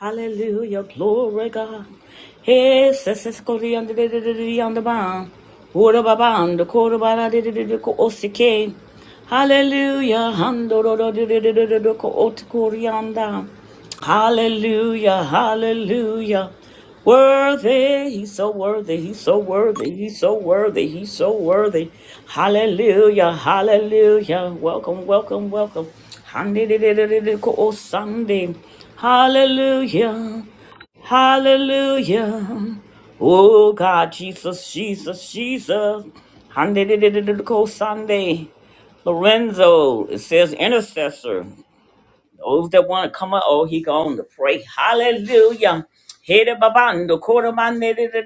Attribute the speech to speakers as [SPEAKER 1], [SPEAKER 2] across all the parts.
[SPEAKER 1] Hallelujah, glory God. Hey, sisters, Cody on the on the bound. Ora baban, the quarter by the osike. Hallelujah, hando do do do Hallelujah, hallelujah. Worthy, he's so worthy, he's so worthy, he's so worthy, he's so worthy. Hallelujah, hallelujah. Welcome, welcome, welcome. Handidididididiko Sunday. Hallelujah, hallelujah. Oh God, Jesus, Jesus, Jesus. Sunday. Lorenzo, it says intercessor. Those that want to come up, oh, he going to pray. Hallelujah. Hey, da, ba, ban, da, ko, da, ban, da, da, da,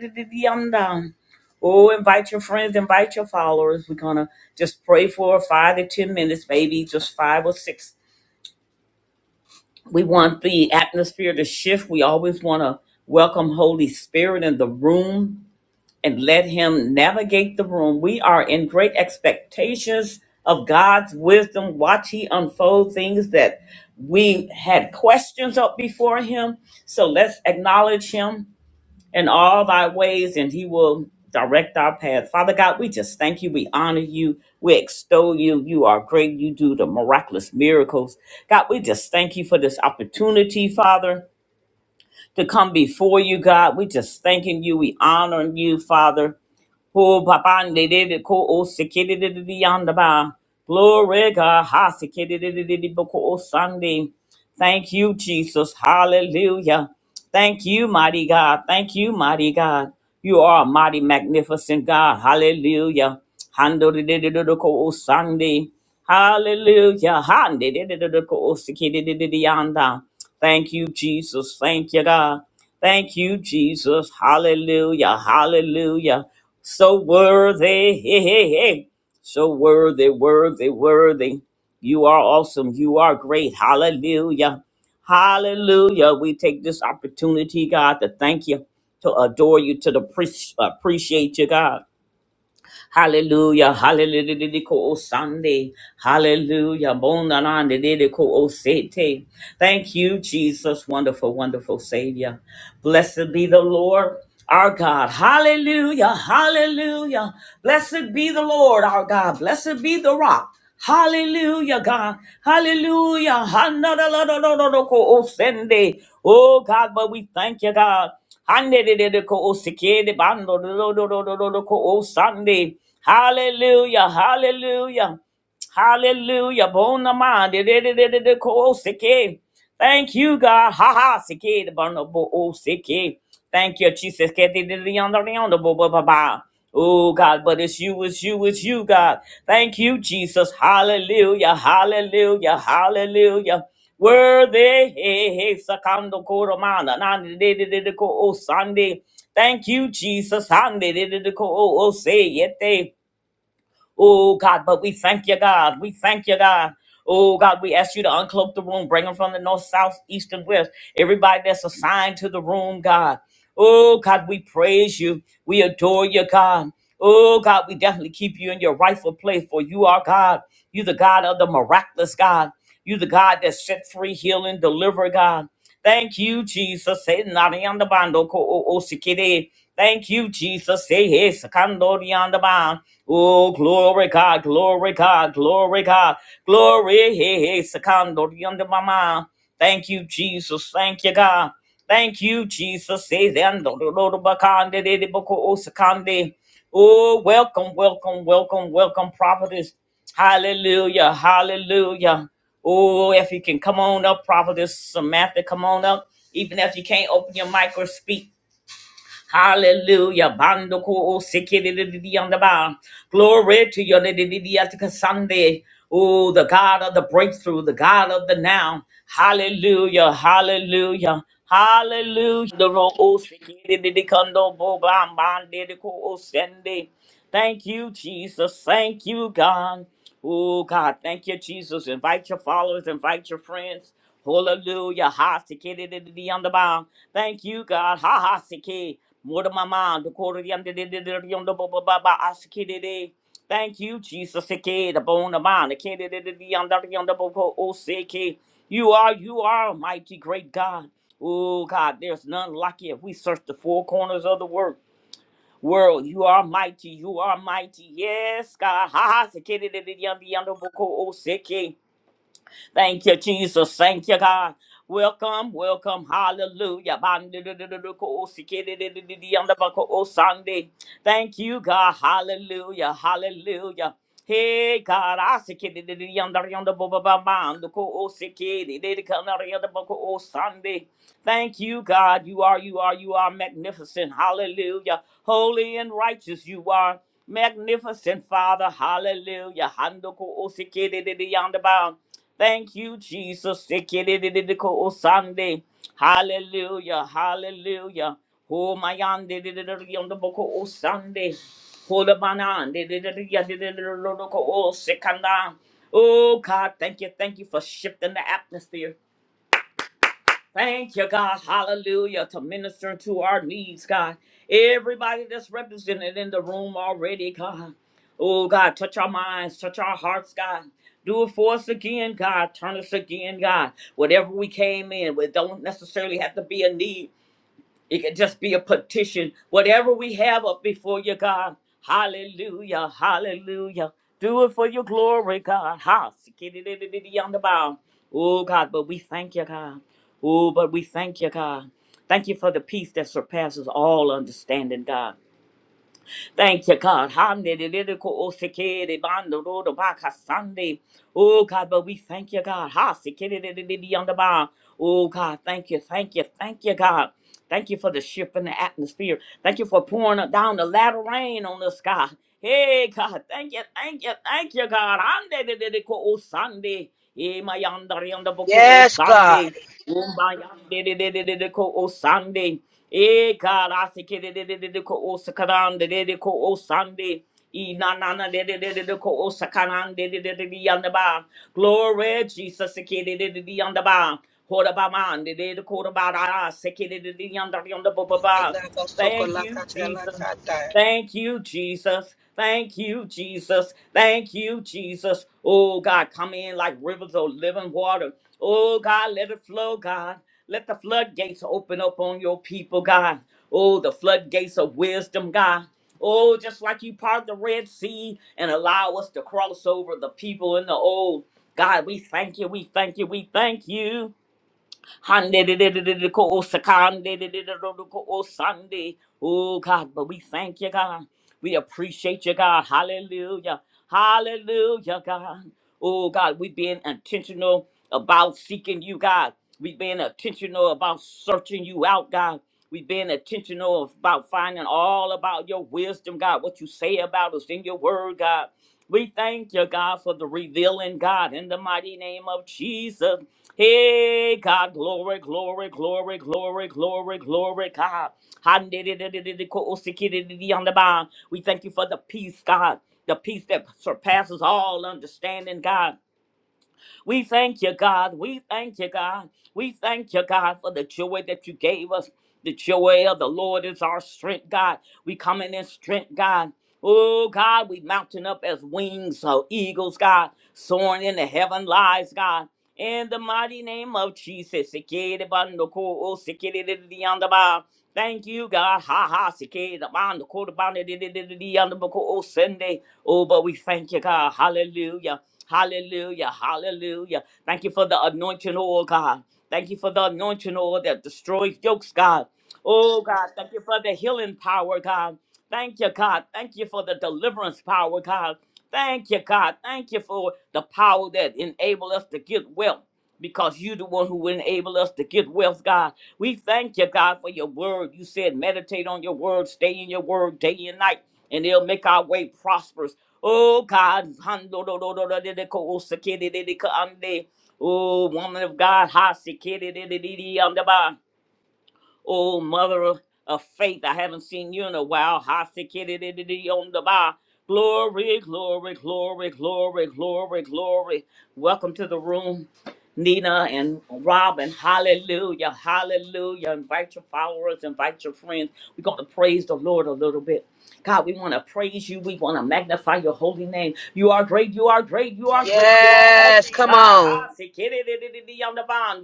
[SPEAKER 1] Oh, invite your friends, invite your followers. We're going to just pray for five to 10 minutes, maybe just five or six. We want the atmosphere to shift. We always want to welcome Holy Spirit in the room and let him navigate the room. We are in great expectations of God's wisdom. Watch he unfold things that we had questions up before him. So let's acknowledge him in all thy ways and he will direct our path. Father God, we just thank you. We honor you. We extol you. You are great. You do the miraculous miracles. God, we just thank you for this opportunity, Father, to come before you, God. We just thanking you. We honoring you, Father. Ho papande de de ko o sikidi de de de yanda ba. Glory God. Ha sikidi de de de de boko o Sunday. Thank you, Jesus. Hallelujah. Thank you, mighty God. Thank you, mighty God. You are a mighty, magnificent God. Hallelujah. Hando de de de de de ko o Sunday. Hallelujah. Hande de de de de ko o sikidi de de de yanda. Thank you, Jesus. Thank you, God. Thank you, Jesus. Hallelujah. Hallelujah. So worthy. Hey, hey, hey. So worthy, worthy, worthy. You are awesome. You are great. Hallelujah. Hallelujah. We take this opportunity, God, to thank you, to adore you, to the pre- appreciate you, God. Hallelujah. Hallelujah. Didiko o Sunday. Hallelujah. Bonanande didiko o sete. Thank you, Jesus. Wonderful, wonderful Savior. Blessed be the Lord. Our God, hallelujah, hallelujah. Blessed be the Lord, our God. Blessed be the rock. Hallelujah, God. Hallelujah. Hanadalalalaloko osende. Oh, God, but we thank you, God. Hande de de de ko o sike de bando do do do do do do do ko o sande. Hallelujah, hallelujah, hallelujah. Bona ma de de de de de ko o sike. Thank you, God. Ha ha. Siki, the bono bo oh, siki. Thank you, Jesus. Kete de de on the on the bo bo ba ba. Oh, God, but it's you, it's you, it's you, God. Thank you, Jesus. Hallelujah, hallelujah, hallelujah. Worthy, hey, hey, sakando koromana, nani de de de de ko Oh Sunday. Thank you, Jesus. Hande de de de ko Oh o se yete. Oh God, but we thank you, God. We thank you, God. Oh God, we ask you to uncloak the room, bring them from the north, south, east, and west. Everybody that's assigned to the room, God. Oh God, we praise you. We adore you, God. Oh God, we definitely keep you in your rightful place, for you are God. You the God of the miraculous God. You the God that set free, healing, deliver, God. Thank you, Jesus. Say nari on the bando ko o o sikide. Thank you, Jesus. Say hey, sakandori on the band. Oh, glory God, glory God, glory God, glory. Hey, hey, sakandori on the mama. Thank you, Jesus. Thank you, God. Thank you, Jesus. Say the Lord Oh, welcome, welcome, welcome, welcome, prophetess. Hallelujah, hallelujah. Oh, if you can come on up, prophetess Samantha, come on up. Even if you can't open your mic or speak, Hallelujah. Bando ko o seke de di de on the bound. Glory to your de di di de atika Sunday. Oh, the God of the breakthrough, the God of the now. Hallelujah. Hallelujah. Hallelujah. The wrong o seke di di de kondo bo ba man de de ko o sende. Thank you, Jesus. Thank you, God. Oh God, thank you, Jesus. Invite your followers, invite your friends. Hallelujah. Ha siki di di di di, on the bound. Thank you, God. Ha ha siki. More to my mind. The quarter the under the the- the- the on the ba ba ba ba ah, sikiri di. di. Thank you, Jesus. Siki the bone of mine. The kid di the the- the on the under ba ba oh siki. You are, you are a mighty great God. Oh God, there's none like you. We search the four corners of the world world. You are mighty. You are mighty. Yes, God. Ha ha. Thank you, Jesus. Thank you, God. Welcome, welcome. Hallelujah. Sunday. Thank you, God. Hallelujah. Hallelujah. Hey God, I Sunday. Thank you, God. You are, you are, you are magnificent. Hallelujah. Holy and righteous you are. Magnificent Father. Hallelujah. Handoko o de de yanda Thank you, Jesus. Sikididididiko Sunday. Hallelujah. Hallelujah. Oh my on the book O Sunday. Hold up on Oh, God, thank you. Thank you for shifting the atmosphere. Thank you, God. Hallelujah. To minister to our needs, God. Everybody that's represented in the room already, God. Oh, God, touch our minds, touch our hearts, God. Do it for us again, God. Turn us again, God. Whatever we came in with, don't necessarily have to be a need. It can just be a petition. Whatever we have up before you, God. Hallelujah. Hallelujah. Do it for your glory, God. Ha. skidididididi On the bow. Oh, God, but we thank you, God. Oh, but we thank you, God. Thank you for the peace that surpasses all understanding, God. Thank you, God. Hallelujah. Oh, sikiri bando rodo baka Sunday. Oh, God, but we thank you, God. Ha, sikiri on the bar. Oh, God, thank you, thank you, thank you, God. Thank you for the shift in the atmosphere. Thank you for pouring down the latter rain on us, God. Hey, God, thank you, thank you, thank you, God. Hallelujah. o Sunday. Eh, my yonder, yonder, boko, Oh,
[SPEAKER 2] Yes, God.
[SPEAKER 1] Sunday. Oh, my yonder, oh, Sunday. Eh God, I say ke de de de de de ko o sakaran de de de ko o sande. E na na na de de de de de ko o sakaran de de de de de yanda ba. Glory Jesus se ke de de de de yanda ba. Hora ba man de de de ko da ba da se ke de de de yanda yanda ba ba ba. Thank you Jesus. Thank you, Jesus. Thank you, Jesus. Thank you, Jesus. Oh, God, come in like rivers of living water. Oh, God, let it flow, God. Let the floodgates open up on your people, God. Oh, the floodgates of wisdom, God. Oh, just like you parted the Red Sea and allow us to cross over the people in the old. God, we thank you. We thank you. We thank you. Hande de de de de de ko o de de de de de ko o Oh God, but we thank you, God. We appreciate you, God. Hallelujah. Hallelujah, God. Oh God, we being intentional about seeking you, God. We being intentional about searching you out, God. We being intentional about finding all about your wisdom, God. What you say about us in your word, God. We thank you, God, for the revealing, God, in the mighty name of Jesus. Hey God, glory, glory, glory, glory, glory, glory, God. Handidididididikosikidididi on the bond. We thank you for the peace, God. The peace that surpasses all understanding, God. We thank you, God. We thank you, God. We thank you, God, for the joy that you gave us. The joy of the Lord is our strength, God. We coming in in strength, God. Oh God, we mounting up as wings of eagles, God, soaring in the heaven lies, God. In the mighty name of Jesus, Sikiri bandoko, oh, sikiri di di di yanda ba. thank you, God. Ha ha, sikiri bandoko, the bandi di di di di di yanda boko, oh, Sunday. Oh, but we thank you, God. Hallelujah. Hallelujah. Hallelujah. Thank you for the anointing oil, God. Thank you for the anointing oil that destroys yokes, God. Oh, God. Thank you for the healing power, God. Thank you, God. Thank you for the deliverance power, God. Thank you, God. Thank you for the power that enable us to get wealth because you the one who enable us to get wealth, God. We thank you, God, for your word. You said meditate on your word, stay in your word day and night, and it'll make our way prosperous. Oh, God. Oh, woman of God. Ha, sikiri, di, di, di, um, Oh, mother of, of faith, I haven't seen you in a while. Hasikididididi on the bar. Glory, glory, glory, glory, glory, glory. Welcome to the room, Nina and Robin. Hallelujah, hallelujah. Invite your followers, invite your friends. We're going to praise the Lord a little bit. God, we want to praise you. We want to magnify your holy name. You are great, you are great, you are great. You are awesome.
[SPEAKER 2] Yes, come
[SPEAKER 1] God,
[SPEAKER 2] on.
[SPEAKER 1] I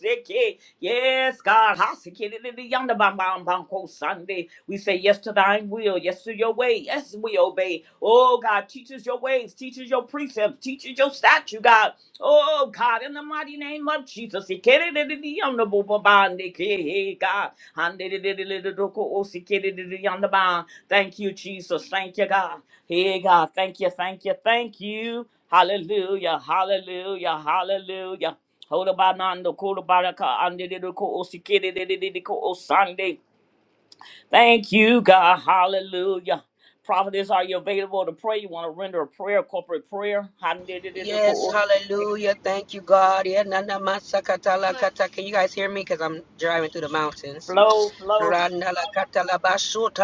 [SPEAKER 1] say, Yes, God. Hasikidididiyanda bam bam bam ko Sunday. We say yes to thine will, yes to your way. Yes, we obey. Oh, God, teach us your ways, teach us your precepts, teach us your statute, God. Oh, God, in the mighty name of Jesus. Sikididididiyanda bo bo ban de ke he, God. Handidididididoko o sikididididiyanda ban. Thank you, Jesus. Thank you, God. Hey, God, thank you, thank you, thank you. Hallelujah, hallelujah, hallelujah. Hoda banando, koda baraka, ande de de ko osikede de de de de ko osande. Thank you, God, hallelujah. Prophets, are you available to pray? You want to render a prayer, corporate prayer? Hande de de de
[SPEAKER 2] Yes,
[SPEAKER 1] ko osi-
[SPEAKER 2] hallelujah. Thank you, God. Yeah, na- na- ma- sa- ka- Can you guys hear me? Because I'm driving through the mountains.
[SPEAKER 1] Flow, flow.
[SPEAKER 2] Randala katala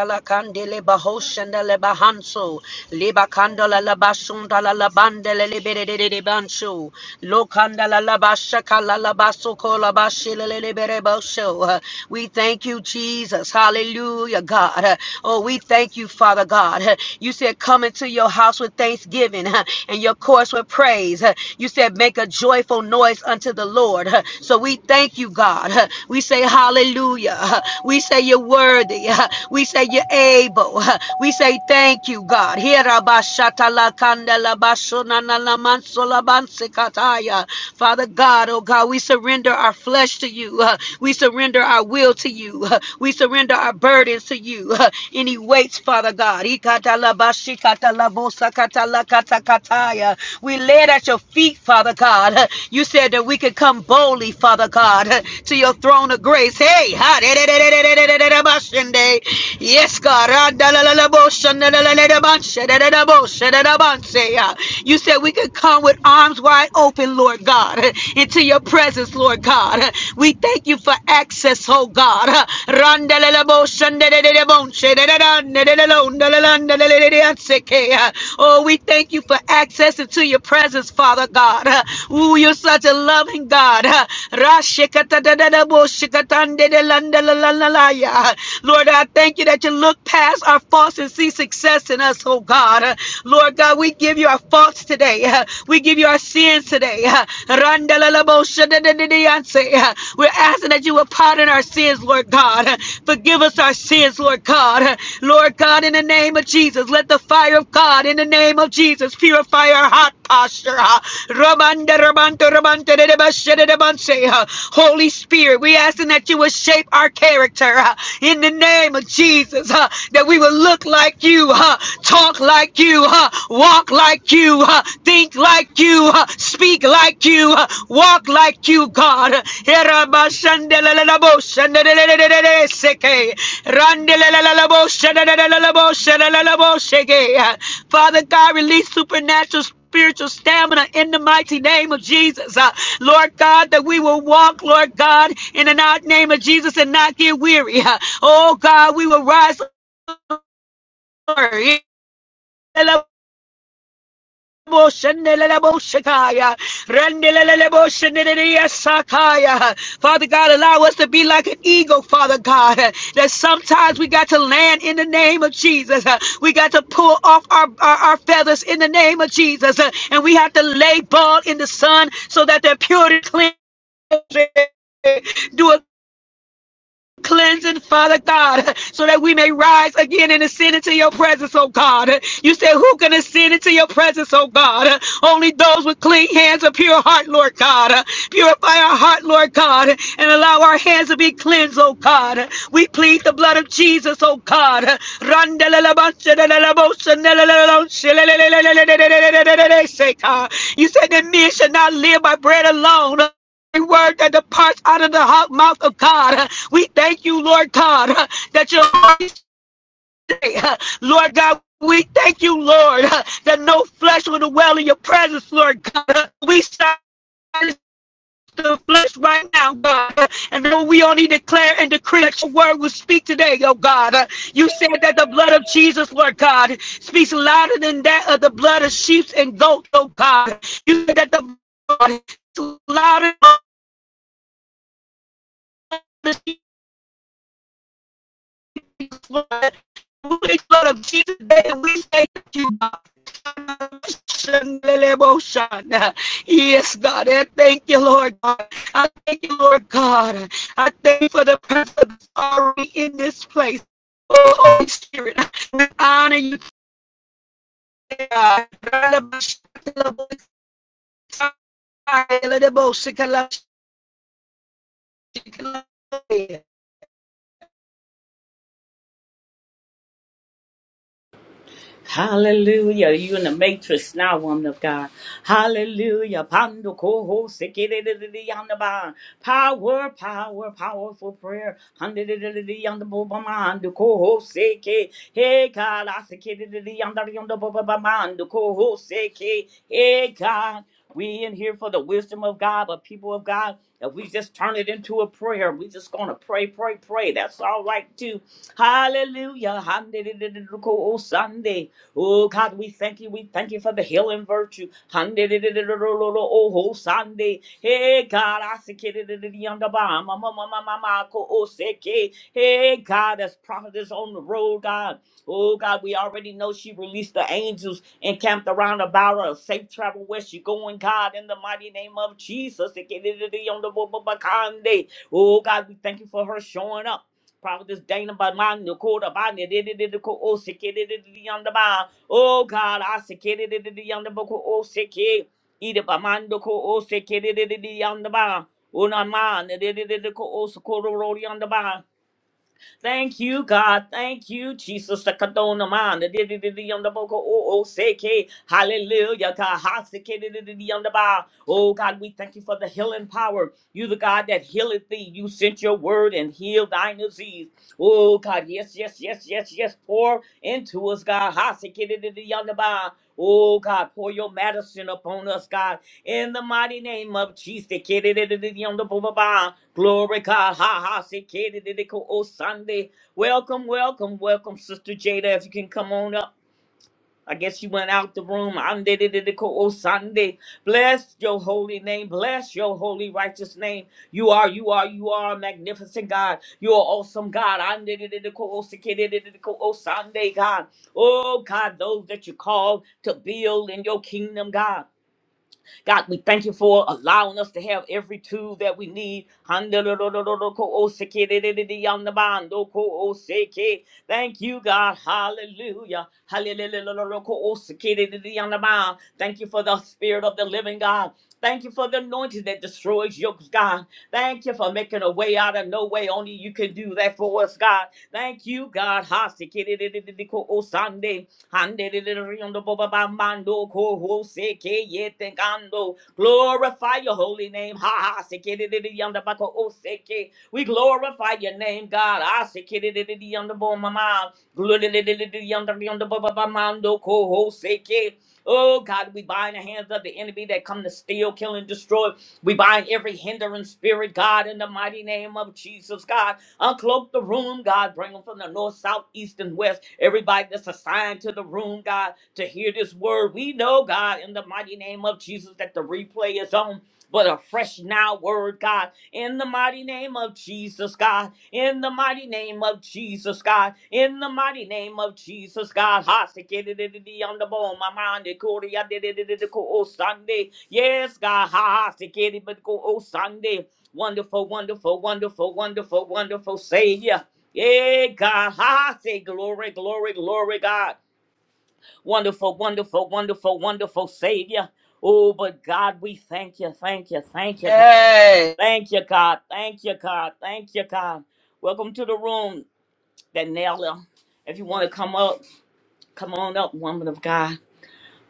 [SPEAKER 2] la kandele bahoshenda le bahanso liba kandala la basunda la bandele le de banso lo kandala la bashaka la la baso kola bashile le bosho. We thank you, Jesus. Hallelujah, God. Oh, we thank you, Father God. You said, Come into your house with thanksgiving and your course with praise. You said, Make a joyful noise unto the Lord. So we thank you, God. We say hallelujah. We say you're worthy. We say you're able. We say thank you, God. Father God, oh God, we surrender our flesh to you. Uh, We surrender our will to you. Uh, We surrender our burdens to you. Uh, Any weights, Father God. Kataya. We lay it at your feet, Father God. You said that we could come boldly, Father God, to your throne of grace. Hey, ha, de- de- de- de- de- de- de- de- de- bashende. yes, God. Ah, da- la- la- la- bo- shen- da- la- la- la- da- ban- shen- da- da- da- bo- shen- da- da- ban- say, ah. You said we could come with arms wide open, Lord God, into your presence, Lord God. We thank you for access, oh God. Oh, we thank you for access into your presence, Father God. Oh, you're such a loving God. Lord, I thank you that you look past our faults and see success in us, oh God. Lord God, we give you our faults today. We give you our sins today. We're asking that you will pardon our sins, Lord God. Forgive us our sins, Lord God. Lord God, in the name of Jesus, let the fire of God, in the name of Jesus, purify our heart posture. Holy Spirit, we asking that you will shape our character in the name of Jesus, that we will look like you, talk like you, walk like you you, uh, think like you, uh, speak like you, uh, walk like you, God. Erabasandelalabo, sandelelelelelele, seke. Randelalabo, shandalalabo, shandalalabo, seke. Father God, release supernatural spiritual stamina in the mighty name of Jesus. Uh, Lord God, that we will walk, Lord God, in the name of Jesus and not get weary. Uh, oh God, we will rise. Lord. Sheneleleboshetaya. Rendelelelebosheneleleyasakaya. Father God, allow us to be like an eagle, Father God, uh, that sometimes we got to land in the name of Jesus. uh, We got to pull off our, our, our feathers in the name of Jesus. uh, And we have to lay bald in the sun so that their purity cleanses. Do a cleansing, Father God, so that we may rise again and ascend into your presence, oh God. You said, Who can ascend into your presence, oh God? Only those with clean hands and pure heart, Lord God. Purify our heart, Lord God, and allow our hands to be cleansed, oh God. We plead the blood of Jesus, oh God. You said that men should not live by bread alone every word that departs out of the hot mouth of God. We thank you, Lord God, that your Lord God, we thank you, Lord, that no flesh will dwell in your presence, Lord God. We sign the flesh right now, God. And then we only declare and decree that your word will speak today, oh God. You said that the blood of Jesus, Lord God, speaks louder than that of the blood of sheep and goats, oh God. You said that the blood is louder than the But we go to Jesus today and we say thank you, God. Yes, God, I thank you, Lord God. I thank you, Lord God. I thank you for the presence already in this place. Oh, Holy Spirit, we honor you, God.
[SPEAKER 1] Hallelujah. You in the matrix now, woman of God. Hallelujah. Pando koho sekididididi yandaba. Power, power, powerful prayer. Handididididi yandabobama. Ando koho seke. Hey God, I sekididididi yandari yandabobama. Ando koho seke. Hey God. We in here for the wisdom of God, but people of God, if we just turn it into a prayer, we just gonna pray, pray, pray. That's all right too. Hallelujah. Handididididiko Sunday. Oh God, we thank you. We thank you for the healing virtue. Oh Sunday, hey God, I'm the bomb. Mama, mama, mama, oh Seki, hey God, that's prophets on the road, God. Oh God, we already know she released the angels and camped around about her safe travel where she going, God. In the mighty name of Jesus, on the road, oh God, we thank you for her showing up. Prophetess Dana Baman, Nakoda Banya, Didididiko, O Siki, Didididiyandaba. Oh sick, did it, the yonder bar. Oh, God, I the the yonder book, oh, sick, either Baman, the co, Oh, sick, did it, the yonder bar. Una man, did it, the co, Oh, Siki, Didididiyandaboko, O Siki, Ida Bamandoko, O Siki, Didididiyandaba. Unaman, Didididiko, O Sokorororiyandaba. Thank you, God. Thank you, Jesus. The Kadona man, the di- di- di- di- on the boko, oh, oh, say, K. Hallelujah. God. Ha, say, K, di- di- di- di- on the bow. Oh, God, we thank you for the healing power. You, the God that healeth thee. You sent your word and healed thine disease. Oh, God. Yes, yes, yes, yes, yes. Pour into us, God. Ha, say, K, di- di- di- di- on the bow. Oh, God. Pour your medicine upon us, God. In the mighty name of Jesus, Kidididididiyondobobaba. glory God, ha ha, say, oh Sunday. Welcome, welcome, welcome, Sister Jada. If you can come on up, I guess you went out the room. Andidididiko, oh Sunday. Bless your holy name, bless your holy righteous name. You are, you are, you are a magnificent God. You are awesome God. Andidididiko, oh oh Sunday, God. Oh God, those that you called to build in your kingdom, God. God, we thank you for allowing us to have every tool that we need. Thank you, God. Hallelujah. Hallelujah. Thank you for the spirit of the living God. Thank you for the anointing that destroys yokes, God. Thank you for making a way out of no way. Only you can do that for us, God. Thank you, God. Ha, sikiririririko osande. Handeririondobobabamando, kohoseke Glorify your holy name. Ha ha. We glorify your name, God. Ah, Oh God, we bind the hands of the enemy that come to steal, kill, and destroy. We bind every hindering spirit, God, in the mighty name of Jesus, God. Uncloak the room, God. Bring them from the north, south, east, and west. Everybody that's assigned to the room, God, to hear this word. We know, God, in the mighty name of Jesus, that the replay is on. But a fresh now word, God, in the mighty name of Jesus, God, in the mighty name of Jesus, God, in the mighty name of Jesus, God. Ha, se ke de de de de, on the bone, my mind, de ko de ya de de de de de ko, oh, Sunday. Yes, God. Ha, ha, se ke de, but ko, oh, Sunday. Wonderful, wonderful, wonderful, wonderful, wonderful Savior. Yeah, God. Ha, ha. say glory, glory, glory, God. Wonderful, wonderful, wonderful, wonderful Savior. Oh, but God, we thank you, thank you, thank you, God.
[SPEAKER 2] Yes.
[SPEAKER 1] Thank you, God. Thank you, God. Thank you, God. Welcome to the room, Danella. If you want to come up, come on up, woman of God.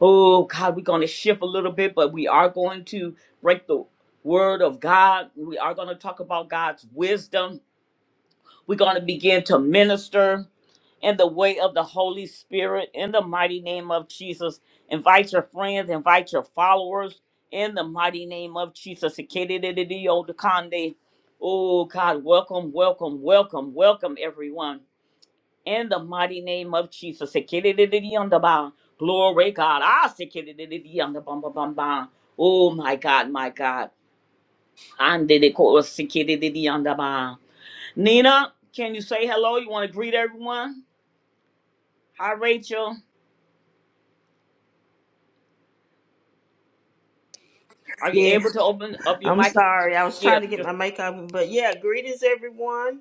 [SPEAKER 1] Oh, God, we're going to shift a little bit, but we are going to break the word of God. We are going to talk about God's wisdom We're going to begin to minister in the way of the Holy Spirit in the mighty name of Jesus. Invite your friends, invite your followers in the mighty name of Jesus. Ikedidididiyodakande. Oh, God, welcome, welcome, welcome, welcome, everyone. In the mighty name of Jesus. Ikedidididiyondaba. Glory, God. Ah, ikedidididiyondabambabamba. Oh, my God, my God. Andidikosikidididiyondaba. Nina, can you say hello? You want to greet everyone? Hi, Rachel. Are you
[SPEAKER 3] Yeah,
[SPEAKER 1] able to open up your
[SPEAKER 3] I'm
[SPEAKER 1] mic?
[SPEAKER 3] sorry. I was
[SPEAKER 1] Yeah,
[SPEAKER 3] trying to get
[SPEAKER 1] just
[SPEAKER 3] my mic open, but yeah, greetings everyone.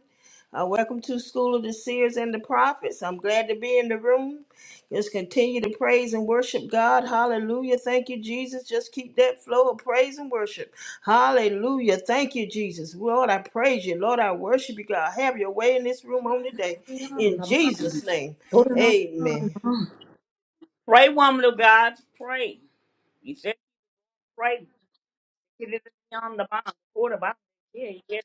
[SPEAKER 3] Uh, welcome to School of the Seers and the Prophets. I'm glad to be in the room. Just continue to praise and worship God. Hallelujah. Thank you, Jesus. Just keep that flow of praise and worship. Hallelujah. Thank you, Jesus. Lord, I praise you. Lord, I worship you, God. Have your way in this room on today.
[SPEAKER 1] pray,
[SPEAKER 3] In Jesus' name. Amen.
[SPEAKER 1] woman of God. Pray. He said, pray. Get it on the mind. What the it? Yeah, yeah.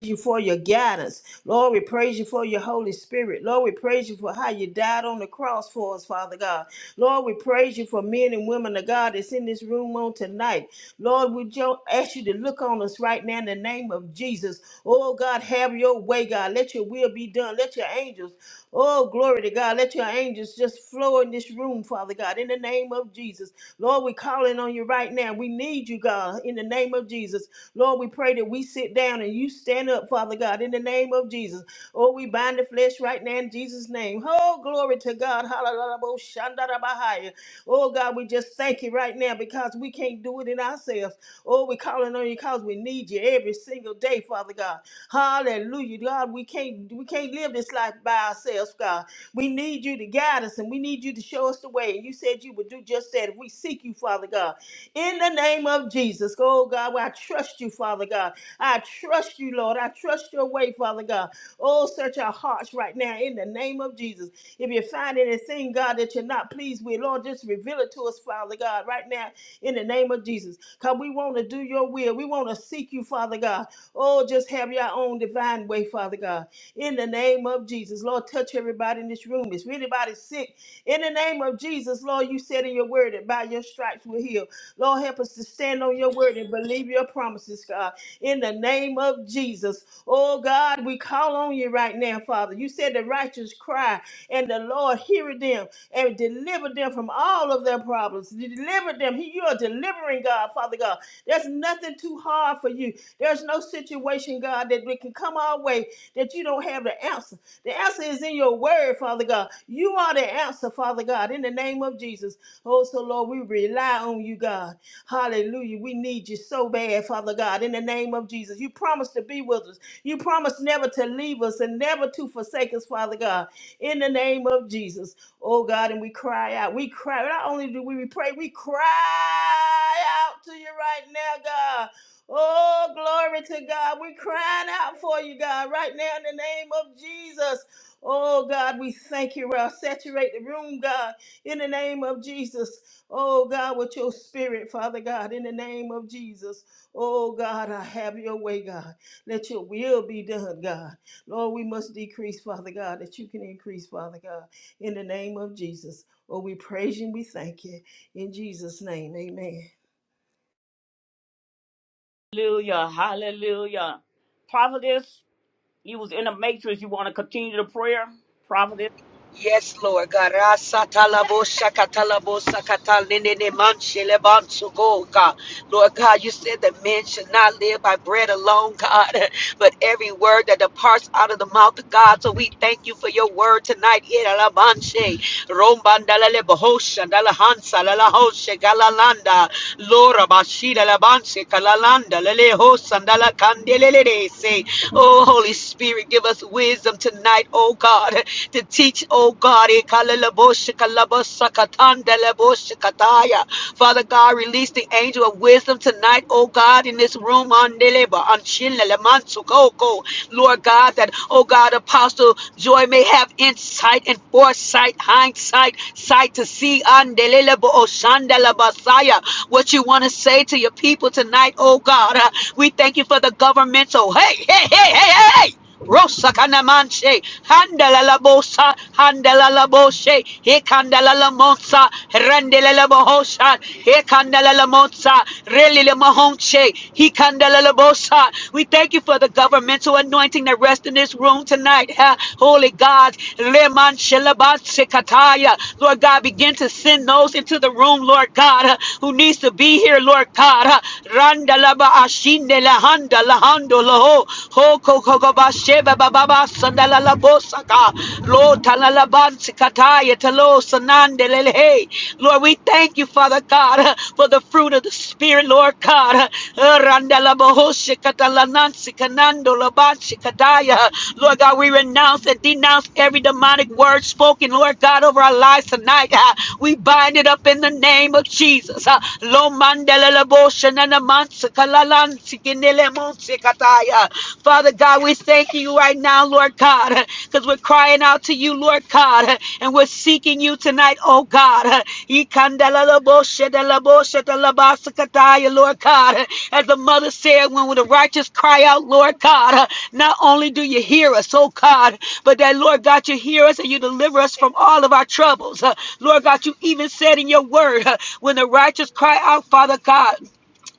[SPEAKER 3] you for your guidance. Lord, we praise you for your Holy Spirit. Lord, we praise you for how you died on the cross for us, Father God. Lord, we praise you for men and women of God that's in this room on tonight. Lord, we jo- ask you to look on us right now in the name of Jesus. Oh, God, have your way, God. Let your will be done. Let your angels, oh, glory to God, let your angels just flow in this room, Father God, in the name of Jesus. Lord, we're calling on you right now. We need you, God, in the name of Jesus. Lord, we pray that we sit down and you stand up, Father God, in the name of Jesus. Oh, we bind the flesh right now in Jesus' name. Oh, glory to God. Hallelujah. Oh, Shandarabahaya. Oh, God, we just thank you right now because we can't do it in ourselves. Oh, we're calling on you because we need you every single day, Father God. Hallelujah. God, we can't we can't live this life by ourselves, God. We need you to guide us and we need you to show us the way. And you said you would do just that if we seek you, Father God in the name of Jesus. Oh God, well, I trust you, Father God. I trust you, Lord. I trust your way, Father God. Oh, search our hearts right now in the name of Jesus. If you find anything, God, that you're not pleased with, Lord, just reveal it to us, Father God, right now in the name of Jesus. Because we want to do your will. We want to seek you, Father God. Oh, just have your own divine way, Father God. In the name of Jesus. Lord, touch everybody in this room. If anybody's sick, in the name of Jesus, Lord, you said in your word that by your stripes we're healed. Lord, help us to stand on your word and believe your promises, God. In the name of Jesus. Oh, God, we call on you right now, Father. You said the righteous cry, and the Lord heareth them and deliver them from all of their problems. Deliver them. He- You are delivering, God, Father God. There's nothing too hard for you. There's no situation, God, that we can come our way that you don't have the answer. The answer is in your word, Father God. You are the answer, Father God, in the name of Jesus. Oh, so Lord, we rely on you, God. Hallelujah. We need you so bad, Father God, in the name of Jesus. You promised to be with us. You promised never to leave us and never to forsake us, Father God, in the name of Jesus. Oh, God, and we cry out. We cry. Not only do we pray, we cry out to you right now, God. Oh, glory to God. We're crying out for you, God, right now in the name of Jesus. Oh, God, we thank you. Well, saturate the room, God in the name of Jesus. Oh God, with your spirit, Father God, in the name of Jesus. Oh God, I have your way, God. Let your will be done, God. Lord, we must decrease, Father God, that you can increase, Father God, in the name of Jesus. Oh, we praise you and we thank you. In Jesus' name, amen.
[SPEAKER 1] Hallelujah. Hallelujah. Prophetess, you was in the matrix. You want to continue the prayer? Prophetess.
[SPEAKER 2] Yes, Lord God. Rasatalabo shakatalabo sakatalinene manshelebansuko, God. Lord God, you said that men should not live by bread alone, God, but every word that departs out of the mouth of God. So we thank you for your word tonight. Iralabanshe, rombandalalebahosha, dalahansa, lalahoshe, galalanda, lorabashidalabanse, kalalanda, lelehosa, dalakandelelese. Oh, Holy Spirit, give us wisdom tonight tonight, oh God, to teach, oh God. Father God, release the angel of wisdom tonight, oh God, in this room Lord God, that, oh God, Apostle Joy may have insight and foresight, hindsight, sight to see what you want to say to your people tonight, oh God. Uh, We thank you for the governmental. Hey, hey, hey, hey, hey. hey. Rosakanamanche, Handalalabosha, Handalalaboshe, Hekandalalabonsa, Randalalabosha, Hekandalalamonsa, Relilamahonche, Hekandalalabosa. We thank you for the governmental anointing that rests in this room tonight. ha. Holy God, Lemanshelabantsekataya. Lord God, begin to send those into the room, Lord God, uh, who needs to be here, Lord God. uh, Randalaba Ashinde ho ho ko ko ko ba she ba ba ba sandala la bo lo talala ban sikataya talo hey Lord we thank you Father God for the fruit of the Spirit Lord God randala boho shikatala la ban Lord God we renounce and denounce every demonic word spoken Lord God over our lives tonight we bind it up in the name of Jesus lo mandala la bo shanana Father God, we thank you right now, Lord God, because we're crying out to you, Lord God, and we're seeking you tonight, oh God. Lord God, as the mother said, when the righteous cry out, Lord God, not only do you hear us, oh God, but that, Lord God, you hear us and you deliver us from all of our troubles. Lord God, you even said in your word, when the righteous cry out, Father God,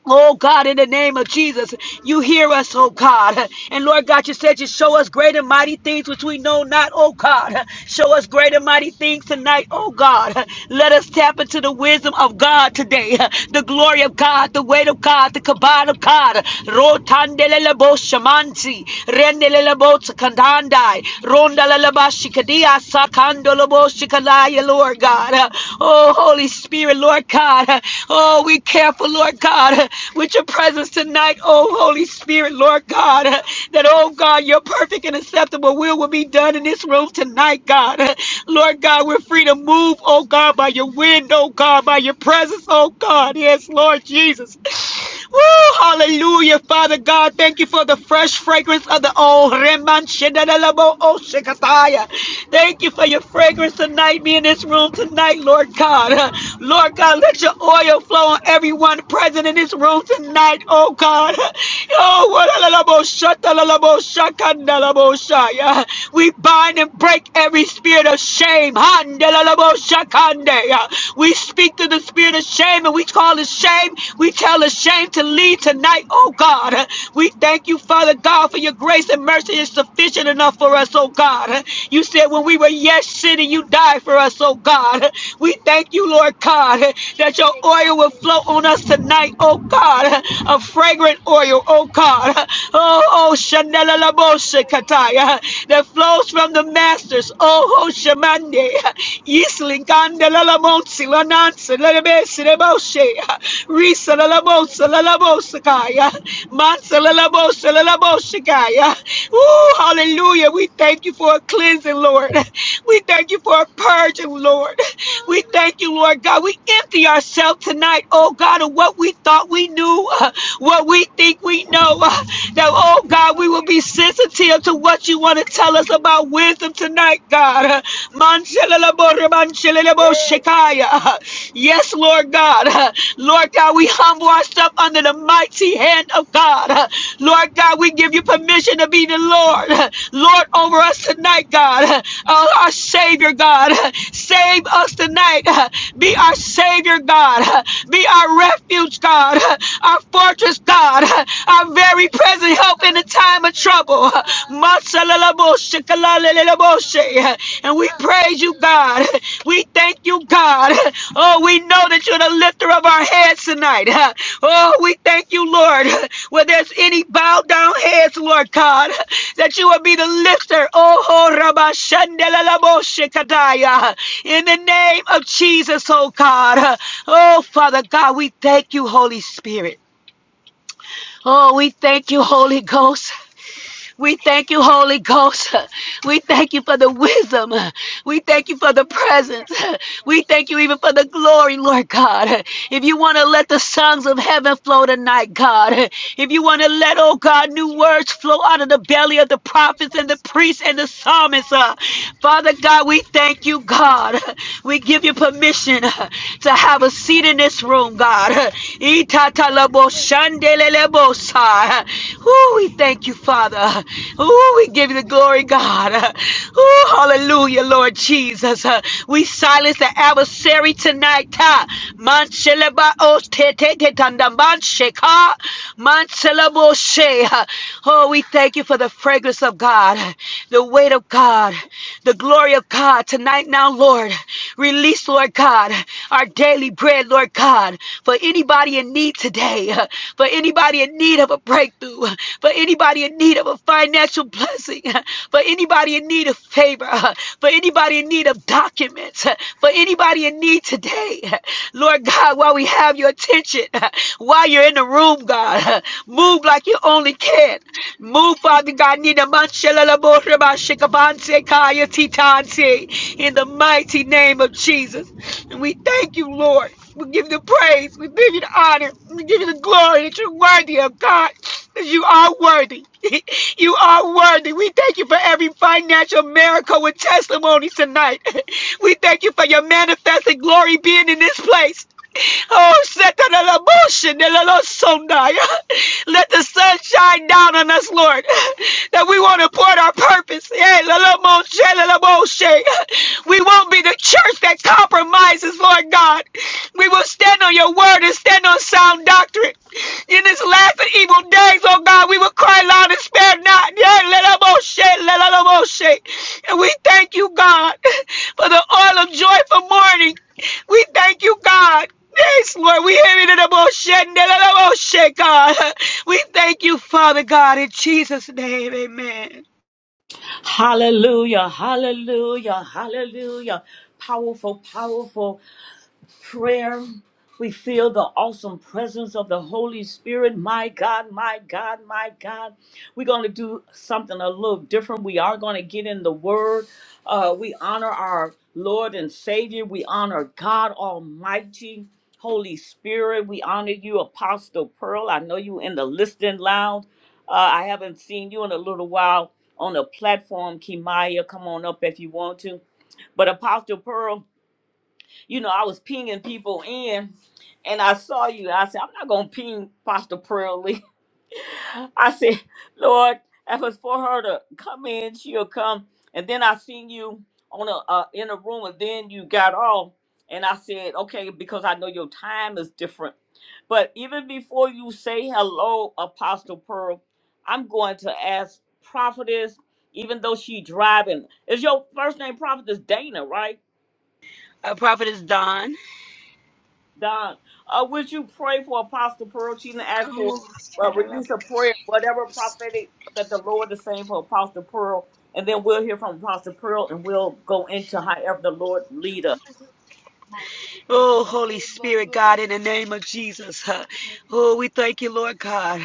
[SPEAKER 2] Oh God, in the name of Jesus, you hear us, oh God. And Lord God, you said you show us great and mighty things which we know not, oh God. Show us great and mighty things tonight, oh God. Let us tap into the wisdom of God today, the glory of God, the weight of God, the kabod of God. Rotandelelebo shamansi rendelelebo tsakandandai, rondaleleba shikadia sakandolobo shikalaya, Lord God. Oh, Holy Spirit, Lord God. Oh, we careful, Lord God, with your presence tonight. Oh, Holy Spirit, Lord God, that, oh God, your perfect and acceptable will will be done in this room tonight, God. Lord God, we're free to move, oh God, by your wind, oh God, by your presence, oh God. Yes, Lord Jesus. Woo, hallelujah, Father God. Thank you for the fresh fragrance of the old Reman Shedalabo Oshikataya. Thank you for your fragrance tonight, me in this room tonight, Lord God. Lord God, let your oil flow on everyone present in this room tonight, oh God. Oh, Walalabo Shatalabo Shakandalabo Shaya. We bind and break every spirit of shame. Handalalabo Shakandaya. We speak to the spirit of shame and we call it shame. We tell it shame to leave tonight, oh God. We thank you, Father God, for your grace and mercy is sufficient enough for us, oh God. You said when we were yet sinning, you died for us, oh God. We thank you, Lord God, that your oil will flow on us tonight, oh God. A fragrant oil, oh God. Oh, oh, Shanela Labosha Kataya, that flows from the masters, oh, oh, Shamande. Yislinkande lalamonsi lanansi lelebesi leboshe. Risa lalamosa lalamosikaya. Mansa lalamosa kaya. Ooh, hallelujah. We thank you for a cleansing, Lord. We thank you for a purging, Lord. We thank you, Lord God. We empty ourselves tonight, oh God, of what we thought we knew, uh, what we think we know. uh, That, oh God, we will be sensitive to what you want to tell us us about wisdom tonight, God.
[SPEAKER 3] Yes.
[SPEAKER 2] Manchelalaboribanchelalaboshekiah. Yes, Lord God. Lord God, we humble ourselves under the mighty hand of God. Lord God, we give you permission to be the Lord. Lord over us tonight, God. Oh, our Savior, God. Save us tonight. Be our Savior, God. Be our refuge, God. Our fortress, God. Our very present help in a time of trouble. Masalalaboshe, kalalalaboshe. And we praise you, God. We thank you, God. Oh, we know that you're the lifter of our heads tonight. Oh, we thank you, Lord. Where there's any bowed down heads, Lord God, that you will be the lifter. Oh, rabashandalalaboshe kadaya. in the name of Jesus, oh God. Oh, Father God, we thank you, Holy Spirit. Oh, we thank you, Holy Ghost. We thank you, Holy Ghost. We thank you for the wisdom. We thank you for the presence. We thank you even for the glory, Lord God. If you want to let the songs of heaven flow tonight, God, if you want to let, oh God, new words flow out of the belly of the prophets and the priests and the psalmists, uh, Father God, we thank you, God. We give you permission to have a seat in this room, God. Itatalabo shandelelebosa. Ooh, we thank you, Father. Ooh, we give you the glory, God. Ooh, hallelujah, Lord Jesus. Uh, We silence the adversary tonight. uh. Mansheleba ostetetetanda mansheka. Manselebo she. Uh, Oh, we thank you for the fragrance of God, the weight of God, the glory of God tonight Now now, Lord. Release, Lord God, our daily bread, Lord God, for anybody in need today, for anybody in need of a breakthrough, for anybody in need of a financial blessing, for anybody in need of favor, for anybody in need of documents, for anybody in need today. Lord God, while we have your attention, while you're in the room, God, move like you only can. Move Oh, Father God, Ninamanshalaborabashikapansekayatitanse, in the mighty name of Jesus. And we thank you, Lord. We give you the praise. We give you the honor. We give you the glory that you're worthy of God. That you are worthy. you are worthy. We thank you for every financial miracle with testimonies tonight. we thank you for your manifested glory being in this place. Oh, Satalalabosha, Nelalosondaya. let the sun shine down on us, Lord, that we won't abort our purpose. Eh, Lalamoshe, Lalamoshe. We won't be the church that compromises, Lord God. We will stand on your word and stand on sound doctrine. In this last and evil days, oh God, we will cry loud and spare not. Yeah, Lalamoshe, Lalamoshe. And we thank you, God, for the oil of joy for mourning. We thank you, God. Yes, Lord, we hear it in the motion, In the most God. We thank you, Father God, in Jesus' name. Amen.
[SPEAKER 1] Hallelujah. Hallelujah. Hallelujah. Powerful, powerful. prayer. We feel the awesome presence of the Holy Spirit. My God, my God, my God. We're going to do something a little different. We are going to get in the Word. Uh, we honor our Lord and Savior. We honor God Almighty, Holy Spirit. We honor you, Apostle Pearl. I know you in the listening lounge. Uh, I haven't seen you in a little while on the platform. Kimaya, come on up if you want to. But Apostle Pearl, you know, I was pinging people in and I saw you. I said, I'm not going to ping Pastor Prayerly. I said, Lord, if it's for her to come in, she'll come. And then I seen you on a, uh, in a room and then you got off. And I said, okay, because I know your time is different. But even before you say hello, Apostle Pearl, I'm going to ask Prophetess, even though she driving. Is your first name Prophetess Dana, right?
[SPEAKER 2] Our prophet is Don.
[SPEAKER 1] Don, uh, would you pray for Apostle Pearl? She's asked for uh,
[SPEAKER 2] Oh,
[SPEAKER 1] release a prayer, whatever prophetic that the Lord is saying for Apostle Pearl, and then we'll hear from Apostle Pearl, and we'll go into however the Lord lead us.
[SPEAKER 2] Oh, Holy Spirit, God, in the name of Jesus. huh. Oh, we thank you, Lord God.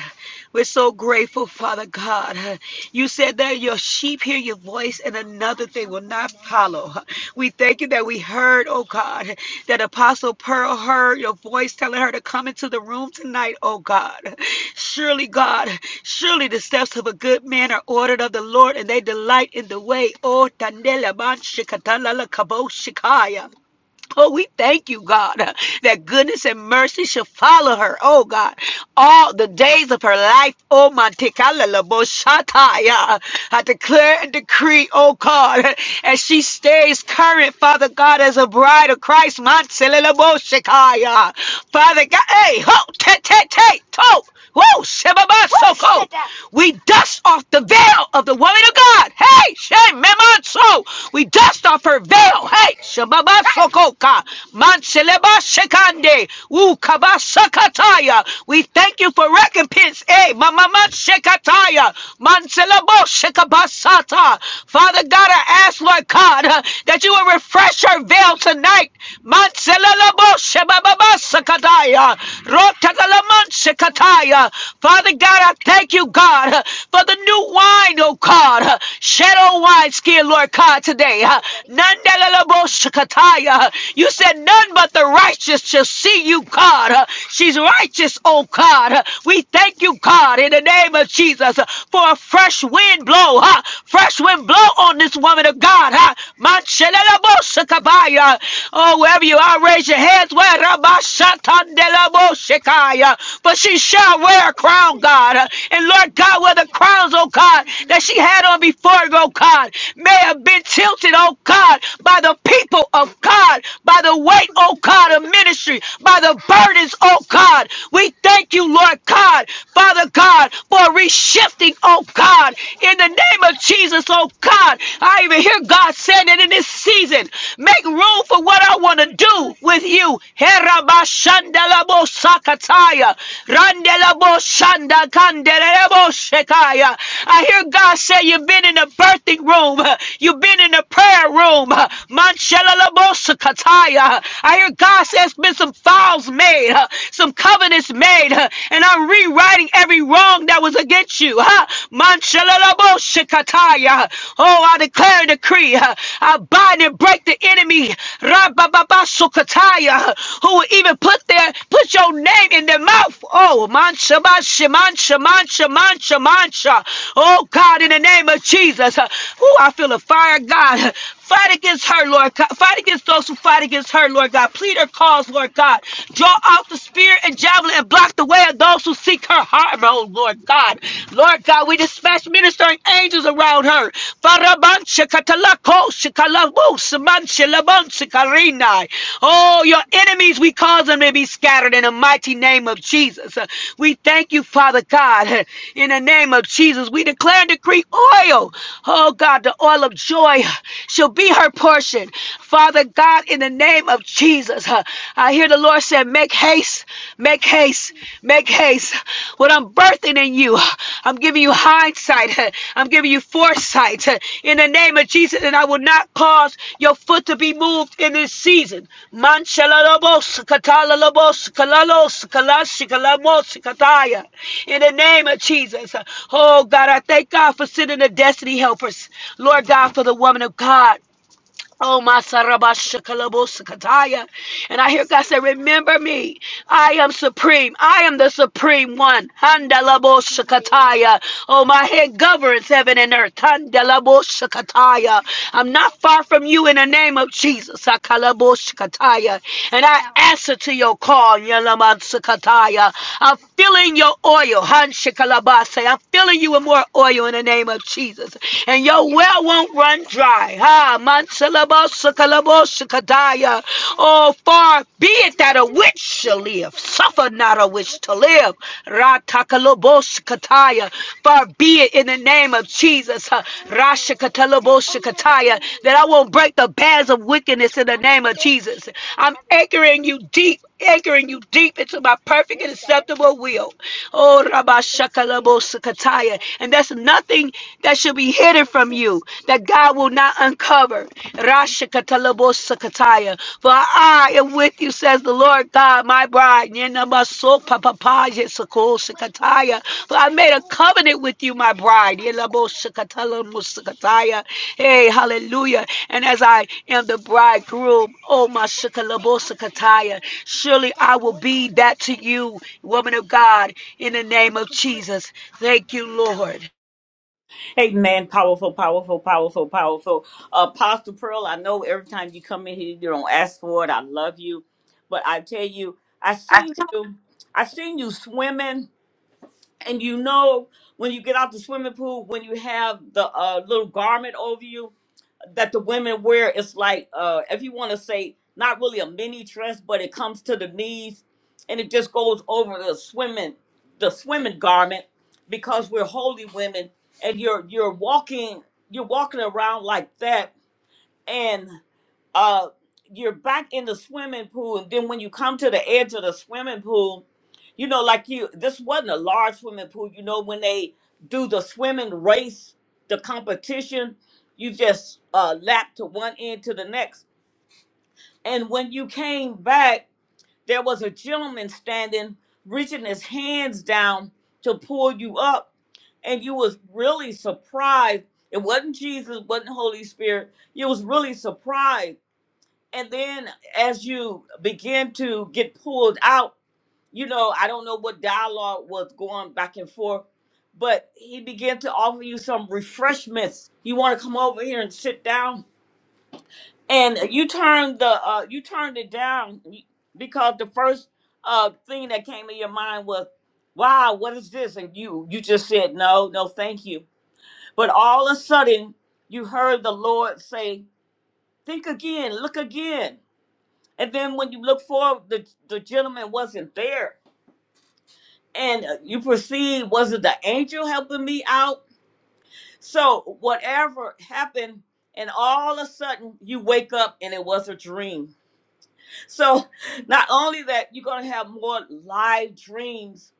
[SPEAKER 2] We're so grateful, Father God. huh. You said that your sheep hear your voice and another thing will not follow. huh. We thank you that we heard, oh God, that Apostle Pearl heard your voice telling her to come into the room tonight, oh God. Surely, God, surely the steps of a good man are ordered of the Lord and they delight in the way. Oh, Tanela Man Shikatala Kabo Shikaya. Oh, we thank you, God, uh, that goodness and mercy shall follow her. Oh, God, all the days of her life. Oh, my Mantikalaboshataya. I declare and decree, oh, God, as she stays current, Father God, as a bride of Christ. Mantilalaboshikaya. Father God, hey, ho, te, te, te, to. Woo! Shebaba We dust off the veil of the woman of God. Hey, Shememon So. We dust off her veil. Hey, Shebaba Sokoka. Manseleba Shekande. Woo Kaba Sakataya. We thank you for recompense. Hey, Mama Shekataya. Manselebo Shekabasata. Father God, I ask, Lord God, uh, that you will refresh her veil tonight. Manselebo Shababa. Sakataya, Rotagalaman Sekataya. Father God, I thank you, God, uh, for the new wine, oh God, uh, shadow wine skin, Lord God, today. uh, Nandalalabo Sekataya. Uh, You said none but the righteous shall see you, God. Uh, She's righteous, oh God. Uh, We thank you, God, in the name of Jesus, uh, for a fresh wind blow, huh? fresh wind blow on this woman of God. Huh? Manchelalabo Sekataya. Oh, wherever you are, raise your hands. Where Rabashatandelaboshekai. But she shall wear a crown, God. And Lord God, where the crowns, oh God, that she had on before, oh God, may have been tilted, oh God, by the people of God, by the weight, oh God, of ministry, by the burdens, oh God. We thank you, Lord God, Father God, for reshifting, oh God, in the name of Jesus, oh God, I even hear God saying it in this season. Make room for what I want to do with you. Herabashandalabo sakataya. Randelabo shandakandelebo shekaya. I hear God say you've been in the birthing room. You've been in the prayer room. Manshalalabo sakataya. I hear God say there's been some vows made, some covenants made, and I'm rewriting every wrong that was against with you. Huh? Manshalalabosakataya. Oh, I declare and decree. huh, I bind and break the enemy. Rabababasukataya, Who will even put their put your name in their mouth. Oh, mancha, mancha, mancha, mancha, mancha, mancha. Oh God, in the name of Jesus. Huh? Oh, I feel a fire, God. huh? Fight against her, Lord God. Fight against those who fight against her, Lord God. Plead her cause, Lord God. Draw out the spear and javelin and block the way of those who seek her harm, oh Lord God. Lord God, we dispatch ministering angels around her. Oh, your enemies, we cause them to be scattered in the mighty name of Jesus. We thank you, Father God, in the name of Jesus. We declare and decree oil. Oh God, the oil of joy shall will be her portion. Father God, in the name of Jesus, huh, I hear the Lord said, Make haste, make haste, make haste. What I'm birthing in you, huh, I'm giving you hindsight, huh, I'm giving you foresight huh, in the name of Jesus, and I will not cause your foot to be moved in this season. Manchalalabos, katalalabos, kalalos, kalashikalamos, kataya. In the name of Jesus. huh, Oh God, I thank God for sending the destiny helpers. Lord God, for the woman of God. Oh, my Kataya. And I hear God say, Remember me. I am supreme. I am the supreme one. Handalaboshakataya. Oh, my head governs heaven and earth. Handalaboshakataya. I'm not far from you in the name of Jesus. Sakalaboshakataya. And I answer to your call. Yalamanshakataya. Filling your oil. Hanshikalabase. I'm filling you with more oil in the name of Jesus. And your well won't run dry. Ha Mansalabasakalaboshakadaya. Oh, far be it that a witch shall live. Suffer not a witch to live. Ratakaloboshakataya. Far be it in the name of Jesus. Ha, Rashakataloboshakataya. That I won't break the bands of wickedness in the name of Jesus. I'm anchoring you deep anchoring you deep into my perfect and acceptable will. Oh, Rabba Shakalabo Sakataya. And that's nothing that should be hidden from you that God will not uncover. Rashakatalabo Sakataya. For I am with you, says the Lord God, my bride. Yenamaso Papapaya Kosikataya. For I made a covenant with you, my bride. Yelabosikatalamusikataya. Hey, hallelujah. And as I am the bridegroom, oh my shikalabosikataya, surely I will be that to you, woman of God, in the name of Jesus. Thank you, Lord.
[SPEAKER 1] Amen. Powerful, powerful, powerful, powerful. Apostle Pearl, I know every time you come in here, you don't ask for it. I love you, but I tell you, I seen you, I seen you swimming, and you know when you get out the swimming pool, when you have the uh, little garment over you that the women wear is like uh if you want to say not really a mini dress but it comes to the knees and it just goes over the swimming the swimming garment because we're holy women and you're you're walking you're walking around like that and uh you're back in the swimming pool and then when you come to the edge of the swimming pool you know like you this wasn't a large swimming pool you know when they do the swimming race the competition you just uh lap to one end to the next and when you came back there was a gentleman standing reaching his hands down to pull you up and you was really surprised it wasn't jesus wasn't holy spirit you was really surprised and then as you begin to get pulled out, you know, I don't know what dialogue was going back and forth, but he began to offer you some refreshments. You want to come over here and sit down, and you turned the uh, you turned it down because the first uh, thing that came to your mind was, "Wow, what is this?" And you you just said, "No, no, thank you." But all of a sudden, you heard the Lord say, "Think again, look again." And then when you look forward, the, the gentleman wasn't there. And uh, you perceive, was it the angel helping me out? So whatever happened, and all of a sudden you wake up and it was a dream. So not only that, you're going to have more live dreams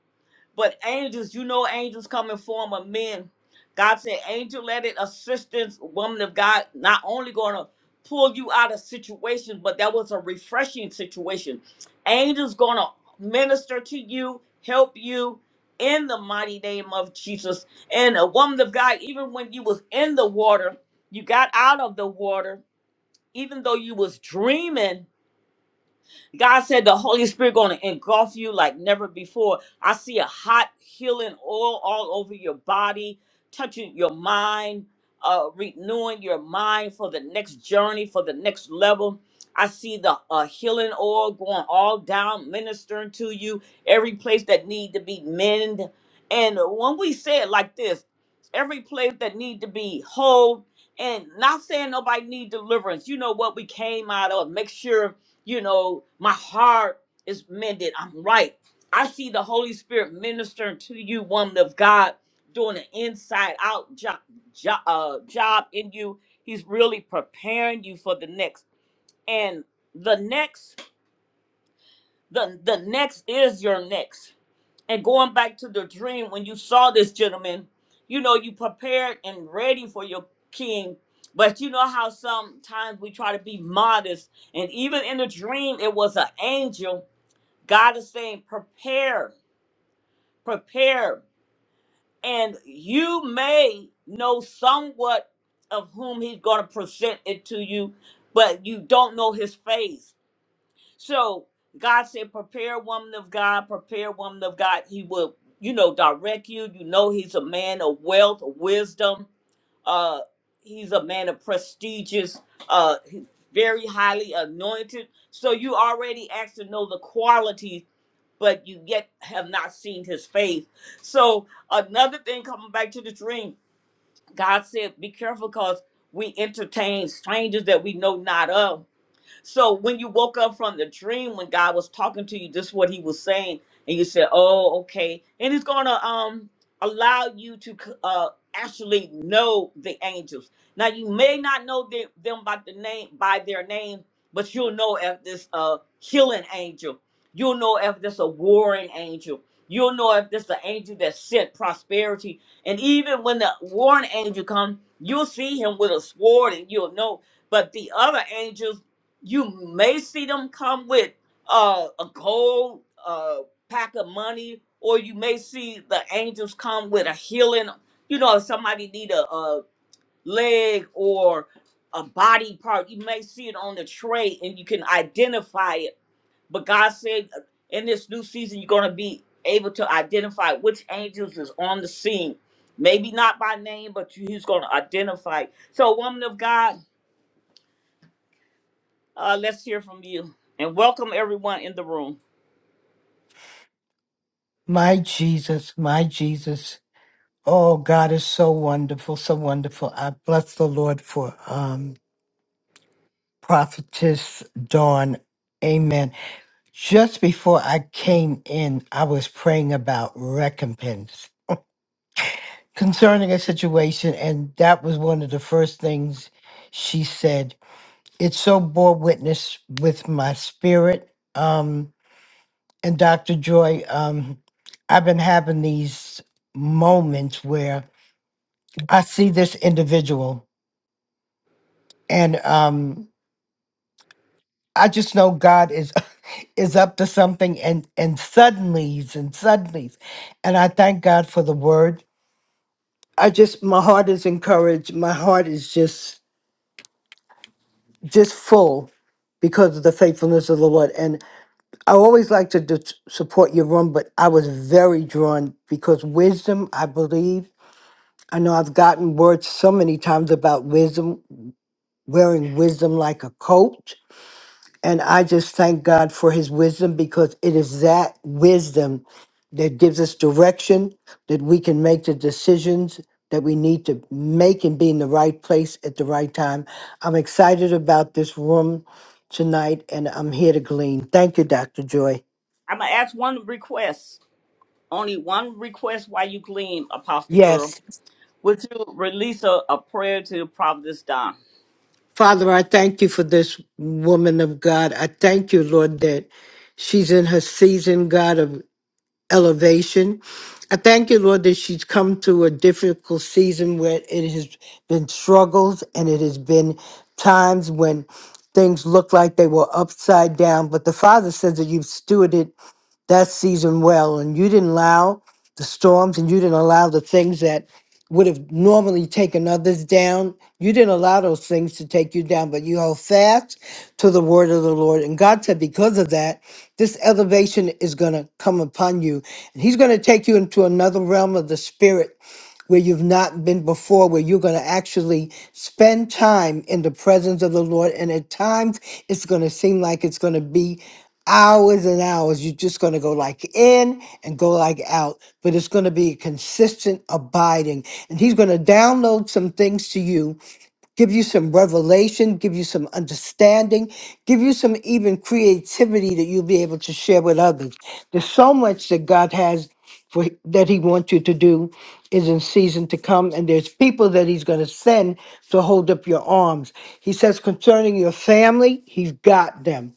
[SPEAKER 1] But angels, you know, angels come in form of men. God said, angel let it assistance, woman of God, not only going to pull you out of situation, but that was a refreshing situation. Angels going to minister to you, help you in the mighty name of Jesus. And a woman of God, even when you was in the water, you got out of the water, even though you was dreaming, God said the Holy Spirit going to engulf you like never before. I see a hot healing oil all over your body, touching your mind, uh, renewing your mind for the next journey, for the next level. I see the uh, healing oil going all down, ministering to you every place that need to be mended. And when we say it like this, every place that need to be whole, and not saying nobody need deliverance. You know what we came out of. Make sure you know, my heart is mended. I'm right. I see the Holy Spirit ministering to you, woman of God, doing an inside out job, job, uh, job in you. He's really preparing you for the next. And the next, the, the next is your next. And going back to the dream, when you saw this gentleman, you know, you prepared and ready for your king. But you know how sometimes we try to be modest. And even in the dream, it was an angel God is saying, prepare, prepare. And you may know somewhat of whom he's going to present it to you, but you don't know his face. So God said, prepare woman of God, prepare woman of God. He will, you know, direct you. You know, he's a man of wealth, of wisdom. Uh, he's a man of prestigious, uh, he's very highly anointed. So you already actually know the qualities but you yet have not seen his face. So another thing coming back to the dream, God said, be careful because we entertain strangers that we know not of so when you woke up from the dream, when God was talking to you, this is what He was saying, and you said, "Oh, okay," and He's gonna um allow you to uh actually know the angels. Now you may not know the- them by the name by their name, but you'll know if this a healing angel. You'll know if this a warring angel. You'll know if this the angel that sent prosperity. And even when the warring angel comes, you'll see him with a sword, and you'll know. But the other angels you may see them come with uh, a gold uh, pack of money, or you may see the angels come with a healing. You know, if somebody need a, a leg or a body part, you may see it on the tray, and you can identify it. But God said, uh, in this new season, you're going to be able to identify which angels is on the scene. Maybe not by name, but you- He's going to identify. So, woman of God uh, let's hear from you. And welcome everyone in the room.
[SPEAKER 4] My Jesus, my Jesus. Oh, God is so wonderful, so wonderful. I bless the Lord for um, Prophetess Dawn. Amen. Just before I came in, I was praying about recompense concerning a situation, and that was one of the first things she said. It so bore witness with my spirit. Um, and Dr. Joy, um, I've been having these moments where I see this individual and um I just know God is is up to something and and suddenlies and suddenlies. And I thank God for the word. I just my heart is encouraged. My heart is just just full because of the faithfulness of the Lord. And I always like to do, support your room, but I was very drawn because wisdom, I believe. I know I've gotten words so many times about wisdom, wearing wisdom like a coat And I just thank God for his wisdom because it is that wisdom that gives us direction that we can make the decisions that we need to make and be in the right place at the right time. I'm excited about this room tonight and I'm here to glean. Thank you, Dr. Joy.
[SPEAKER 1] I'm going to ask one request, only one request while you glean, Apostle Pearl.
[SPEAKER 4] Yes.
[SPEAKER 1] Would you release a, a prayer to Providence Don?
[SPEAKER 4] Father, I thank you for this woman of God. I thank you, Lord, that she's in her season, God, of. elevation. I thank you, Lord, that she's come through a difficult season where it has been struggles and it has been times when things look like they were upside down. But the Father says that you've stewarded that season well, and you didn't allow the storms, and you didn't allow the things that would have normally taken others down. You didn't allow those things to take you down, but you held fast to the word of the Lord. And God said, because of that, this elevation is going to come upon you. And He's going to take you into another realm of the spirit where you've not been before, where you're going to actually spend time in the presence of the Lord. And at times, it's going to seem like it's going to be hours and hours. You're just going to go like in and go like out, but it's going to be a consistent abiding. And He's going to download some things to you give you some revelation, give you some understanding, give you some even creativity that you'll be able to share with others. There's so much that God has for that He wants you to do is in season to come, and there's people that He's going to send to hold up your arms. He says concerning your family, He's got them.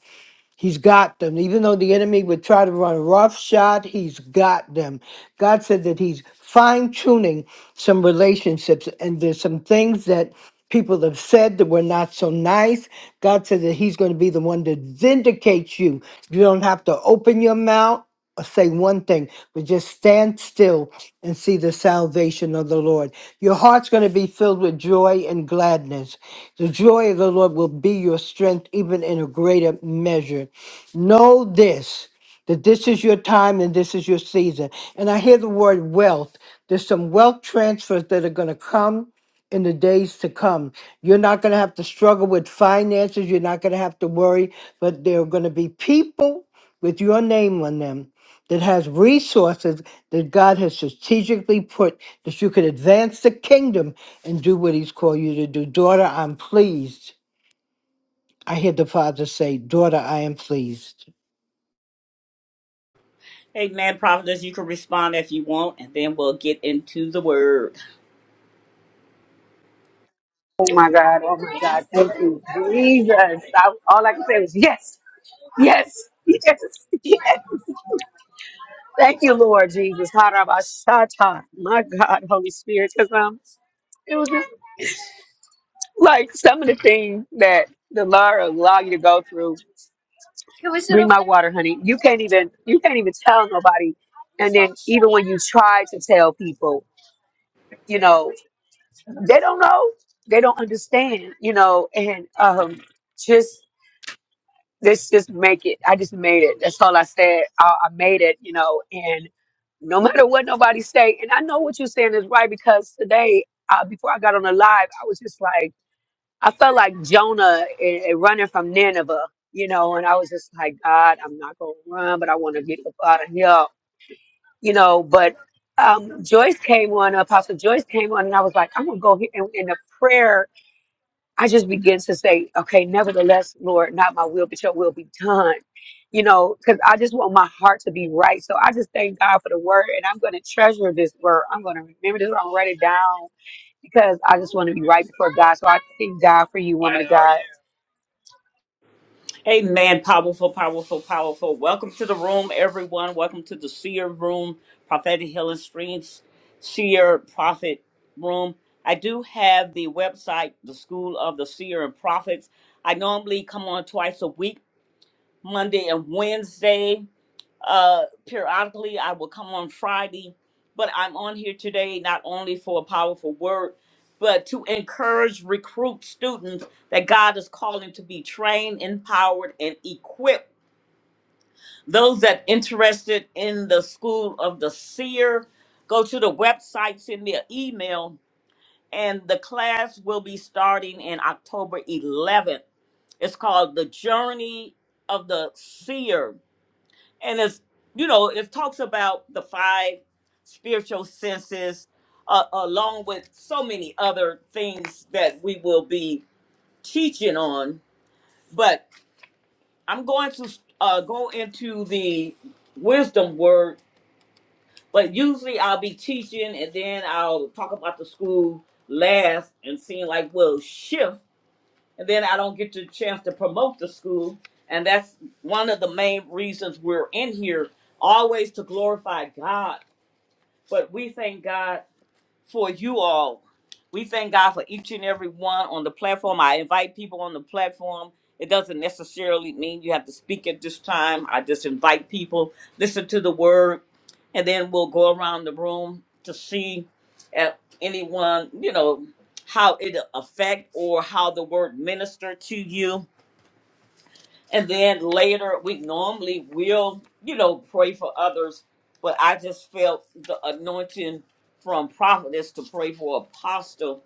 [SPEAKER 4] He's got them. Even though the enemy would try to run roughshod, he's got them. God said that he's fine tuning some relationships, and there's some things that people have said that were not so nice. God said that he's going to be the one to vindicate you. You don't have to open your mouth say one thing, but just stand still and see the salvation of the Lord. Your heart's going to be filled with joy and gladness. The joy of the Lord will be your strength, even in a greater measure. Know this that this is your time and this is your season. And I hear the word wealth. There's some wealth transfers that are going to come in the days to come. You're not going to have to struggle with finances. You're not going to have to worry, but there are going to be people with your name on them that has resources that God has strategically put that you can advance the kingdom and do what He's called you to do. Daughter, I'm pleased. I hear the Father say, Daughter, I am pleased.
[SPEAKER 1] Hey, man, Providence, you can respond if you want, and then we'll get into the word.
[SPEAKER 2] Oh my God, oh my God, thank you, Jesus. I, all I can say was yes, yes, yes, yes. Thank you, Lord Jesus. Harabashata. My God, Holy Spirit, because I'm. Like some of the things that the Lord will allow you to go through, my water, honey. You can't even you can't even tell nobody. And then even when you try to tell people, you know, they don't know, they don't understand, you know. And um, just let's just make it. I just made it. That's all I said. I, I made it, you know. And no matter what nobody say, and I know what you're saying is right because today, uh, before I got on the live, I was just like. I felt like Jonah and, and running from Nineveh, you know, and I was just like, God, I'm not going to run, but I want to get up out of here, you know. But um, Joyce came on, uh, Apostle Joyce came on, and I was like, I'm going to go here. And in the prayer, I just began to say, okay, nevertheless, Lord, not my will, but your will be done, you know, because I just want my heart to be right. So I just thank God for the word, and I'm going to treasure this word. I'm going to remember this, I'm going to write it down because I just want to be right before God. So I thank God for you, woman of God.
[SPEAKER 1] Amen. Powerful, powerful, powerful. Welcome to the room, everyone. Welcome to the seer room, prophetic healing streams, seer prophet room. I do have the website, the School of the Seer and Prophets. I normally come on twice a week, Monday and Wednesday uh periodically i will come on friday but i'm on here today not only for a powerful word but to encourage recruit students that god is calling to be trained empowered and equipped those that interested in the school of the seer go to the website send me an email and the class will be starting in october 11th it's called the journey of the seer and it's you know it talks about the five spiritual senses uh, along with so many other things that we will be teaching on but i'm going to uh, go into the wisdom word but usually i'll be teaching and then i'll talk about the school last and seeing like we'll shift and then i don't get the chance to promote the school and that's one of the main reasons we're in here always to glorify god But we thank God for you all. We thank God for each and every one on the platform. I invite people on the platform. It doesn't necessarily mean you have to speak at this time. I just invite people, listen to the word, and then we'll go around the room to see if anyone, you know, how it affect or how the word minister to you and then later, we normally will, you know, pray for others. But I just felt the anointing from prophetess to pray for apostle.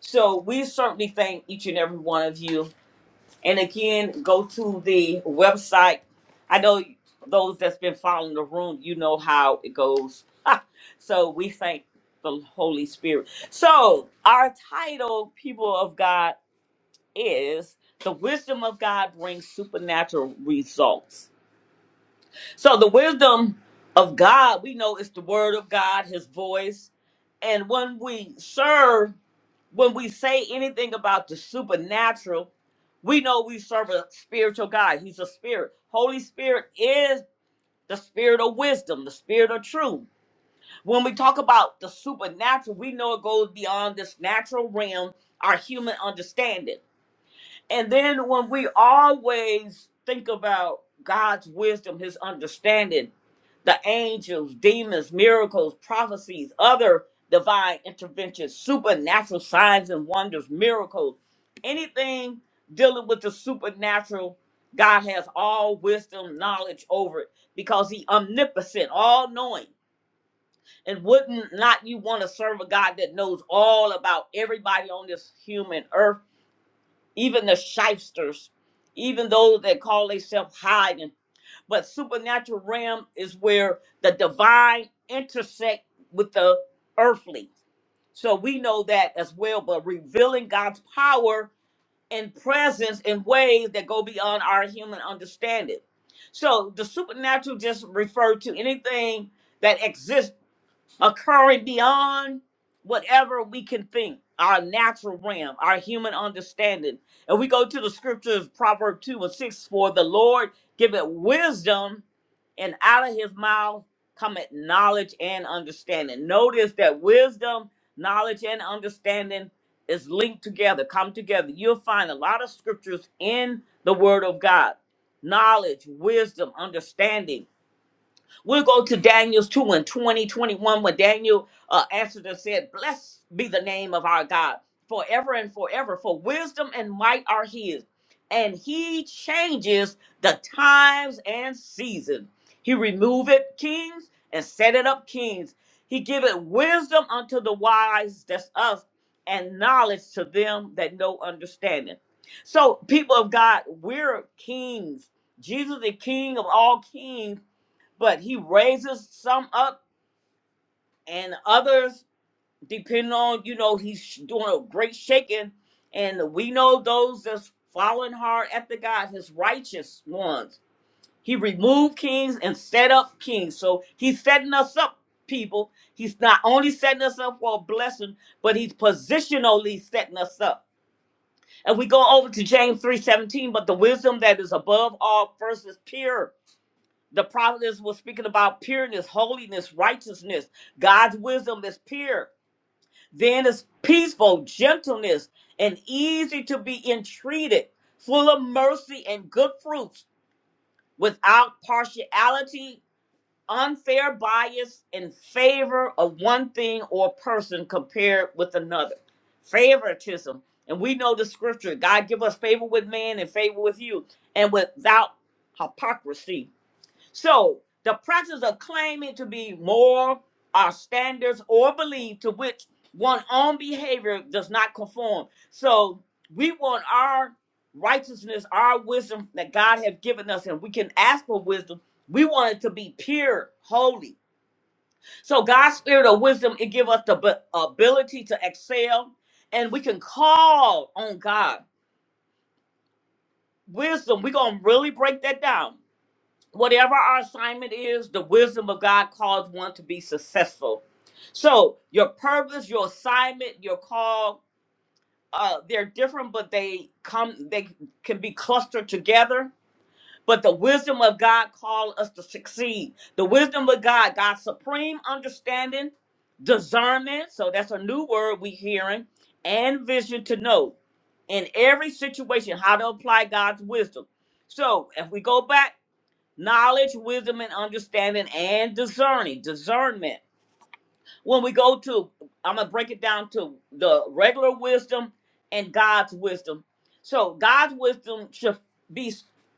[SPEAKER 1] So we certainly thank each and every one of you. And again, go to the website. I know those that's been following the room, you know how it goes. so we thank the Holy Spirit. So our title, people of God is the wisdom of God brings supernatural results. So the wisdom of God, we know it's the word of God, his voice. And when we serve, when we say anything about the supernatural, we know we serve a spiritual God. He's a spirit. Holy Spirit is the spirit of wisdom, the spirit of truth. When we talk about the supernatural, we know it goes beyond this natural realm, our human understanding and then when we always think about God's wisdom, his understanding, the angels, demons, miracles, prophecies, other divine interventions, supernatural signs and wonders, miracles, anything dealing with the supernatural, God has all wisdom, knowledge over it because he omnipotent, all knowing. And wouldn't not you want to serve a God that knows all about everybody on this human earth? even the shysters, even those that call themselves hiding. But supernatural realm is where the divine intersect with the earthly. So we know that as well, but revealing God's power and presence in ways that go beyond our human understanding. So the supernatural just referred to anything that exists occurring beyond whatever we can think, our natural realm, our human understanding. And we go to the scriptures, Proverb 2 and 6, for the Lord giveth wisdom, and out of his mouth cometh knowledge and understanding. Notice that wisdom, knowledge, and understanding is linked together, come together. You'll find a lot of scriptures in the word of God. Knowledge, wisdom, understanding We'll go to Daniel's 2 and twenty, twenty-one, 21, when Daniel uh, answered and said, Blessed be the name of our God forever and forever, for wisdom and might are his. And he changes the times and seasons. He removeth kings and set it up kings. He giveth wisdom unto the wise, that's us, and knowledge to them that know understanding. So, people of God, we're kings. Jesus, the King of all kings but he raises some up and others depending on you know he's doing a great shaking and we know those that's following hard after god his righteous ones he removed kings and set up kings so he's setting us up people he's not only setting us up for a blessing but he's positionally setting us up and we go over to james 3.17 but the wisdom that is above all first is pure The providence was speaking about pureness, holiness, righteousness. God's wisdom is pure. Then it's peaceful, gentleness, and easy to be entreated, full of mercy and good fruits, without partiality, unfair bias, in favor of one thing or person compared with another. Favoritism. And we know the scripture God give us favor with man and favor with you, and without hypocrisy so the practice of claiming to be moral are standards or belief to which one's own behavior does not conform. So we want our righteousness, our wisdom that God has given us, and we can ask for wisdom. We want it to be pure, holy. So God's spirit of wisdom, it give us the b- ability to excel, and we can call on God. Wisdom, we're going to really break that down whatever our assignment is, the wisdom of God calls one to be successful. So your purpose, your assignment, your call, uh, they're different, but they come, they can be clustered together. But the wisdom of God calls us to succeed. The wisdom of God, God's supreme understanding, discernment. So that's a new word we hearing, and vision to know in every situation how to apply God's wisdom. So if we go back knowledge, wisdom, and understanding, and discerning. Discernment. When we go to, I'm gonna break it down to the regular wisdom and God's wisdom. So God's wisdom should be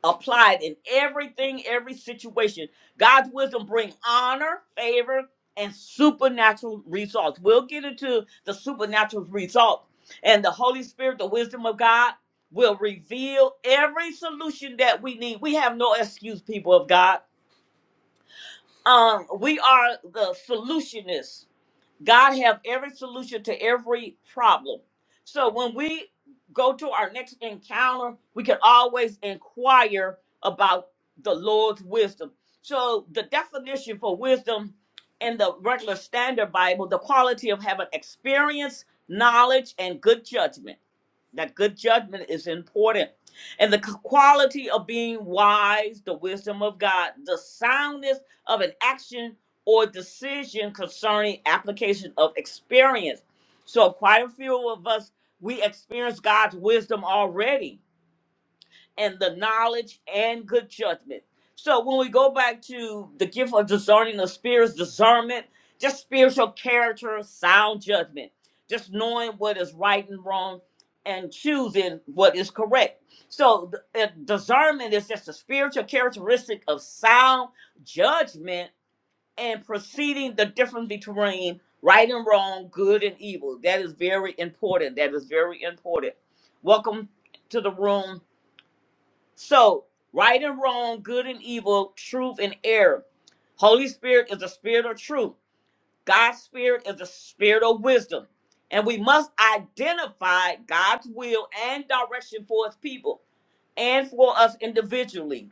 [SPEAKER 1] applied in everything, every situation. God's wisdom bring honor, favor, and supernatural results. We'll get into the supernatural results and the Holy Spirit, the wisdom of God. Will reveal every solution that we need. We have no excuse, people of God um we are the solutionists god have every solution to every problem so when we go to our next encounter we can always inquire about the lord's wisdom so the definition for wisdom in the regular standard bible the quality of having experience knowledge and good judgment that good judgment is important. And the quality of being wise, the wisdom of God, the soundness of an action or decision concerning application of experience. So, quite a few of us, we experience God's wisdom already and the knowledge and good judgment. So when we go back to the gift of discerning the spirits, discernment, just spiritual character, sound judgment, just knowing what is right and wrong and choosing what is correct. So th- uh, discernment is just a spiritual characteristic of sound judgment and perceiving the difference between right and wrong, good and evil. That is very important. That is very important. Welcome to the room so, right and wrong, good and evil, truth and error. Holy Spirit is the spirit of truth. God's spirit is the spirit of wisdom. And we must identify God's will and direction for his people and for us individually.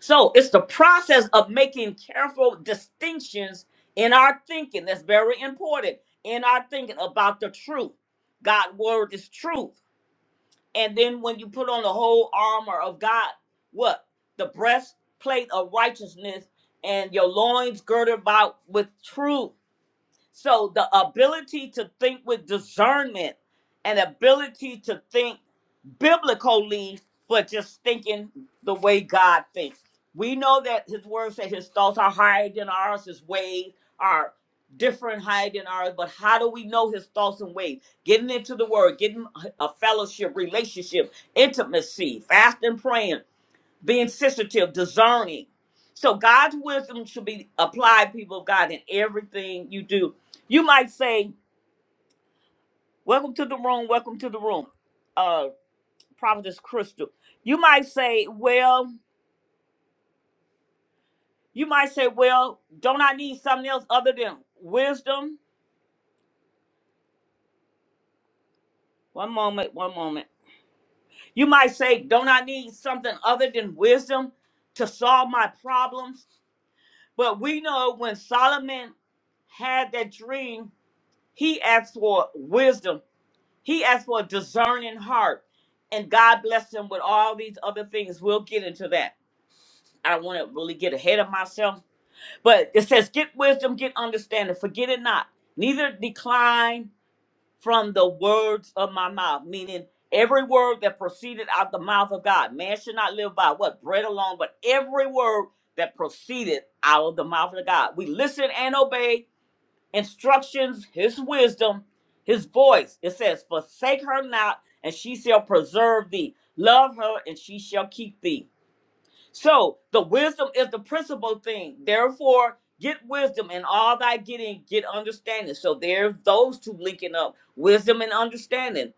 [SPEAKER 1] So, it's the process of making careful distinctions in our thinking that's very important in our thinking about the truth. God's word is truth. And then when you put on the whole armor of God, what? The breastplate of righteousness and your loins girded about with truth. So the ability to think with discernment and ability to think biblically, but just thinking the way God thinks. We know that his word said his thoughts are higher than ours, his ways are different higher than ours, but how do we know his thoughts and ways? Getting into the word, getting a fellowship, relationship, intimacy, fasting, praying being sensitive, discerning. So God's wisdom should be applied, people of God, in everything you do. You might say, Welcome to the room, welcome to the room, uh, Prophetess Crystal. You might say, Well, you might say, Well, don't I need something else other than wisdom? One moment, one moment. You might say, Don't I need something other than wisdom to solve my problems? But we know when Solomon had that dream, he asked for wisdom He asked for a discerning heart, and God blessed him with all these other things. We'll get into that. I don't want to really get ahead of myself, but it says, Get wisdom, get understanding, forget it not, neither decline from the words of my mouth, meaning every word that proceeded out the mouth of God. Man should not live by what? Bread alone, but every word that proceeded out of the mouth of God. We listen and obey, instructions, his wisdom, his voice. It says, Forsake her not, and she shall preserve thee. Love her, and she shall keep thee. So the wisdom is the principal thing. Therefore, get wisdom, and all thy getting, get understanding. So there's those two linking up wisdom and understanding.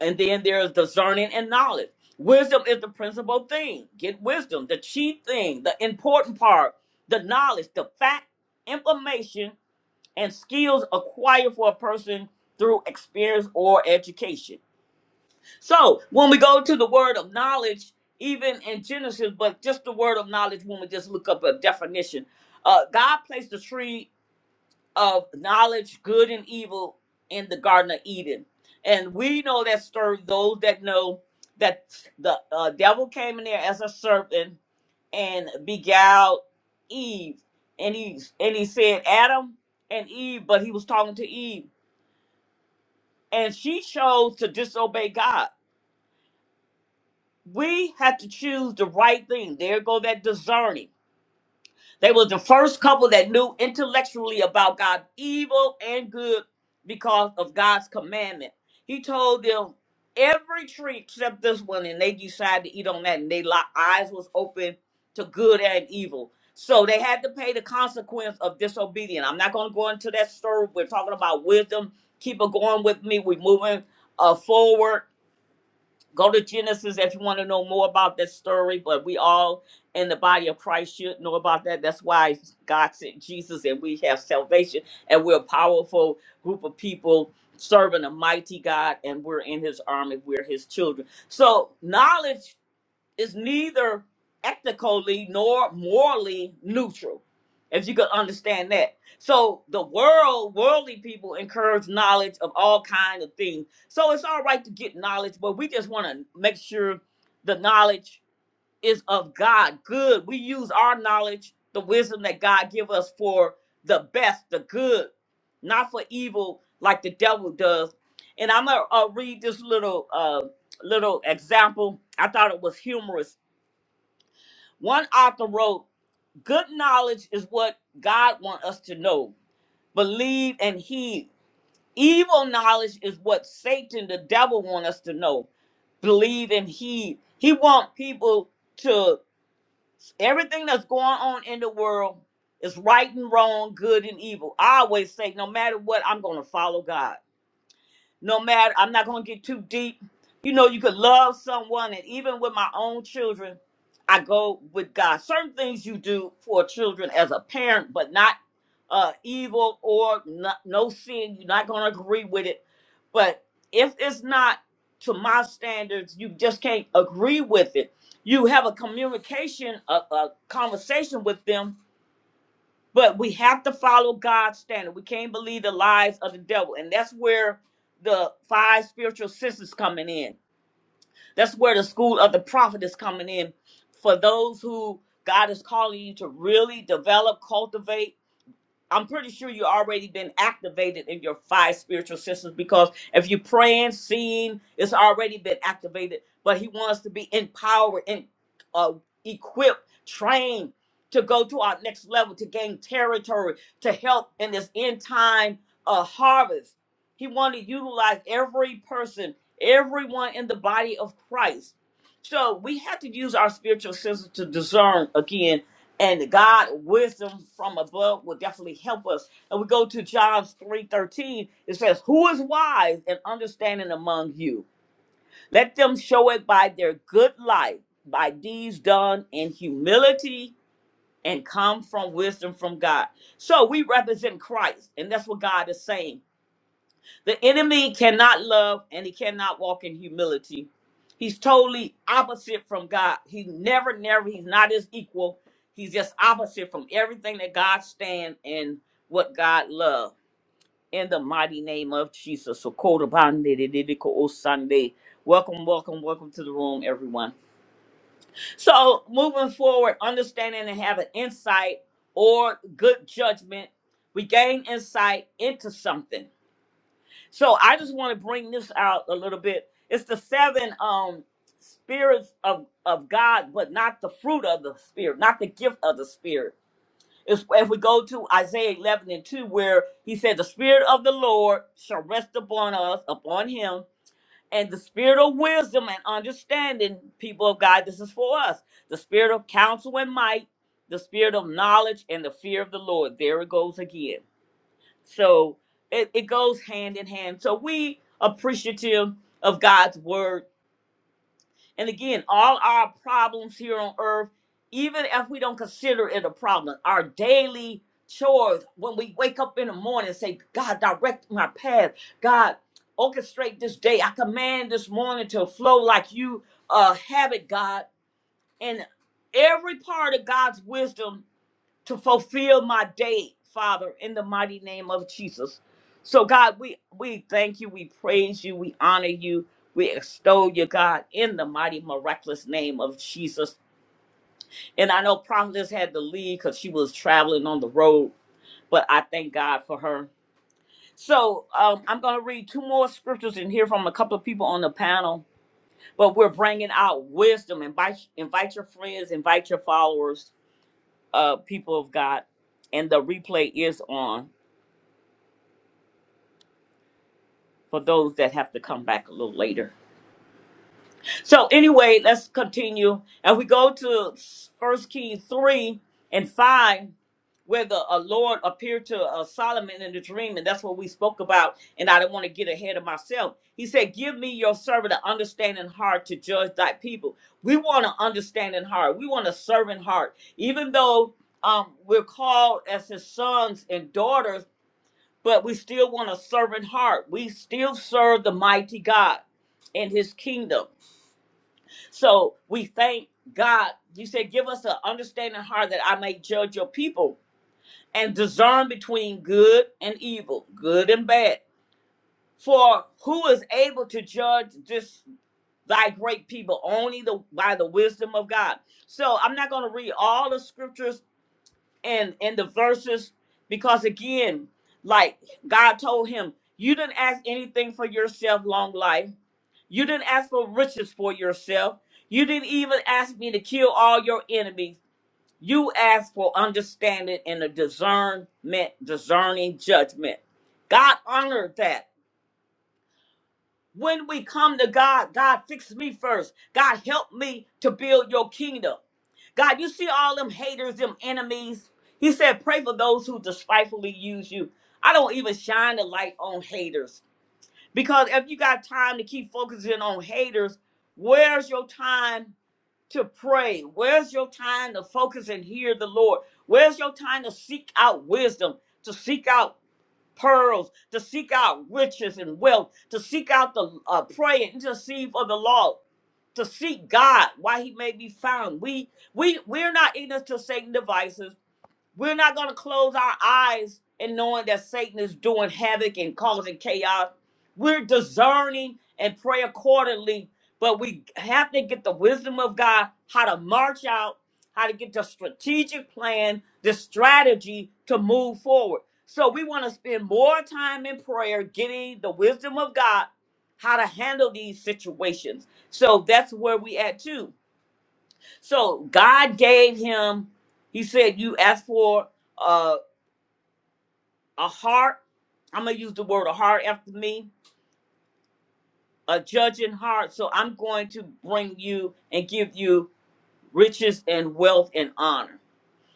[SPEAKER 1] And then there's discerning and knowledge. Wisdom is the principal thing. Get wisdom, the chief thing, the important part, the knowledge, the fact, information, and skills acquired for a person through experience or education. So when we go to the word of knowledge, even in Genesis, but just the word of knowledge, when we just look up a definition, uh, God placed the tree of knowledge, good and evil, in the Garden of Eden. And we know that serve those that know that the uh, devil came in there as a serpent and beguiled Eve. And he and he said Adam and Eve, but he was talking to Eve. And she chose to disobey God. We have to choose the right thing. There go that discerning They was the first couple that knew intellectually about God, evil and good, because of God's commandment. He told them every tree except this one, and they decided to eat on that, and their eyes was open to good and evil. So they had to pay the consequence of disobedience. I'm not going to go into that story. We're talking about wisdom. Keep it going with me. We're moving uh, forward Go to Genesis if you want to know more about this story, but we all in the body of Christ should know about that. That's why God sent Jesus and we have salvation and we're a powerful group of people serving a mighty God and we're in his army. We're his children. So knowledge is neither ethically nor morally neutral, if you could understand that. So the world, worldly people encourage knowledge of all kinds of things. So it's all right to get knowledge, but we just want to make sure the knowledge is of God. Good. We use our knowledge, the wisdom that God give us for the best, the good, not for evil like the devil does. And I'm gonna uh, read this little uh, little example. I thought it was humorous one author wrote, Good knowledge is what God wants us to know, believe, and heed. Evil knowledge is what Satan, the devil, wants us to know, believe, and heed. He wants people to, everything that's going on in the world is right and wrong, good and evil. I always say, no matter what, I'm going to follow God no matter i'm not going to get too deep you know you could love someone and even with my own children i go with god certain things you do for children as a parent but not uh evil or not, no sin you're not going to agree with it but if it's not to my standards you just can't agree with it you have a communication a, a conversation with them but we have to follow God's standard. We can't believe the lies of the devil. And that's where the five spiritual senses coming in. That's where the school of the prophet is coming in. For those who God is calling you to really develop, cultivate, I'm pretty sure you already been activated in your five spiritual senses because if you're praying, seeing, it's already been activated. But he wants to be empowered and uh, equipped, trained to go to our next level, to gain territory, to help in this end time uh, harvest. He wanted to utilize every person, everyone in the body of Christ. So we have to use our spiritual senses to discern again and God wisdom from above will definitely help us. And we go to John 3:13. It says, "Who is wise and understanding among you? Let them show it by their good life, by deeds done in humility and come from wisdom from God." So we represent Christ, and that's what God is saying. The enemy cannot love and he cannot walk in humility. He's totally opposite from God. He never, never, he's not his equal. He's just opposite from everything that God stands and what God loves. In the mighty name of Jesus. So, Sunday. Welcome, welcome, welcome to the room, everyone. So, moving forward, understanding and having insight or good judgment, we gain insight into something. So I just want to bring this out a little bit. It's the seven um spirits of of God, but not the fruit of the spirit, not the gift of the spirit. It's if we go to Isaiah 11 and 2, where he said, The spirit of the Lord shall rest upon us, upon him, and the spirit of wisdom and understanding, people of God, this is for us. The spirit of counsel and might, the spirit of knowledge and the fear of the Lord. There it goes again so it, it goes hand in hand. So we appreciative of God's word. And again, all our problems here on earth, even if we don't consider it a problem, our daily chores, when we wake up in the morning and say, God, direct my path. God, orchestrate this day. I command this morning to flow like you uh, have it, God. And every part of God's wisdom to fulfill my day, Father, in the mighty name of Jesus. So God, we we thank you, we praise you, we honor you, we extol you, God, in the mighty miraculous name of Jesus. And I know Prophetess had to leave because she was traveling on the road, but I thank God for her. So um, I'm going to read two more scriptures and hear from a couple of people on the panel. But we're bringing out wisdom. Invite invite your friends, invite your followers, uh, people of God, and the replay is on. for those that have to come back a little later. So anyway, let's continue. And we go to First Kings 3 and 5, where the uh, Lord appeared to uh, Solomon in a dream, and that's what we spoke about, and I don't want to get ahead of myself. He said, give me your servant an understanding heart to judge thy people. We want an understanding heart. We want a servant heart. Even though um, we're called as his sons and daughters, but we still want a servant heart. We still serve the mighty God and his kingdom. So we thank God. You said, Give us an understanding heart that I may judge your people and discern between good and evil, good and bad. For who is able to judge this thy great people? Only the by the wisdom of God. So I'm not going to read all the scriptures and in the verses because again like god told him you didn't ask anything for yourself long life you didn't ask for riches for yourself you didn't even ask me to kill all your enemies you asked for understanding and a discernment discerning judgment god honored that when we come to God, God, fix me first. God, help me to build your kingdom. God, you see all them haters, them enemies. He said, pray for those who despitefully use you. I don't even shine the light on haters. Because if you got time to keep focusing on haters, where's your time to pray? Where's your time to focus and hear the Lord? Where's your time to seek out wisdom, to seek out pearls, to seek out riches and wealth, to seek out the uh, pray and intercede for the law, to seek God, why He may be found. We we we're not ignorant to Satan devices. We're not going to close our eyes and knowing that Satan is doing havoc and causing chaos. We're discerning and pray accordingly, but we have to get the wisdom of God how to march out, how to get the strategic plan, the strategy to move forward. So we want to spend more time in prayer, getting the wisdom of God, how to handle these situations. So that's where we at too so God gave him, he said, You asked for uh, a heart. I'm going to use the word a heart after me, a judging heart. So I'm going to bring you and give you riches and wealth and honor.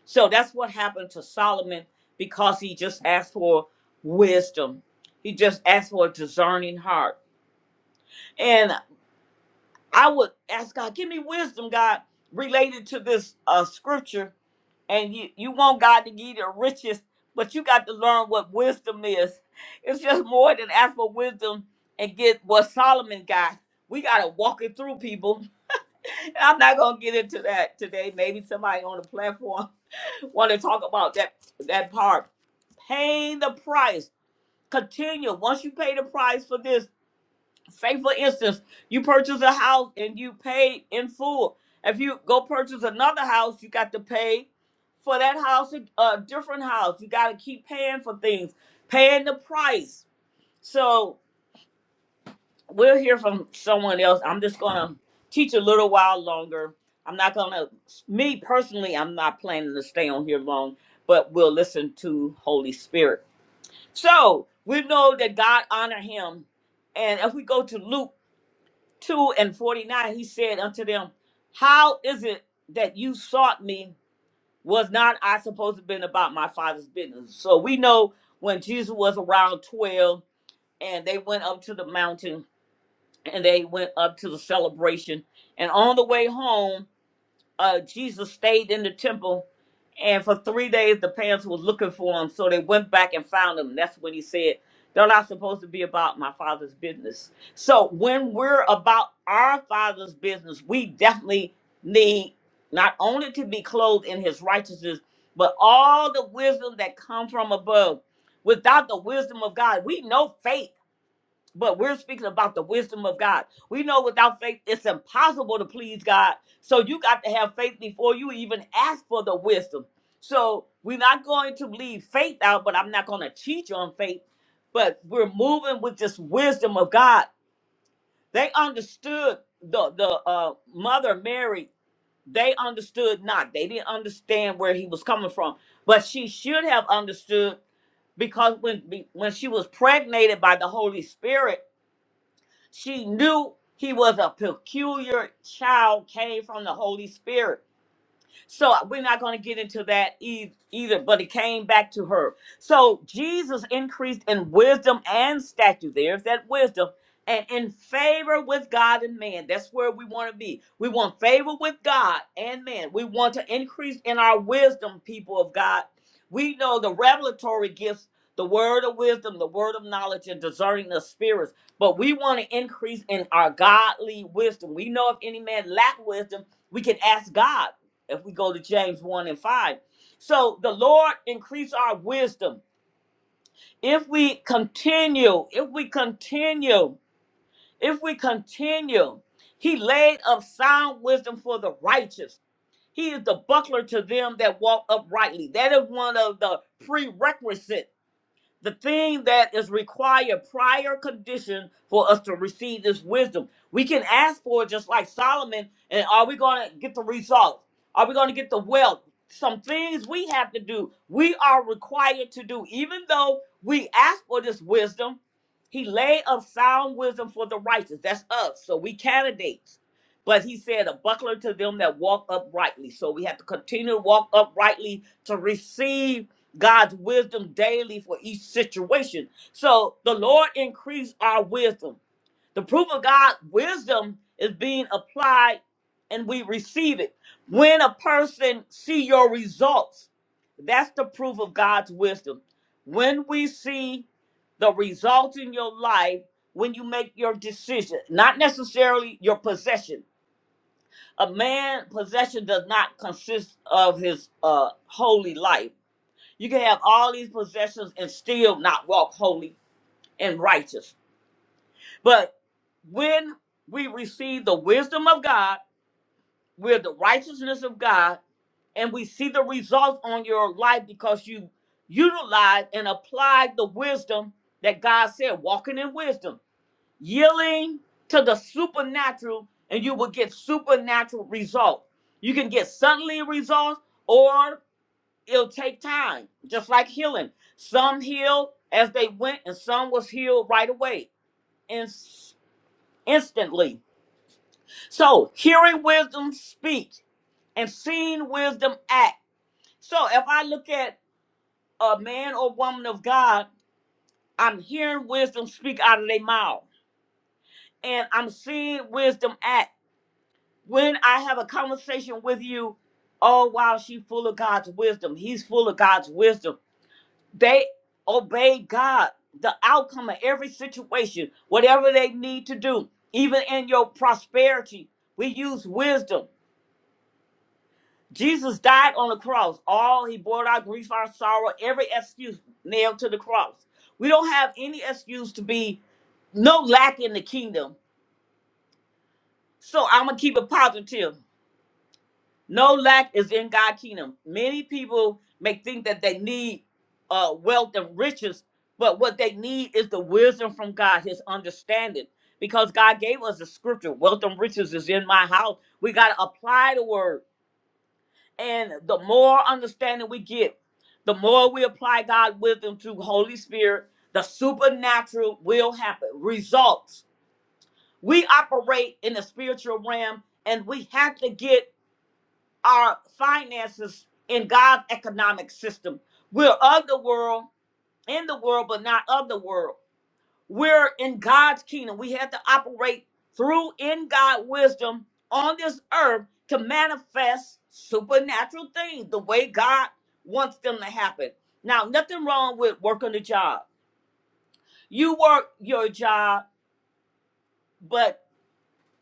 [SPEAKER 1] So that's what happened to Solomon because he just asked for wisdom. He just asked for a discerning heart. And I would ask God, Give me wisdom, God, related to this uh, scripture and you you want God to give you the riches, but you got to learn what wisdom is. It's just more than ask for wisdom and get what Solomon got. We gotta walk it through, people. And I'm not gonna get into that today. Maybe somebody on the platform want to talk about that that part. Paying the price. Continue. Once you pay the price for this. Say for instance, you purchase a house and you pay in full. If you go purchase another house, you got to pay for that house, a a different house. You got to keep paying for things, paying the price. So we'll hear from someone else. I'm just gonna teach a little while longer. I'm not gonna. Me personally, I'm not planning to stay on here long, but we'll listen to Holy Spirit. So we know that God honor him, and if we go to Luke. 2 and 49, he said unto them, How is it that you sought me? Was not I supposed to have been about my father's business? So we know when Jesus was around 12 and they went up to the mountain and they went up to the celebration. And on the way home, uh, Jesus stayed in the temple, and for three days the parents was looking for him, so they went back and found him. That's when he said, "They're not supposed to be about my father's business." So when we're about our father's business, we definitely need not only to be clothed in His righteousness, but all the wisdom that come from above. Without the wisdom of God, we know faith. But we're speaking about the wisdom of God. We know without faith, it's impossible to please God. So you got to have faith before you even ask for the wisdom. So we're not going to leave faith out, but I'm not going to teach on faith. But we're moving with this wisdom of God. They understood the the uh, mother Mary. They understood not. They didn't understand where he was coming from, but she should have understood because when when she was pregnated by the Holy Spirit she knew he was a peculiar child, came from the Holy Spirit. So uh, we're not going to get into that e- either, but it came back to her. So Jesus increased in wisdom and stature. There's that wisdom. And in favor with God and man. That's where we want to be. We want favor with God and man. We want to increase in our wisdom, people of God. We know the revelatory gifts, the word of wisdom, the word of knowledge, and discerning the spirits. But we want to increase in our godly wisdom. We know if any man lack wisdom, we can ask God if we go to James 1 and 5. So the Lord increase our wisdom. If we continue, if we continue, if we continue, he laid up sound wisdom for the righteous. He is the buckler to them that walk uprightly. That is one of the prerequisites the thing that is required prior condition for us to receive this wisdom. We can ask for it just like Solomon, and are we going to get the results? Are we going to get the wealth? Some things we have to do, we are required to do. Even though we ask for this wisdom, he lay of sound wisdom for the righteous. That's us. So we candidates. But he said, a buckler to them that walk uprightly. So we have to continue to walk uprightly to receive God's wisdom daily for each situation. So the Lord increased our wisdom. The proof of God's wisdom is being applied and we receive it. When a person see your results, that's the proof of God's wisdom. When we see the results in your life, when you make your decision, not necessarily your possession. A man possession does not consist of his uh, holy life you can have all these possessions and still not walk holy and righteous. But when we receive the wisdom of God, we're the righteousness of God, and we see the results on your life because you utilize and applied the wisdom that God said, walking in wisdom, yielding to the supernatural, and you will get supernatural results. You can get suddenly results, or it'll take time, just like healing. Some healed as they went, and some was healed right away, in- instantly. So, hearing wisdom speak and seeing wisdom act. So, if I look at a man or woman of God, I'm hearing wisdom speak out of their mouth, and I'm seeing wisdom act. When I have a conversation with you, oh wow, she's full of God's wisdom. He's full of God's wisdom they obey God, the outcome of every situation, whatever they need to do, even in your prosperity. We use wisdom. Jesus died on the cross. All he bore our grief, our sorrow, every excuse nailed to the cross. We don't have any excuse to be no lack in the kingdom. So I'm gonna keep it positive. No lack is in God's kingdom. Many people may think that they need uh, wealth and riches, but what they need is the wisdom from God, His understanding. Because God gave us the scripture, wealth and riches is in my house. We got to apply the word. And the more understanding we get, the more we apply God's wisdom to Holy Spirit, the supernatural will happen. Results. We operate in the spiritual realm and we have to get our finances in God's economic system. We're of the world, in the world, but not of the world. We're in God's kingdom. We have to operate through in God wisdom on this earth to manifest supernatural things the way God wants them to happen. Now, nothing wrong with working a job. You work your job, but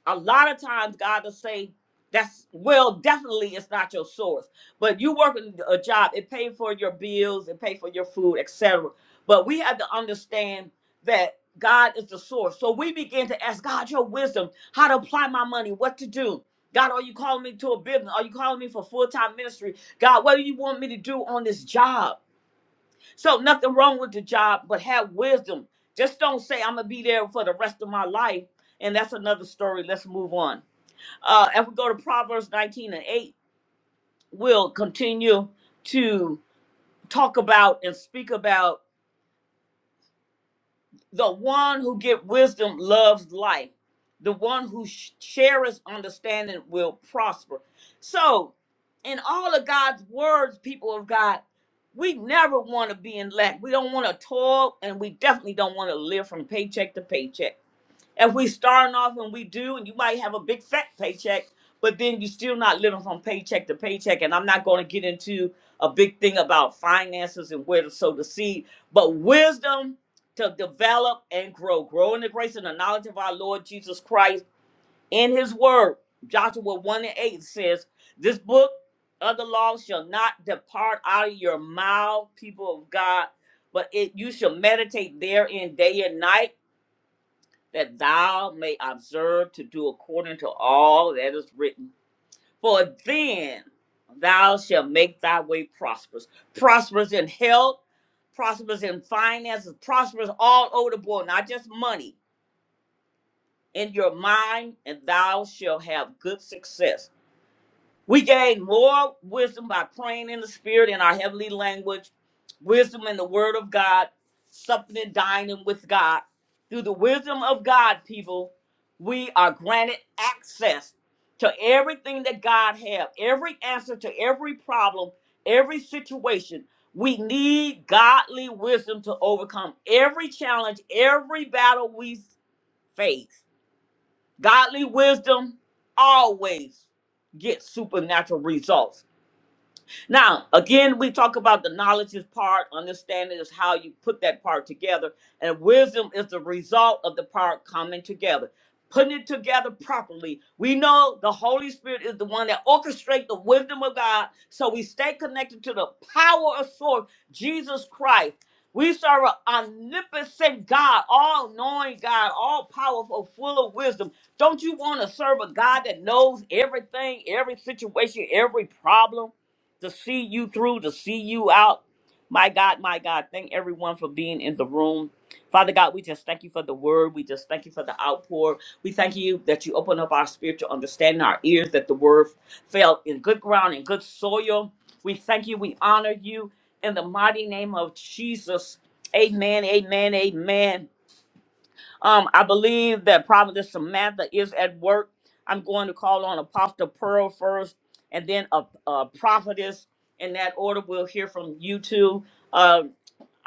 [SPEAKER 1] a lot of times God will say, that's well, definitely it's not your source. But you working a job, it paid for your bills, it paid for your food, etc. But we have to understand that God is the source. So we begin to ask God your wisdom, how to apply my money, what to do. God, are you calling me to a business? Are you calling me for full-time ministry? God, what do you want me to do on this job? So nothing wrong with the job, but have wisdom. Just don't say I'm gonna be there for the rest of my life. And that's another story. Let's move on uh, if we go to Proverbs 19 and 8, we'll continue to talk about and speak about the one who get wisdom loves life. The one who sh- shares understanding will prosper. So, in all of God's words, people of God, we never want to be in lack. We don't want to toil, and we definitely don't want to live from paycheck to paycheck. if we starting off and we do, and you might have a big fat paycheck, but then you still not living from paycheck to paycheck. And I'm not going to get into a big thing about finances and where to sow the seed, but wisdom to develop and grow, grow in the grace and the knowledge of our Lord Jesus Christ in His Word. Joshua one and eight says, "This book of the law shall not depart out of your mouth, people of God, but it you shall meditate therein day and night." that thou may observe to do according to all that is written. For then thou shalt make thy way prosperous. Prosperous in health, prosperous in finances, prosperous all over the board, not just money, in your mind, and thou shalt have good success. We gain more wisdom by praying in the spirit in our heavenly language, wisdom in the word of God, something and dining with God. Through the wisdom of God, people, we are granted access to everything that God has, every answer to every problem, every situation. We need godly wisdom to overcome every challenge, every battle we face. Godly wisdom always gets supernatural results. Now, again, we talk about the knowledge is part, understanding is how you put that part together, and wisdom is the result of the part coming together. Putting it together properly. We know the Holy Spirit is the one that orchestrates the wisdom of God, so we stay connected to the power of source, Jesus Christ. We serve an omnipotent God, all knowing God, all powerful, full of wisdom. Don't you want to serve a God that knows everything, every situation, every problem? to see you through, to see you out. My God, my God, thank everyone for being in the room. Father God, we just thank you for the word. We just thank you for the outpour. We thank you that you open up our spiritual understanding, our ears, that the word fell in good ground and good soil. We thank you. We honor you in the mighty name of Jesus. Amen, amen, amen. Um, I believe that Prophetess Samantha is at work. I'm going to call on Apostle Pearl first, and then a, a prophetess. In that order, we'll hear from you two. Uh,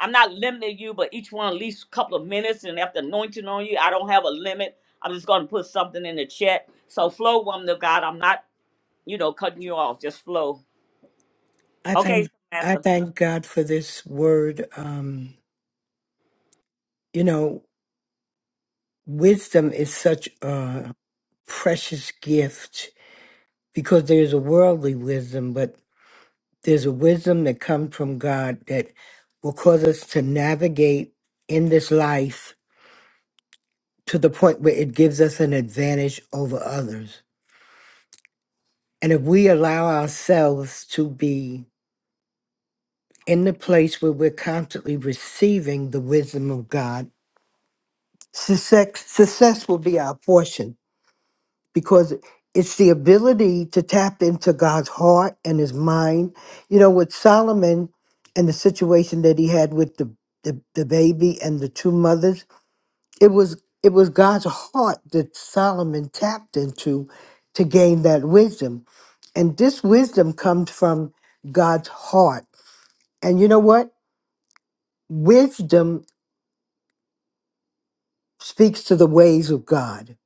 [SPEAKER 1] I'm not limiting you, but each one at least a couple of minutes. And after anointing on you, I don't have a limit. I'm just going to put something in the chat. So flow, woman of God. I'm not, you know, cutting you off. Just flow.
[SPEAKER 4] I
[SPEAKER 1] Okay,
[SPEAKER 4] thank I
[SPEAKER 1] Samantha.
[SPEAKER 4] thank God for this word. Um, you know, wisdom is such a precious gift because there's a worldly wisdom, but there's a wisdom that comes from God that will cause us to navigate in this life to the point where it gives us an advantage over others. And if we allow ourselves to be in the place where we're constantly receiving the wisdom of God, success, success will be our portion because it's the ability to tap into God's heart and his mind. You know, with Solomon and the situation that he had with the, the, the baby and the two mothers, it was it was God's heart that Solomon tapped into to gain that wisdom And this wisdom comes from God's heart. And you know what? Wisdom speaks to the ways of God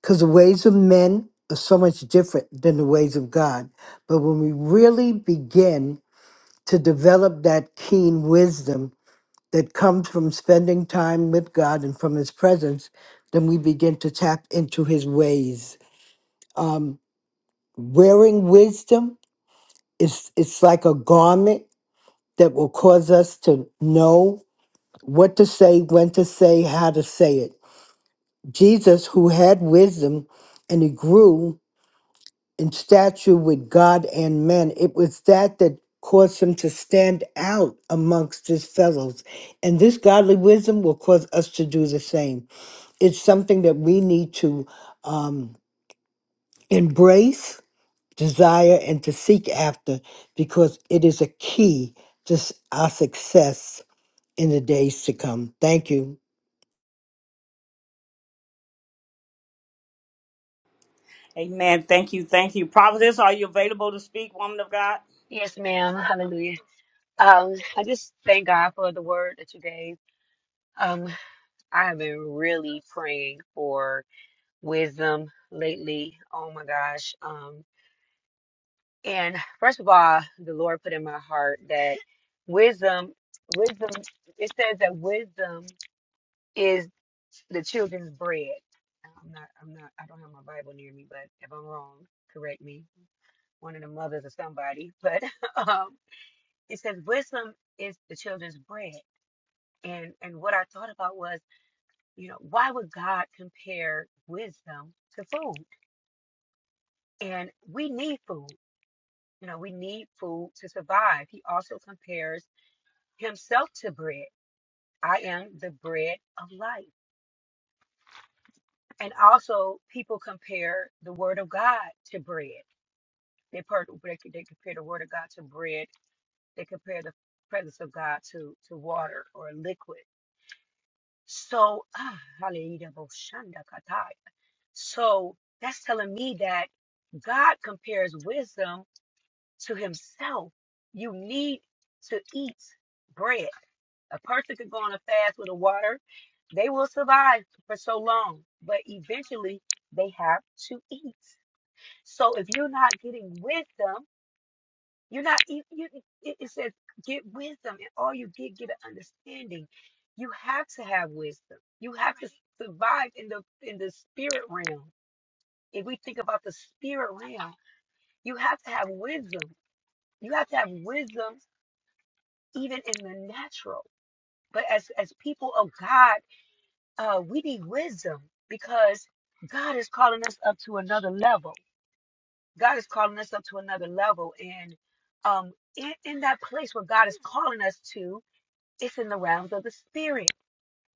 [SPEAKER 4] because the ways of men are so much different than the ways of God. But when we really begin to develop that keen wisdom that comes from spending time with God and from His presence, then we begin to tap into His ways. Um, wearing wisdom is it's like a garment that will cause us to know what to say, when to say, how to say it. Jesus, who had wisdom and he grew in stature with God and men, it was that that caused him to stand out amongst his fellows. And this godly wisdom will cause us to do the same. It's something that we need to um, embrace, desire, and to seek after because it is a key to s- our success in the days to come. Thank you.
[SPEAKER 1] Amen. Thank you. Thank you. Prophetess, are you available to speak, woman of God?
[SPEAKER 2] Yes, ma'am. Hallelujah. Um, I just thank God for the word that you gave. Um, I have been really praying for wisdom lately. Oh my gosh. Um, and first of all, the Lord put in my heart that wisdom, wisdom, it says that wisdom is the children's bread. I'm not, I'm not, I don't have my Bible near me, but if I'm wrong, correct me. One of the mothers or somebody, but um, it says wisdom is the children's bread. and and what I thought about was, you know, why would God compare wisdom to food? And we need food. You know, we need food to survive. He also compares himself to bread. I am the bread of life. And also, people compare the word of God to bread. They, per- they, they compare the word of God to bread. They compare the presence of God to, to water or liquid. So, ah, hallelujah, So that's telling me that God compares wisdom to himself. You need to eat bread. A person could go on a fast with a water. They will survive for so long, but eventually they have to eat. So if you're not getting wisdom, you're not, you, you, it it says get wisdom and all you get, get an understanding. You have to have wisdom. You have to survive in the, in the spirit realm if we think about the spirit realm, you have to have wisdom. You have to have wisdom even in the natural. But as as people of God, uh, we need wisdom because God is calling us up to another level. God is calling us up to another level, and um, in, in that place where God is calling us to, it's in the realms of the spirit.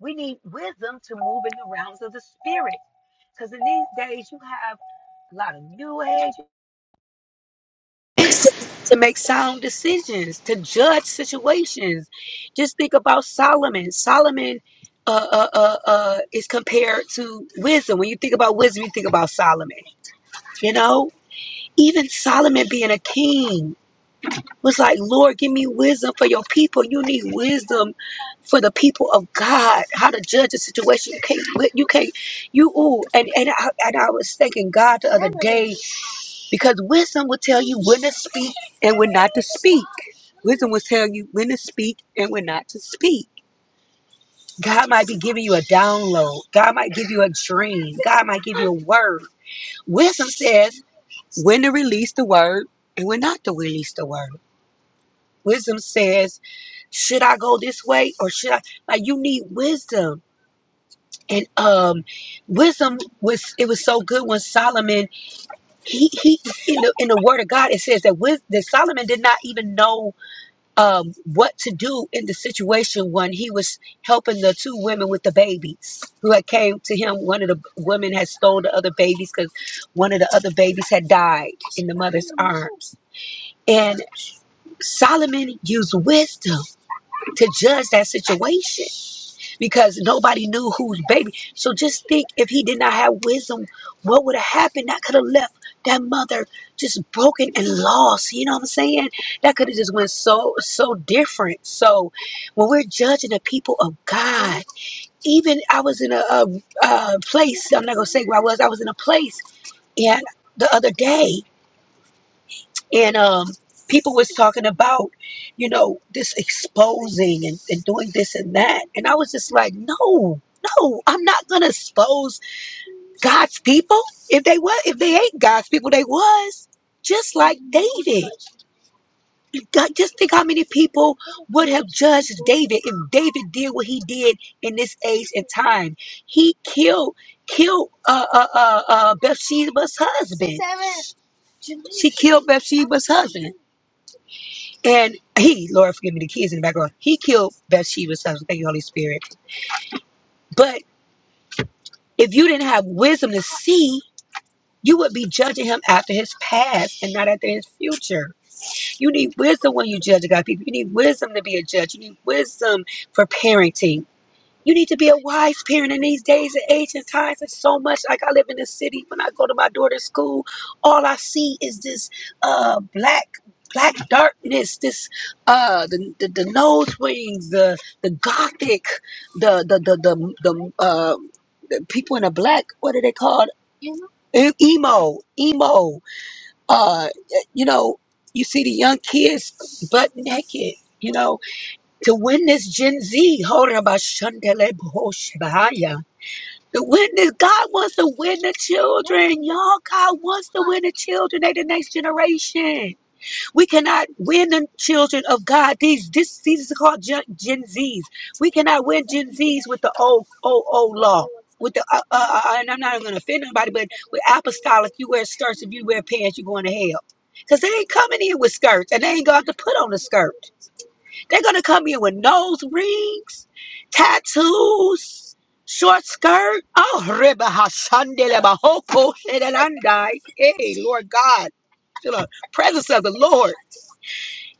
[SPEAKER 2] We need wisdom to move in the realms of the spirit, because in these days you have a lot of new age. to make sound decisions, to judge situations. Just think about Solomon. Solomon uh, uh, uh, uh, is compared to wisdom. When you think about wisdom, you think about Solomon. You know, even Solomon being a king was like, Lord, give me wisdom for your people. You need wisdom for the people of God. How to judge a situation? You can't. You can't. You ooh. And and I, and I was thanking God the other day because wisdom will tell you when to speak and when not to speak. Wisdom will tell you when to speak and when not to speak. God might be giving you a download. God might give you a dream. God might give you a word. Wisdom says when to release the word and when not to release the word. Wisdom says, should I go this way or should I? Like you need wisdom. And um, wisdom was it was so good when Solomon he he in the in the Word of God it says that with that Solomon did not even know um, what to do in the situation when he was helping the two women with the babies who had came to him. One of the women had stolen the other babies because one of the other babies had died in the mother's arms. And Solomon used wisdom to judge that situation because nobody knew whose baby. So just think if he did not have wisdom, what would have happened? That could have left that mother just broken and lost. You know what I'm saying? That could have just went so so different. So when we're judging the people of God, even I was in a, a, a place. I'm not gonna say where I was. I was in a place and the other day and um people was talking about you know this exposing and, and doing this and that and i was just like no no i'm not gonna expose god's people if they were if they ain't god's people they was just like david God- just think how many people would have judged david if david did what he did in this age and time he killed killed uh uh uh, uh bathsheba's husband she killed bathsheba's husband And he, Lord, forgive me, the kids in the background, he killed Bathsheba's husband. Thank you, Holy Spirit. But if you didn't have wisdom to see, you would be judging him after his past and not after his future. You need wisdom when you judge God people. You need wisdom to be a judge. You need wisdom for parenting. You need to be a wise parent in these days and age and times. It's so much. Like I live in the city. When I go to my daughter's school, all I see is this uh black black darkness, this uh the the, the nose rings, the the gothic, the the the the, the uh the people in the black. What are they called? E- Emo, emo. Uh, you know, you see the young kids butt naked. You know, to win this Gen Z, hold about the witness, God wants to win the children, y'all. God wants to win the children. They the next generation. We cannot win the children of God. These this these are called Gen, Gen Zs. We cannot win Gen Zs with the old old old law. With the uh, uh, uh, uh, and I'm not going to offend nobody, but with apostolic, you wear skirts. If you wear pants, you're going to hell. Cause they ain't coming in with skirts, and they ain't going to put on a skirt. They're gonna come in with nose rings, tattoos, short skirt. Oh, reba hashandele bahoko shedelandai. Hey, Lord God, the presence of the Lord.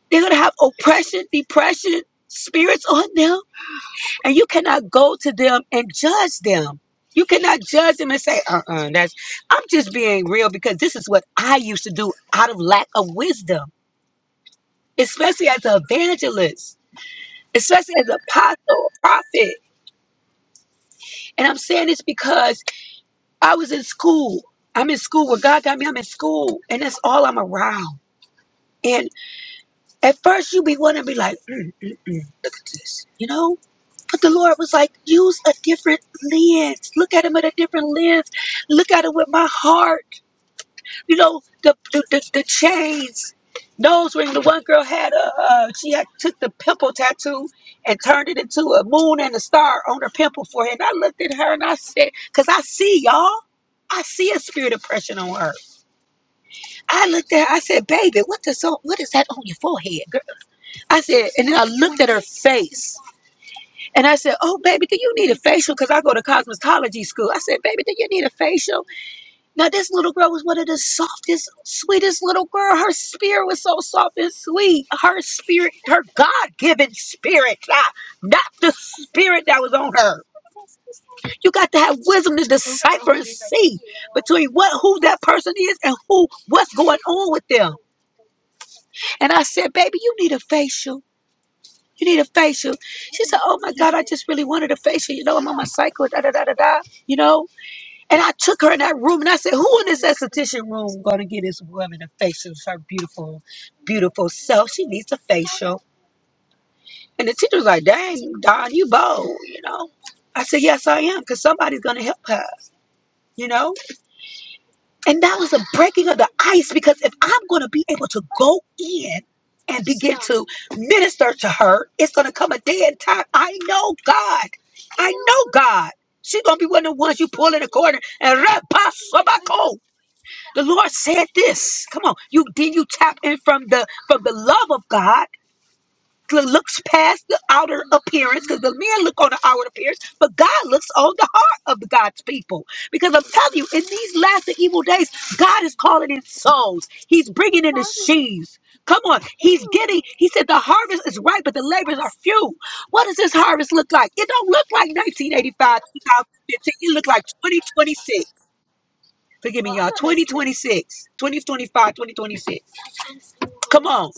[SPEAKER 2] They're gonna have oppression, depression, spirits on them, and you cannot go to them and judge them. You cannot judge them and say, uh-uh, that's I'm just being real because this is what I used to do out of lack of wisdom, especially as an evangelist. especially as an apostle, a prophet. And I'm saying this because I was in school. I'm in school. Where God got me, I'm in school. And that's all I'm around. And at first you be wanting to be like, mm, mm, mm, look at this, you know? But the Lord was like, use a different lens. Look at him with a different lens. Look at him with my heart. you know the the, the, the chains nose ring the one girl had a uh, she had took the pimple tattoo and turned it into a moon and a star on her pimple forehead and i looked at her and i said because i see y'all i see a spirit oppression on her i looked at her i said baby what the so what is that on your forehead girl i said and then i looked at her face and i said oh baby do you need a facial because i go to cosmetology school i said baby do you need a facial now, this little girl was one of the softest, sweetest little girl. Her spirit was so soft and sweet. Her spirit, her God-given spirit, ah, not the spirit that was on her. You got to have wisdom to decipher and see between what who that person is and who what's going on with them. And I said, baby, you need a facial. You need a facial. She said, Oh my God, I just really wanted a facial. You know, I'm on my cycle, da da da da da. You know? And I took her in that room and I said, Who in this esthetician room gonna get this woman a facial? It's her beautiful, beautiful self. She needs a facial. And the teacher was like, Dang, Don, you bold, you know. I said, Yes, I am, because somebody's gonna help her, you know? And that was a breaking of the ice because if I'm gonna be able to go in and begin to minister to her, it's gonna come a day and time. I know God. I know God. She's gonna be one of the ones you pull in the corner and rap The Lord said this. Come on. You then you tap in from the from the love of God. that Looks past the outer appearance because the men look on the outward appearance, but God looks on the heart of the God's people. Because I'm telling you, in these last and evil days, God is calling in souls. He's bringing in the sheaves. Come on, He's getting. He said the harvest is ripe, but the laborers are few. What does this harvest look like? It don't look like 1985, 2015. It look like 2026. Forgive me, y'all. 2026, 2025, Come on.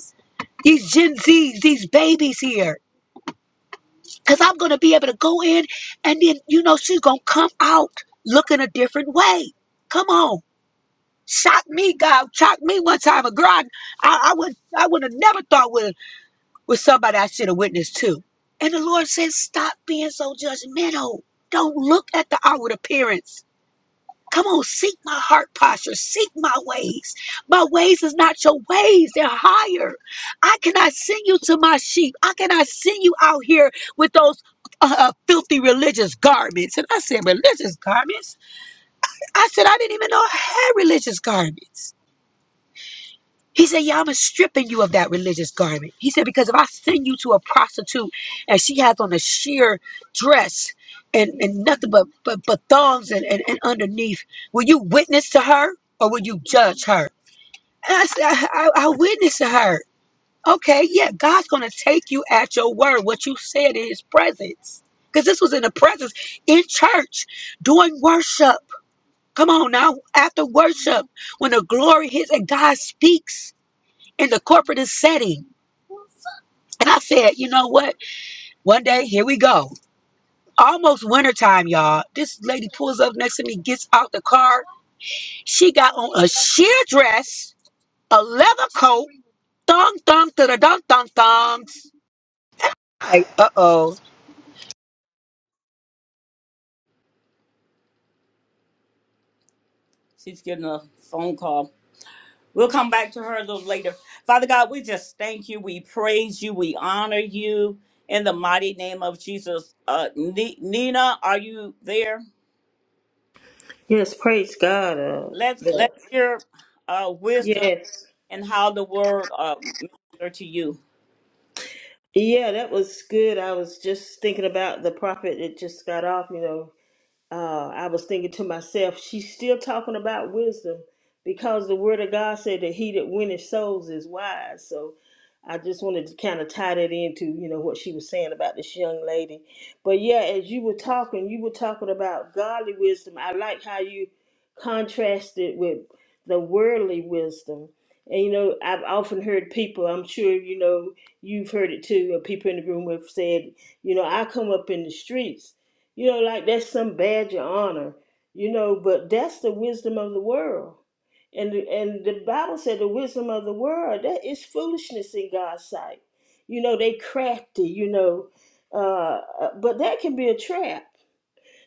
[SPEAKER 2] These Gen Zs, these babies here. Because I'm going to be able to go in and then, you know, she's going to come out looking a different way. Come on. Shock me, God. Shock me one time. A girl, I, I would I would have never thought with, with somebody I should have witnessed to. And the Lord says, stop being so judgmental. Don't look at the outward appearance Come on, seek my heart posture, seek my ways. My ways is not your ways, they're higher. I cannot send you to my sheep. I cannot send you out here with those uh, uh, filthy religious garments. And I said, religious garments? I said, I didn't even know I had religious garments. He said, Yeah, I'm stripping you of that religious garment. He said, Because if I send you to a prostitute and she has on a sheer dress and, and nothing but, but, but thongs and, and, and underneath, will you witness to her or will you judge her? And I said, I, I, I witness to her. Okay, yeah, God's going to take you at your word, what you said in his presence. Because this was in the presence in church doing worship. Come on now, after worship, when the glory hits and God speaks in the corporate setting. And I said, you know what? One day, here we go. Almost wintertime, y'all. This lady pulls up next to me, gets out the car. She got on a sheer dress, a leather coat, thong thong to the thong thong thongs. Like, uh oh.
[SPEAKER 1] She's getting a phone call. We'll come back to her a little later. Father God, we just thank you. We praise you. We honor you in the mighty name of Jesus. Uh, Ni- Nina, are you there?
[SPEAKER 3] Yes, praise God. Uh,
[SPEAKER 1] Let's
[SPEAKER 3] the-
[SPEAKER 1] let's hear uh, wisdom
[SPEAKER 3] yes.
[SPEAKER 1] and how the word uh, minister to you.
[SPEAKER 3] Yeah, that was good. I was just thinking about the prophet that just got off, you know, uh, I was thinking to myself, she's still talking about wisdom because the word of God said that he that winneth souls is wise. So I just wanted to kind of tie that into, you know, what she was saying about this young lady. But yeah, as you were talking, you were talking about godly wisdom. I like how you contrasted with the worldly wisdom. And you know, I've often heard people, I'm sure you know, you've heard it too, or people in the room have said, you know, I come up in the streets you know, like that's some badge of honor, you know, but that's the wisdom of the world. And the, and the Bible said the wisdom of the world, that is foolishness in God's sight. You know, they crafty, you know, uh, uh, but that can be a trap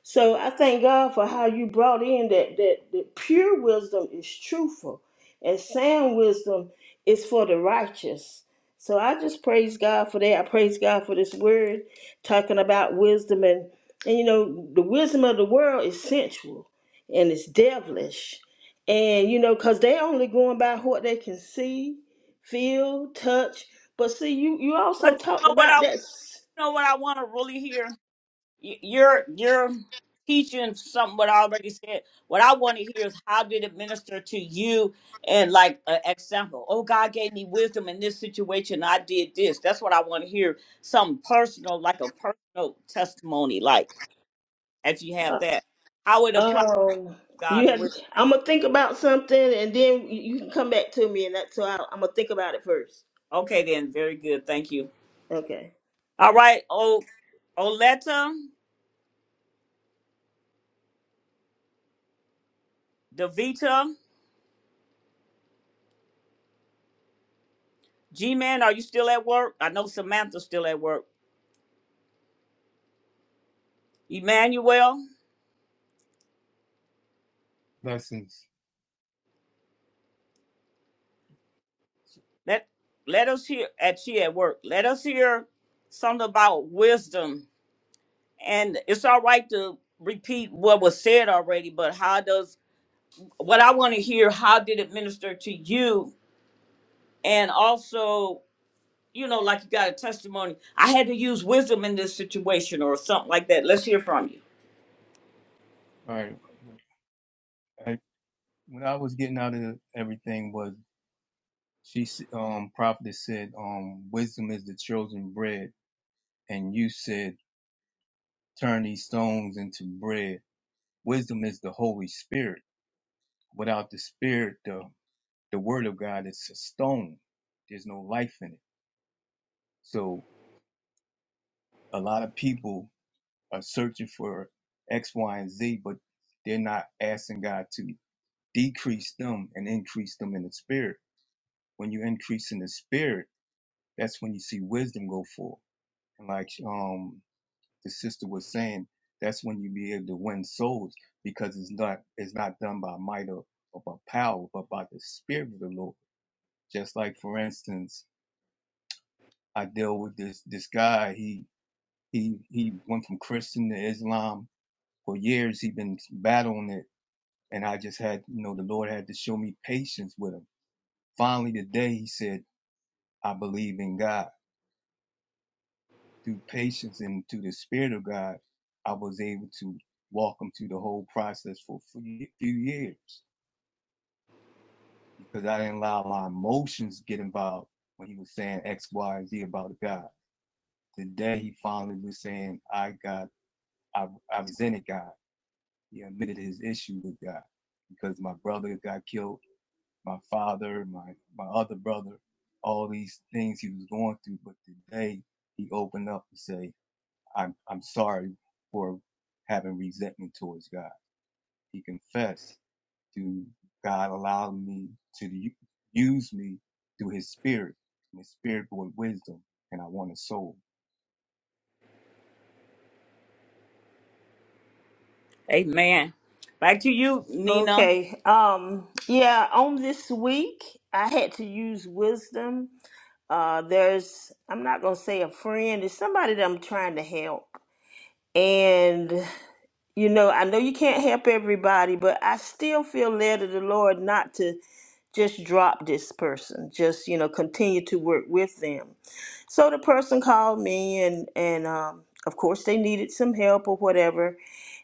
[SPEAKER 3] so I thank God for how you brought in that that, that pure wisdom is truthful and sound wisdom is for the righteous. So I just praise God for that. I praise God for this word talking about wisdom and and you know the wisdom of the world is sensual and it's devilish. And you know cuz they only going by what they can see, feel, touch. But see you you also
[SPEAKER 1] But you
[SPEAKER 3] talked
[SPEAKER 1] know what
[SPEAKER 3] about
[SPEAKER 1] I you
[SPEAKER 3] that.
[SPEAKER 1] know what I want to really hear. y- you're you're teaching something what I already said. What I want to hear is how did it minister to you and like an example. Oh, God gave me wisdom in this situation. I did this. That's what I want to hear. Something personal, like a personal testimony, like if you have that, how it applies
[SPEAKER 3] Oh,
[SPEAKER 1] to
[SPEAKER 3] you
[SPEAKER 1] God's
[SPEAKER 3] have.
[SPEAKER 1] wisdom.
[SPEAKER 3] I'm gonna think about something, and then you you can come back to me, and that's so I, I'm gonna think about it first.
[SPEAKER 1] Okay, then, very good. Thank you.
[SPEAKER 3] Okay.
[SPEAKER 1] All right, oh, Oleta, Davita, G Man, are you still at work? I know Samantha's still at work. Emmanuel.
[SPEAKER 5] Blessings.
[SPEAKER 1] Let let us hear at she at work. Let us hear something about wisdom. And it's all right to repeat what was said already, but how does what I want to hear, how did it minister to you? And also, you know, like you got a testimony. I had to use wisdom in this situation or something like that. Let's hear from you.
[SPEAKER 5] All right. I, when I was getting out of everything was she s- um prophetess said um wisdom is the chosen bread and you said turn these stones into bread. Wisdom is the Holy Spirit. Without the Spirit, the the Word of God is a stone. There's no life in it. So a lot of people are searching for X, Y, and Z, but they're not asking God to decrease them and increase them in the Spirit When you increase in the spirit, that's when you see wisdom go forth. And like um the sister was saying, that's when you be able to win souls because it's not it's not done by might or, or by power, but by the spirit of the Lord. Just like for instance, I deal with this this guy. He he he went from Christian to Islam for years. He been battling it, and I just had you know the Lord had to show me patience with him. Finally, today he said, "I believe in God." through patience and through the Spirit of God, I was able to walk them through the whole process for a few years because I didn't allow my emotions get involved when he was saying X, Y, Z about God. Today, he finally was saying, I got, I, I resented God. He admitted his issue with God because my brother got killed, my father, my, my other brother, all these things he was going through. But today, he opened up and say. I'm I'm sorry for having resentment towards God. He confessed to God, allow me to use me through His Spirit, and His Spirit brought wisdom, and I won a soul.
[SPEAKER 1] Amen. Back to you, Nina.
[SPEAKER 3] Okay. Um. Yeah. On this week, I had to use wisdom. Uh. There's. I'm not gonna say a friend. It's somebody that I'm trying to help, and you know, I know you can't help everybody, but I still feel led of the Lord not to just drop this person. Just you know, continue to work with them So the person called me, and and um, of course they needed some help or whatever,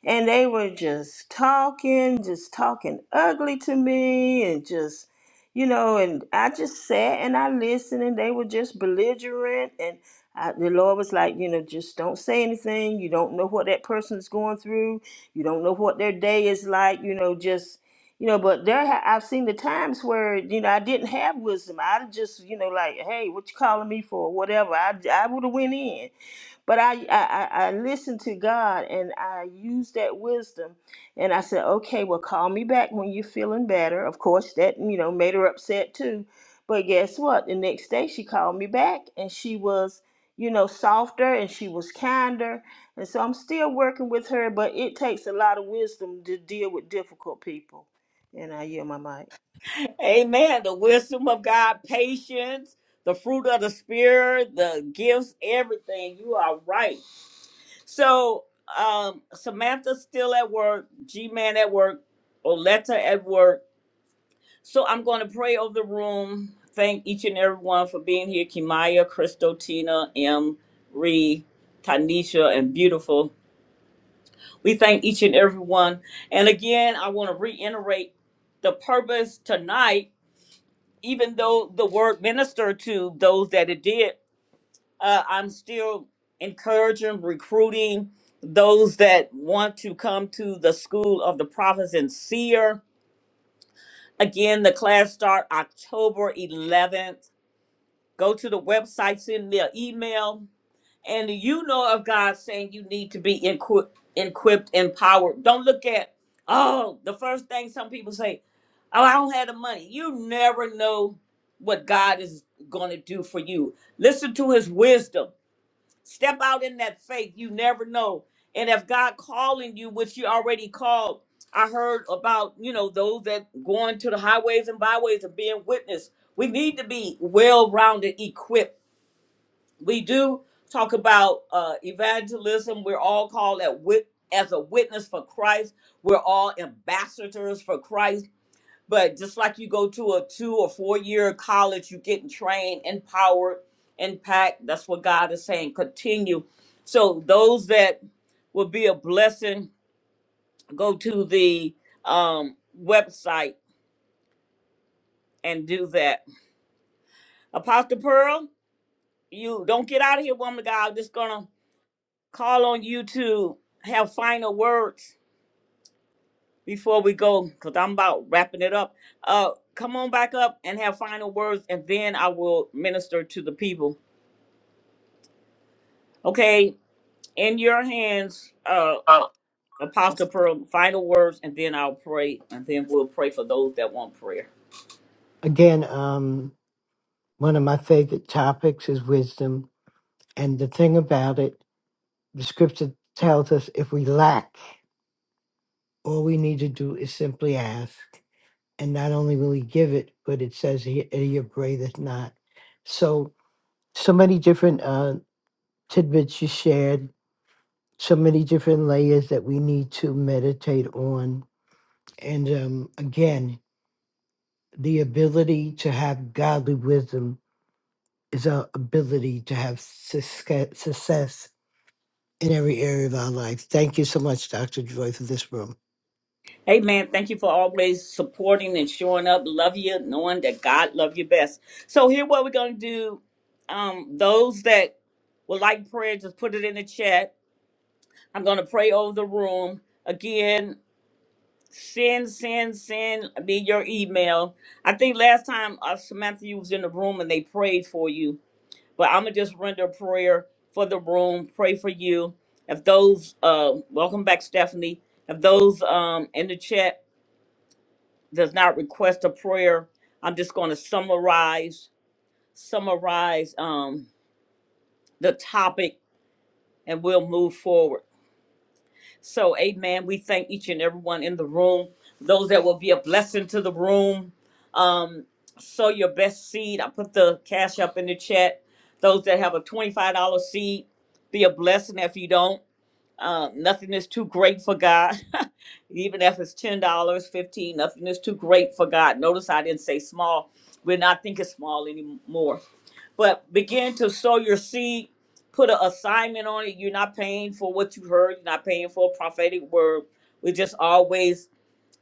[SPEAKER 3] and they were just talking, just talking ugly to me, and just you know, and I just sat and I listened, and they were just belligerent, and I, the Lord was like, you know, just don't say anything. You don't know what that person's going through. You don't know what their day is like. You know, just you know but there ha- i've seen the times where you know i didn't have wisdom i would just you know like hey what you calling me for whatever i, I would have went in but I, I, I I listened to God and I used that wisdom and I said, okay, well, call me back when you're feeling better. Of course, that, you know, made her upset too. But guess what? The next day she called me back and she was, you know, softer and she was kinder. And so I'm still working with her, but it takes a lot of wisdom to deal with difficult people. And I yield my mic.
[SPEAKER 1] Amen. The wisdom of God, patience, the fruit of the spirit, the gifts, everything. You are right. So um, Samantha's still at work, G Man at work, Oleta at work. So I'm going to pray over the room. Thank each and everyone for being here. Kimaya, Crystal, Tina, M, Ree, Tanisha, and beautiful. We thank each and everyone. And again, I want to reiterate the purpose tonight, even though the word ministered to those that it did Uh, I'm still encouraging, recruiting those that want to come to the School of the Prophets and Seer. Again, the class start October 11th. Go to the website, send me an email, and you know of God saying you need to be equi- equipped, empowered. Don't look at oh the first thing some people say, oh I don't have the money. You never know what God is going to do for you. Listen to His wisdom. Step out in that faith. You never know. And if God calling you, which you already called, I heard about, you know, those that going to the highways and byways and being witness. We need to be well-rounded, equipped. We do talk about uh, evangelism. We're all called at wit- as a witness for Christ. We're all ambassadors for Christ. But just like you go to a two or four year college, you're getting trained, empowered, impact. That's what God is saying. Continue. So those that will be a blessing, go to the um, website and do that. Apostle Pearl, you don't get out of here, woman of God. I'm just gonna call on you to have final words before we go, because I'm about wrapping it up. Uh come on back up and have final words and then I will minister to the people. Okay, in your hands, uh, Apostle Pearl, final words, and then I'll pray, and then we'll pray for those that want prayer.
[SPEAKER 4] Again, um, one of my favorite topics is wisdom. And the thing about it, the scripture tells us if we lack, all we need to do is simply ask. And not only will he give it, but it says he, he upbraideth not. So, so many different uh, tidbits you shared, so many different layers that we need to meditate on. And um, again, the ability to have godly wisdom is our ability to have success success in every area of our life. Thank you so much, Dr. Joy, for this room.
[SPEAKER 1] Hey man, thank you for always supporting and showing up. Love you, knowing that God love you best. So here, what we're gonna do, um, those that would like prayer, just put it in the chat. I'm gonna pray over the room again. Send, send, send me your email. I think last time uh, Samantha you was in the room and they prayed for you. But I'm gonna just render a prayer for the room, pray for you. If those, uh, welcome back, Stephanie. If those um, in the chat does not request a prayer, I'm just gonna summarize, summarize um, the topic, and we'll move forward. So, Amen. We thank each and everyone in the room. Those that will be a blessing to the room. Um, sow your best seed. I put the cash up in the chat. Those that have a twenty-five dollar seed, be a blessing if you don't. Uh, nothing is too great for God. Even if it's ten dollars, fifteen, dollars, nothing is too great for God. Notice I didn't say small. We're not thinking small anymore. But begin to sow your seed. Put an assignment on it. You're not paying for what you heard. You're not paying for a prophetic word. We just always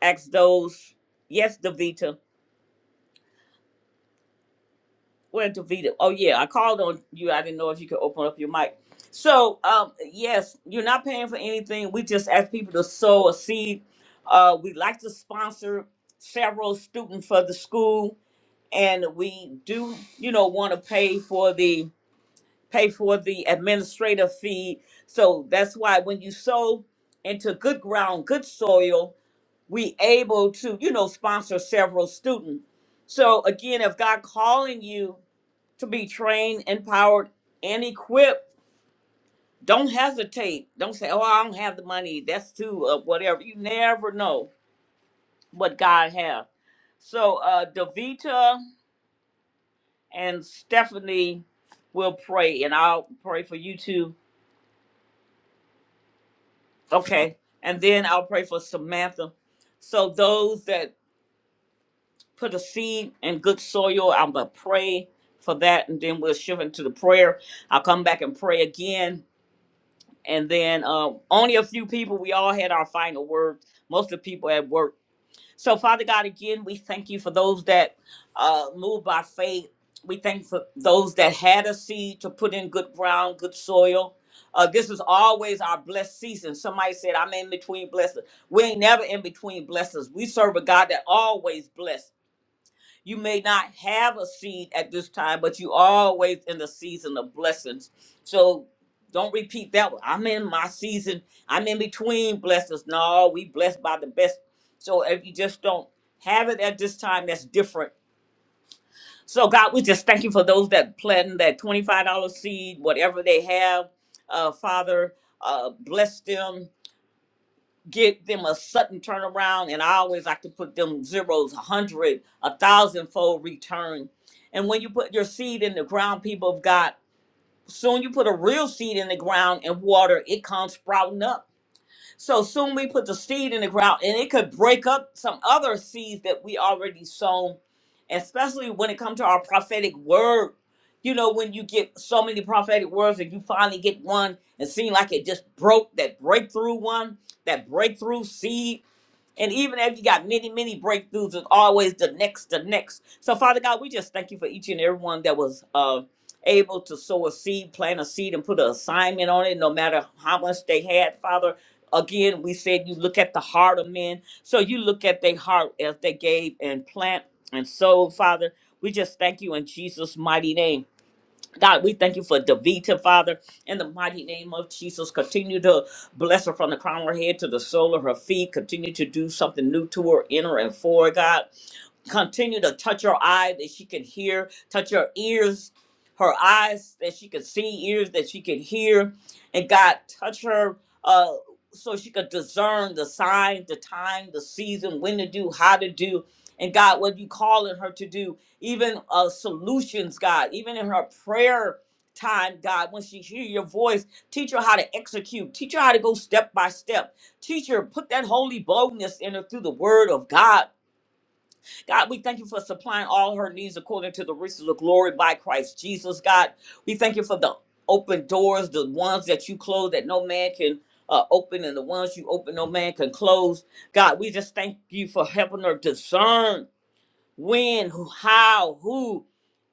[SPEAKER 1] ask those. Yes, Davita. where to Vita? Oh yeah, I called on you. I didn't know if you could open up your mic. So um, yes, you're not paying for anything. We just ask people to sow a seed. Uh, we like to sponsor several students for the school, and we do, you know, want to pay for the pay for the administrative fee. So that's why when you sow into good ground, good soil, we able to, you know, sponsor several students. So again, if God calling you to be trained, empowered, and equipped. Don't hesitate. Don't say, "Oh, I don't have the money. That's too uh, whatever." You never know what God has. So, uh, Davita and Stephanie will pray, and I'll pray for you too. Okay, and then I'll pray for Samantha. So those that put a seed in good soil, I'm gonna pray for that, and then we'll shift into the prayer. I'll come back and pray again and then uh, only a few people. We all had our final words. Most of the people at work. So, Father God, again, we thank you for those that uh, moved by faith. We thank you for those that had a seed to put in good ground, good soil. Uh, this is always our blessed season. Somebody said, "I'm in between blessings." We ain't never in between blessings. We serve a God that always bless you may not have a seed at this time, but you always in the season of blessings. So don't repeat that one. I'm in my season. I'm in between blessings. No, we blessed by the best. So if you just don't have it at this time, that's different. So God, we just thank you for those that planted that $25 seed, whatever they have. Uh, Father, uh, bless them get them a sudden turnaround and i always like to put them zeros a hundred a thousand fold return and when you put your seed in the ground people of god soon you put a real seed in the ground and water it comes sprouting up so soon we put the seed in the ground and it could break up some other seeds that we already sown, especially when it comes to our prophetic word. You know, when you get so many prophetic words and you finally get one and seem like it just broke that breakthrough one, that breakthrough seed and even if you got many, many breakthroughs, it's always the next, the next. So, Father God, we just thank you for each and every one that was uh, able to sow a seed, plant a seed, and put an assignment on it, no matter how much they had, Father. Again, we said you look at the heart of men. So you look at their heart as they gave and plant and sow, Father. We just thank you in Jesus' mighty name. God, we thank you for Davita, Father, in the mighty name of Jesus. Continue to bless her from the crown of her head to the sole of her feet. Continue to do something new to her, in her, and for her, God continue to touch her eye that she can hear, touch her ears, her eyes that she can see, ears that she can hear, and God touch her uh, so she could discern the sign, the time, the season, when to do, how to do, and God, what you calling her to do, even uh, solutions, God, even in her prayer time, God, when she hear your voice, teach her how to execute, teach her how to go step by step, teach her, put that holy boldness in her through the word of God God, we thank you for supplying all her needs according to the riches of glory by Christ Jesus, God. We thank you for the open doors, the ones that you close that no man can uh, open, and the ones you open no man can close. God, we just thank you for helping her discern when, who, how, who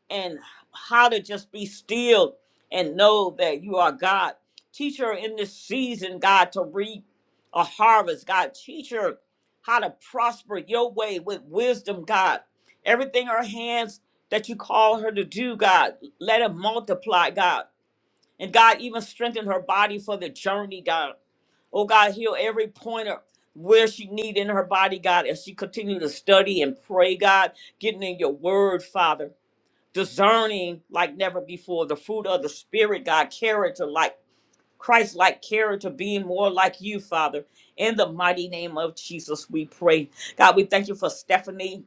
[SPEAKER 1] and how to just be still and know that you are God. Teach her in this season, God, to reap a harvest, God. Teach her how to prosper your way with wisdom, God. Everything her hands that you call her to do, God, let it multiply, God. And God, even strengthen her body for the journey, God. Oh God, heal every pointer where she need in her body, God, as she continue to study and pray, God, getting in your word, Father discerning like never before the fruit of the spirit god character like christ like character being more like you father in the mighty name of jesus we pray god we thank you for stephanie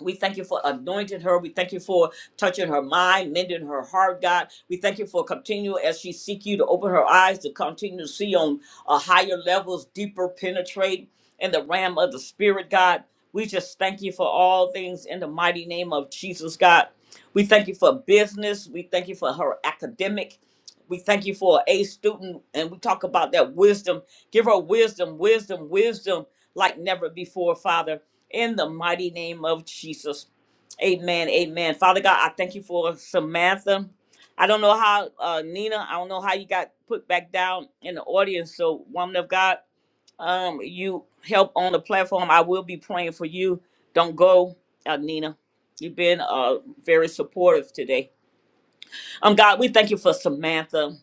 [SPEAKER 1] we thank you for anointing her. We thank you for touching her mind, mending her heart, God. We thank you for continue as she seek you to open her eyes to continue to see on uh, higher levels, deeper penetrate in the realm of the spirit, God. We just thank you for all things in the mighty name of Jesus, God. We thank you for business. We thank you for her academic. We thank you for a student, and we talk about that wisdom. Give her wisdom, wisdom, wisdom like never before, Father in the mighty name of Jesus. Amen. Amen. Father God, I thank you for Samantha. I don't know how, uh, Nina, I don't know how you got put back down in the audience. So, woman of God, um, you help on the platform. I will be praying for you. Don't go, uh, Nina. You've been uh, very supportive today. Um, God, we thank you for Samantha.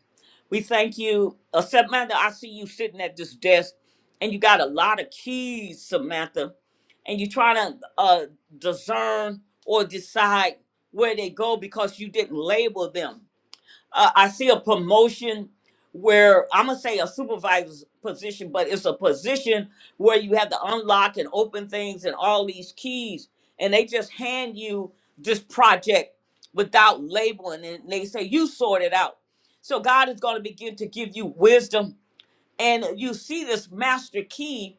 [SPEAKER 1] We thank you. Uh, Samantha, I see you sitting at this desk and you got a lot of keys, Samantha, and you're trying to uh, discern or decide where they go because you didn't label them uh, I see a promotion where I'm gonna say a supervisor's position, but it's a position where you have to unlock and open things and all these keys, and they just hand you this project without labeling it. And they say you sort it out. So God is gonna begin to give you wisdom, and you see this master key,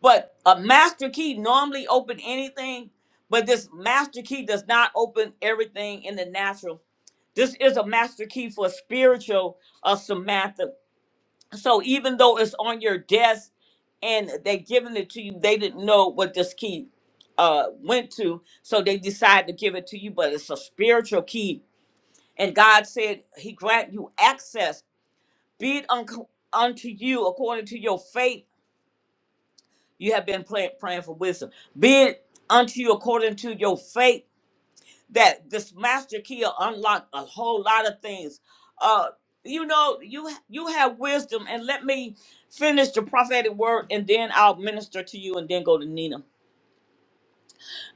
[SPEAKER 1] but a master key normally open anything, but this master key does not open everything in the natural this is a master key for spiritual uh, Samantha. So even though it's on your desk and they giving it to you, they didn't know what this key uh, went to. So they decided to give it to you, but it's a spiritual key. And God said he grant you access. Be it unco- unto you according to your faith. You have been play- praying for wisdom. Be it unto you according to your faith that this master key will unlock a whole lot of things. Uh, you know, you you have wisdom, and let me finish the prophetic word, and then I'll minister to you, and then go to Nina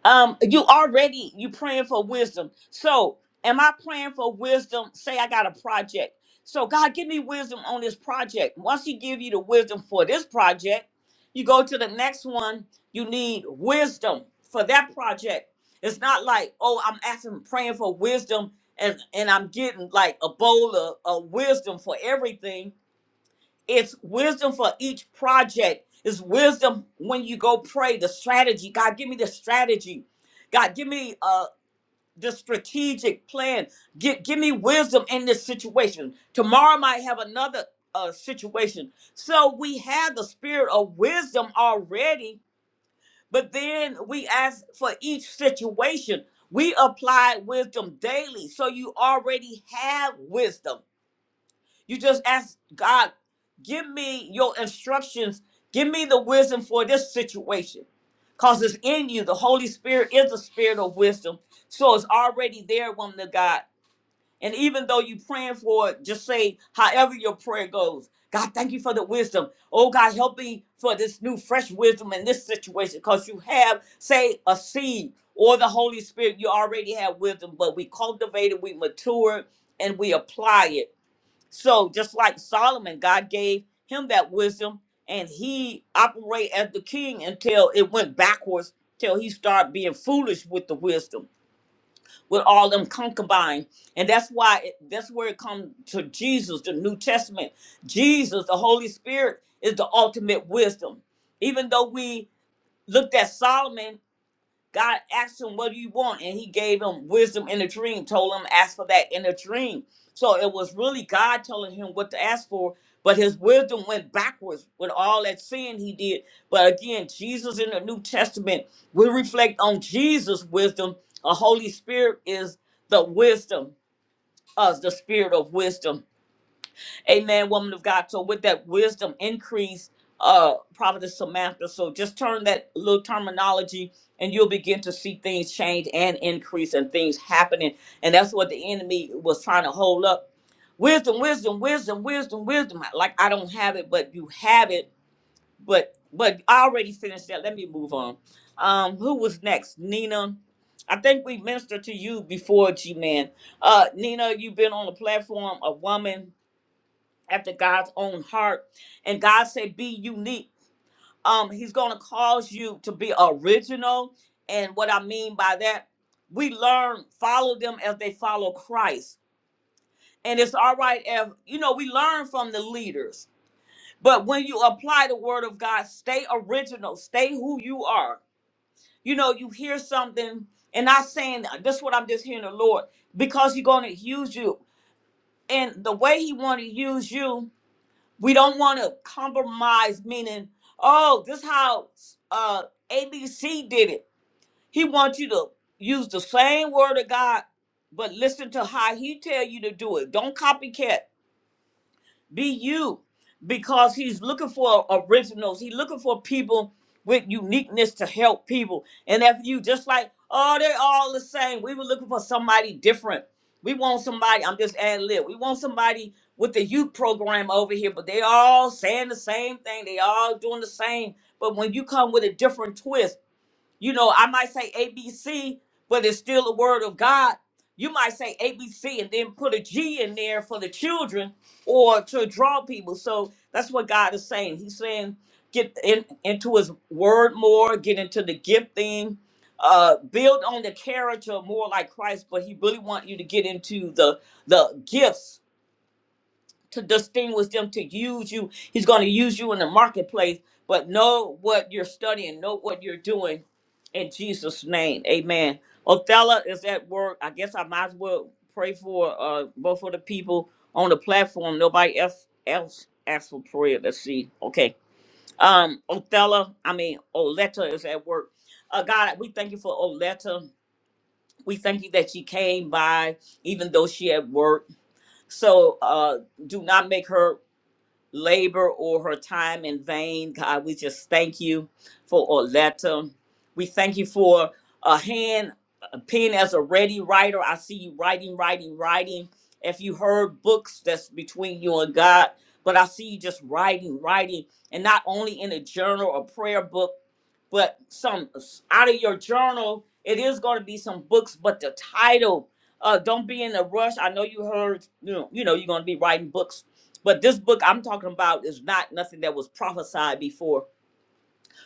[SPEAKER 1] um you already you praying for wisdom so am i praying for wisdom say i got a project so god give me wisdom on this project once he give you the wisdom for this project you go to the next one you need wisdom for that project it's not like oh i'm asking praying for wisdom and and i'm getting like a bowl of, of wisdom for everything it's wisdom for each project. It's wisdom when you go pray, the strategy. God, give me the strategy. God, give me uh the strategic plan. Give, give me wisdom in this situation. Tomorrow might have another uh situation. So we have the spirit of wisdom already, but then we ask for each situation. We apply wisdom daily. So you already have wisdom you just ask God, give me your instructions, give me the wisdom for this situation. Because it's in you. The Holy Spirit is the spirit of wisdom. So it's already there, woman of God. And even though you are praying for it, just say however your prayer goes. God, thank you for the wisdom. Oh God, help me for this new fresh wisdom in this situation. Because you have, say, a seed or the Holy Spirit, you already have wisdom, but we cultivate it, we mature it, and we apply it. So just like Solomon, God gave him that wisdom, and he operated as the king until it went backwards, till he started being foolish with the wisdom, with all them concubines, and that's why it, that's where it comes to Jesus, the New Testament. Jesus, the Holy Spirit, is the ultimate wisdom. Even though we looked at Solomon God asked him, What do you want? And he gave him wisdom in a dream, told him, Ask for that in a dream. So it was really God telling him what to ask for, but his wisdom went backwards with all that sin he did. But again, Jesus in the New Testament, we reflect on Jesus' wisdom. A Holy Spirit is the wisdom, uh, the spirit of wisdom. Amen, woman of God. So with that wisdom increase, uh, Prophetess Samantha. So just turn that little terminology and you'll begin to see things change and increase and things happening. And that's what the enemy was trying to hold up. Wisdom, wisdom, wisdom, wisdom, wisdom. Like I don't have it, but you have it. But but I already finished that. Let me move on. Um, who was next? Nina. I think we ministered to you before, G Man. Uh, Nina, you've been on the platform, a woman after God's own heart. And God said, be unique. Um, he's gonna cause you to be original. And what I mean by that, we learn, follow them as they follow Christ. And it's all right if you know we learn from the leaders, but when you apply the word of God, stay original, stay who you are. You know, you hear something, and not saying this is what I'm just hearing the Lord, because He's gonna use you. And the way He wanna use you, we don't want to compromise meaning oh this how uh abc did it he wants you to use the same word of god but listen to how he tell you to do it don't copycat be you, because he's looking for originals. He's looking for people with uniqueness to help people. And if you just like, oh, they're all the same. We were looking for somebody different. We want somebody. I'm just ad lib. We want somebody with the youth program over here, but they all saying the same thing. They all doing the same. But when you come with a different twist. You know, I might say ABC, but it's still the word of God. You might say ABC and then put a G in there for the children or to draw people. So that's what God is saying. He's saying get in, into his word more, get into the gift thing, uh, build on the character more like Christ, but he really want you to get into the the gifts to distinguish them to use you. He's going to use you in the marketplace, but know what you're studying, know what you're doing in Jesus' name. Amen. Othella is at work. I guess I might as well pray for uh both of the people on the platform. Nobody else else asked for prayer. Let's see. Okay. Um Othella, I mean Oletta is at work. Uh God, we thank you for Oletta. We thank you that she came by even though she at work. So uh do not make her labor or her time in vain. God, we just thank you for Orletta. We thank you for a hand, a pen as a ready writer. I see you writing, writing, writing. If you heard books, that's between you and God. But I see you just writing, writing, and not only in a journal or prayer book, but some out of your journal. It is going to be some books, but the title. Uh, don't be in a rush. I know you heard, you know, you know, you're going to be writing books, but this book I'm talking about is not nothing that was prophesied before.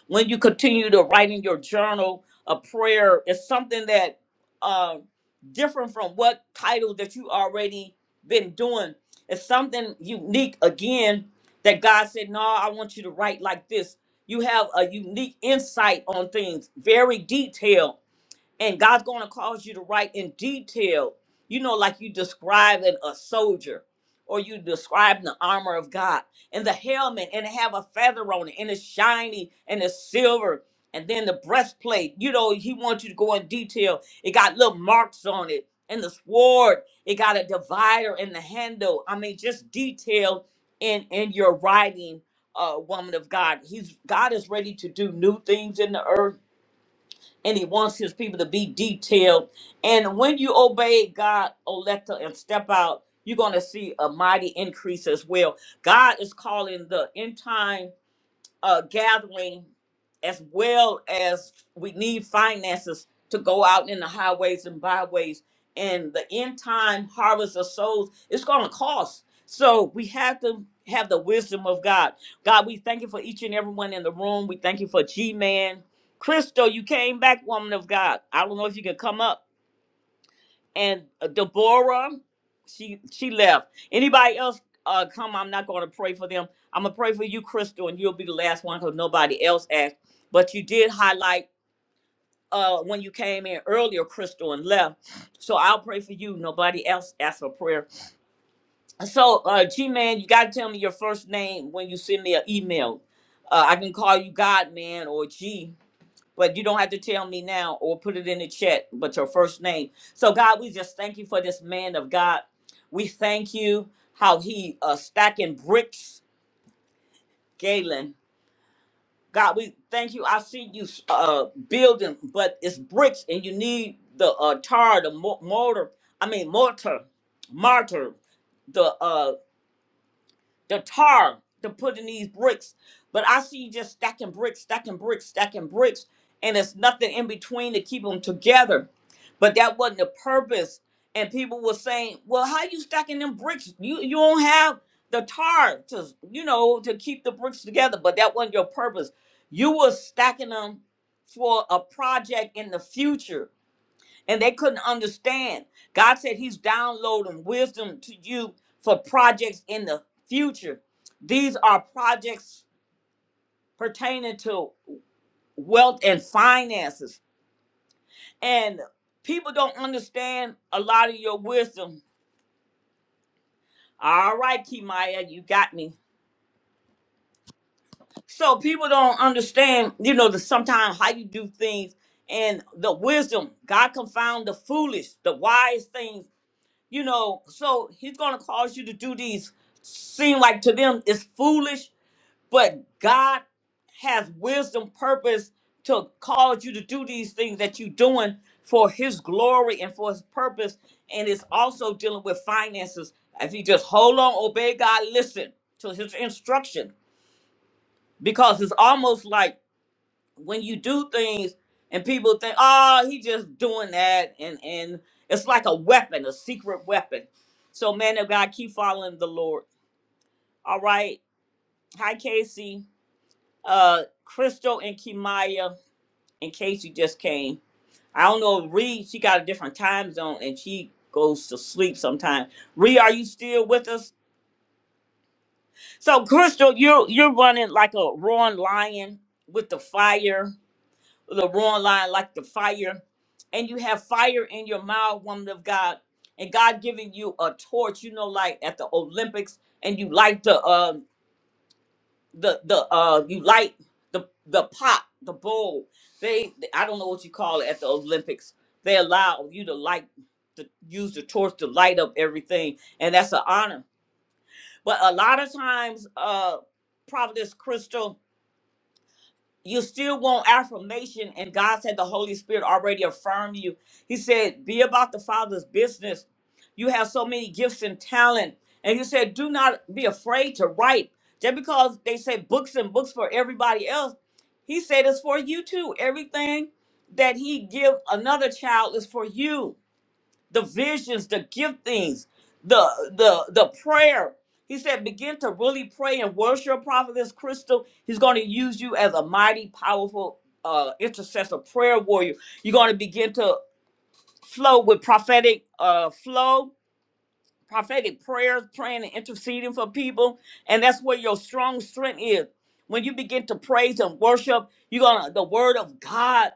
[SPEAKER 1] When you continue to write in your journal a prayer, it's something that uh, different from what title that you already been doing. It's something unique again that God said, "No, I want you to write like this." You have a unique insight on things, very detailed and God's going to cause you to write in detail, you know, like you describing a soldier or you describing the armor of God and the helmet and it have a feather on it and it's shiny and it's silver and then the breastplate, you know, he wants you to go in detail. It got little marks on it and the sword, it got a divider and the handle. I mean, just detail in in your writing, uh, woman of God. He's God is ready to do new things in the earth and he wants his people to be detailed. And when you obey God, Oleta, and step out, you're going to see a mighty increase as well. God is calling the end time uh, gathering as well as we need finances to go out in the highways and byways and the end time harvest of souls it's going to cost so we have to have the wisdom of god god we thank you for each and everyone in the room we thank you for g-man crystal you came back woman of god i don't know if you can come up and Deborah, she she left. Anybody else uh come? I'm not going to pray for them. I'm gonna pray for you, Crystal, and you'll be the last one because nobody else asked. But you did highlight uh when you came in earlier, Crystal, and left. So I'll pray for you. Nobody else asked for prayer. So uh G man, you gotta tell me your first name when you send me an email. Uh, I can call you God man or G but you don't have to tell me now or put it in the chat, but your first name. So, God, we just thank you for this man of God. We thank you how he uh, stacking bricks, Galen. God, we thank you. I see you uh, building, but it's bricks, and you need the uh, tar, the mo- mortar. I mean, mortar, martyr, the uh, the tar to put in these bricks. But I see you just stacking bricks, stacking bricks, stacking bricks, and there's nothing in between to keep them together. But that wasn't the purpose. And people were saying, "Well, how you stacking them bricks? You you don't have the tar to you know to keep the bricks together." But that wasn't your purpose. You were stacking them for a project in the future and they couldn't understand. God said He's downloading wisdom to you for projects in the future. These are projects pertaining to wealth and finances. And people don't understand a lot of your wisdom. All right, Kimaya, you got me. So people don't understand, you know, the sometimes how you do things and the wisdom. God confound the foolish, the wise things you know, so he's going to cause you to do these, seem like to them it's foolish, but God has wisdom, purpose to cause you to do these things that you're doing for his glory and for his purpose. And it's also dealing with finances. If you just hold on, obey God, listen to his instruction, because it's almost like when you do things and people think, oh, he just doing that, and and it's like a weapon, a secret weapon. So, man of God, keep following the Lord. All right. Hi, Casey. Uh, Crystal and Kimaya and Casey just came. I don't know. Ree, she got a different time zone and she goes to sleep sometimes. Ree, are you still with us? So, Crystal, you're you're running like a roaring lion with the fire the wrong line like the fire and you have fire in your mouth woman of god and god giving you a torch you know like at the olympics and you light the uh the the uh you light the the pot the bowl they i don't know what you call it at the olympics they allow you to light to use the torch to light up everything and that's an honor but a lot of times uh providence crystal you still want affirmation and god said the holy spirit already affirmed you he said be about the father's business you have so many gifts and talent and he said do not be afraid to write just because they say books and books for everybody else he said it's for you too everything that he give another child is for you the visions, the giftings, the the the prayer. He said, begin to really pray and worship prophetess Crystal. He's going to use you as a mighty, powerful uh, intercessor, prayer warrior. You're going to begin to flow with prophetic uh, flow, prophetic prayers, praying and interceding for people, and that's where your strong strength is. When you begin to praise and worship, you're gonna the word of God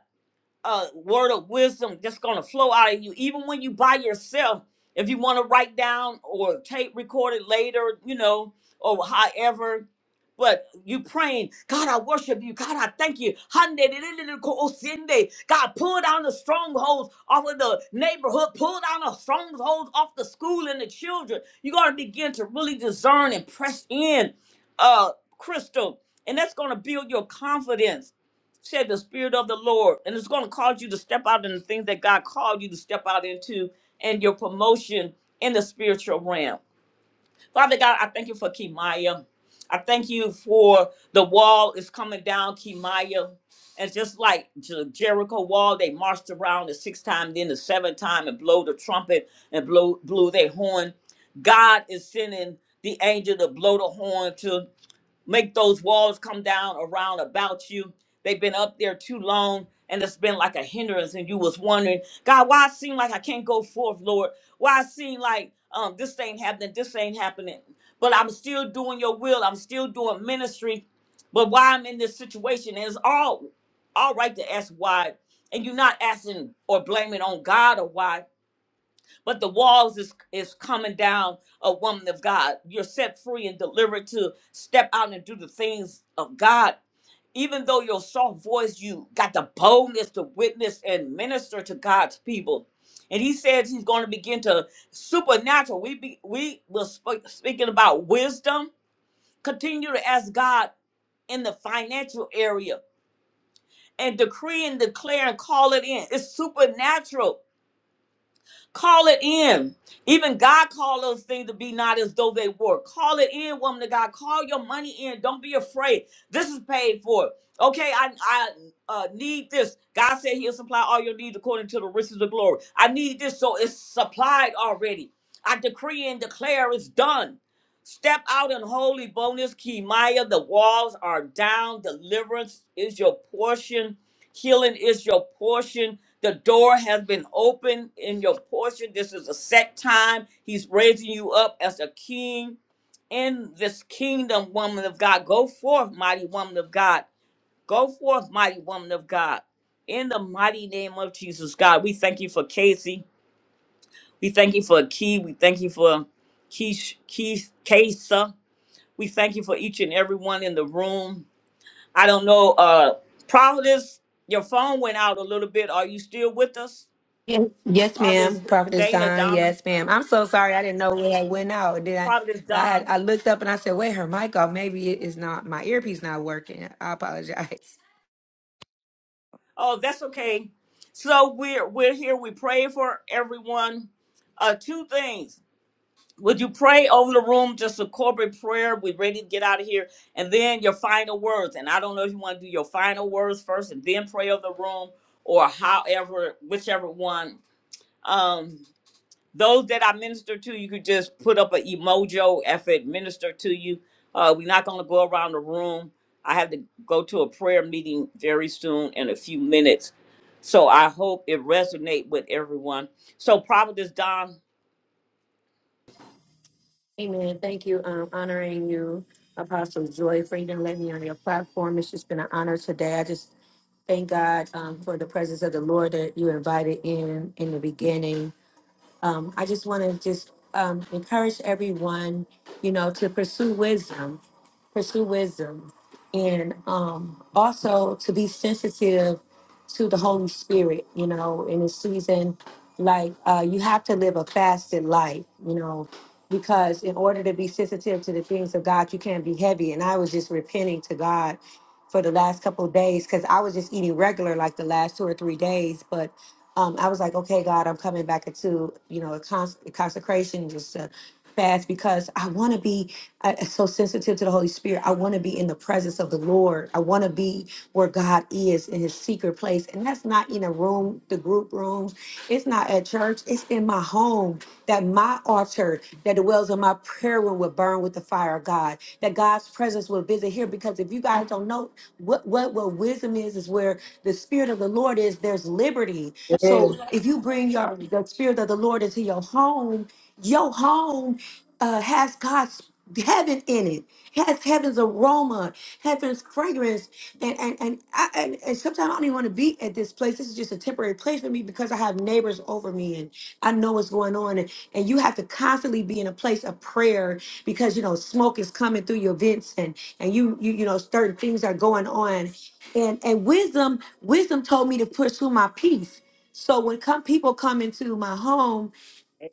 [SPEAKER 1] a word of wisdom that's going to flow out of you even when you by yourself if you want to write down or tape record it later you know or however but you praying god i worship you god i thank you Hande-de-de-de-de-ko-osinde. god pull down the strongholds off of the neighborhood pull down the strongholds off the school and the children you got to begin to really discern and press in uh crystal and that's going to build your confidence said the spirit of the lord and it's going to cause you to step out in the things that god called you to step out into and your promotion in the spiritual realm father god i thank you for kimaya i thank you for the wall is coming down kimaya and just like the jericho wall they marched around the sixth time then the seventh time and blow the trumpet and blow blew their horn god is sending the angel to blow the horn to make those walls come down around about you. They've been up there too long and it's been like a hindrance and you was wondering, God, why it seem like I can't go forth, Lord? Why it seem like um this ain't happening, this ain't happening. But I'm still doing your will, I'm still doing ministry. But why I'm in this situation and it's all all right to ask why. And you're not asking or blaming on God or why but the walls is is coming down a woman of god you're set free and delivered to step out and do the things of god even though your soft voice you got the boldness to witness and minister to god's people and he says he's going to begin to supernatural we be, we were sp- speaking about wisdom continue to ask god in the financial area and decree and declare and call it in it's supernatural Call it in. Even God called those things to be not as though they were. Call it in, woman of God. Call your money in. Don't be afraid. This is paid for. Okay, I I uh, need this. God said He'll supply all your needs according to the riches of glory. I need this, so it's supplied already. I decree and declare it's done. Step out in holy bonus, Kimaya. The walls are down. Deliverance is your portion. Healing is your portion. The door has been opened in your portion. This is a set time. He's raising you up as a king in this kingdom, woman of God. Go forth, mighty woman of God. Go forth, mighty woman of God. In the mighty name of Jesus, God, we thank you for Casey. We thank you for Key. We thank you for Keish, Keish, Kesa. We thank you for each and everyone in the room. I don't know, uh, Providence, your phone went out a little bit. Are you still with us? Providence Dana Donna. Providence Don. Oh, that's okay. So we're we're here. We pray for everyone. Uh two things. Would you pray over the room, just a corporate prayer? We're ready to get out of here. And then your final words. And I don't know if you want to do your final words first and then pray over the room or however, whichever one. Um. those that I minister to, you could just put up an emoji if it minister to you. Uh, we're not going to go around the room. I have to go to a prayer meeting very soon in a few minutes. So I hope it resonate with everyone. So Providence Don, a-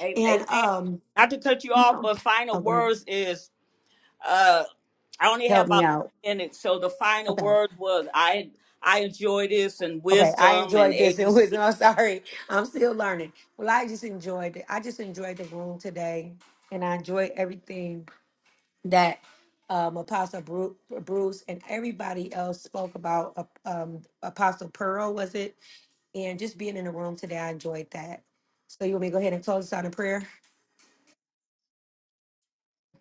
[SPEAKER 1] a- amen. Not to cut you off, but final words is uh, I only have about minutes. So the final word was I I enjoy this and wisdom and ABC.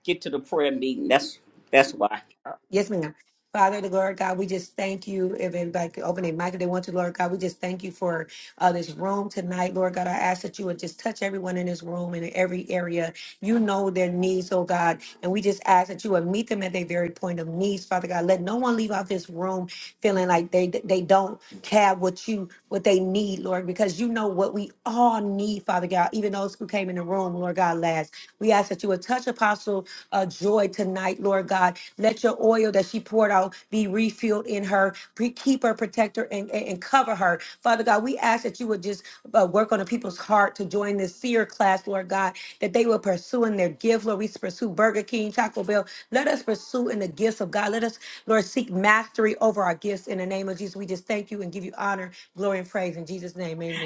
[SPEAKER 1] Get to the prayer meeting. That's that's why.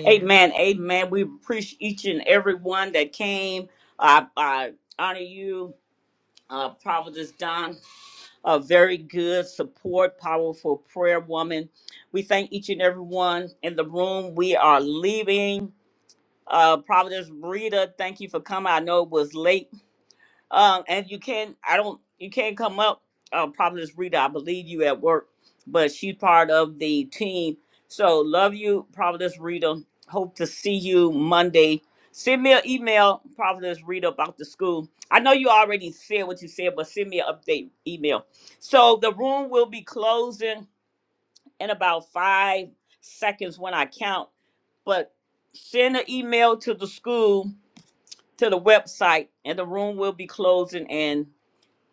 [SPEAKER 1] Amen. Amen. We appreciate each and every one that came. I, I honor you, uh, Providence Don, a very good support, powerful prayer woman. We thank each and every one in the room. We are leaving. Uh, Providence Rita, thank you for coming. I know it was late. Um, and you can I don't you can't come up. Uh, probably Rita, I believe you at work, but she's part of the team. So love you, Providence Rita. Hope to see you Monday. Send me an email, Providence Rita, about the school. I know you already said what you said, but send me an update email. So the room will be closing in about five seconds when I count. But send an email to the school to the website, and the room will be closing in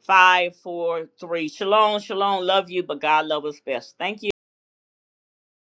[SPEAKER 1] Five, four, three. Shalom, shalom. Love you, but God loves us best. Thank you.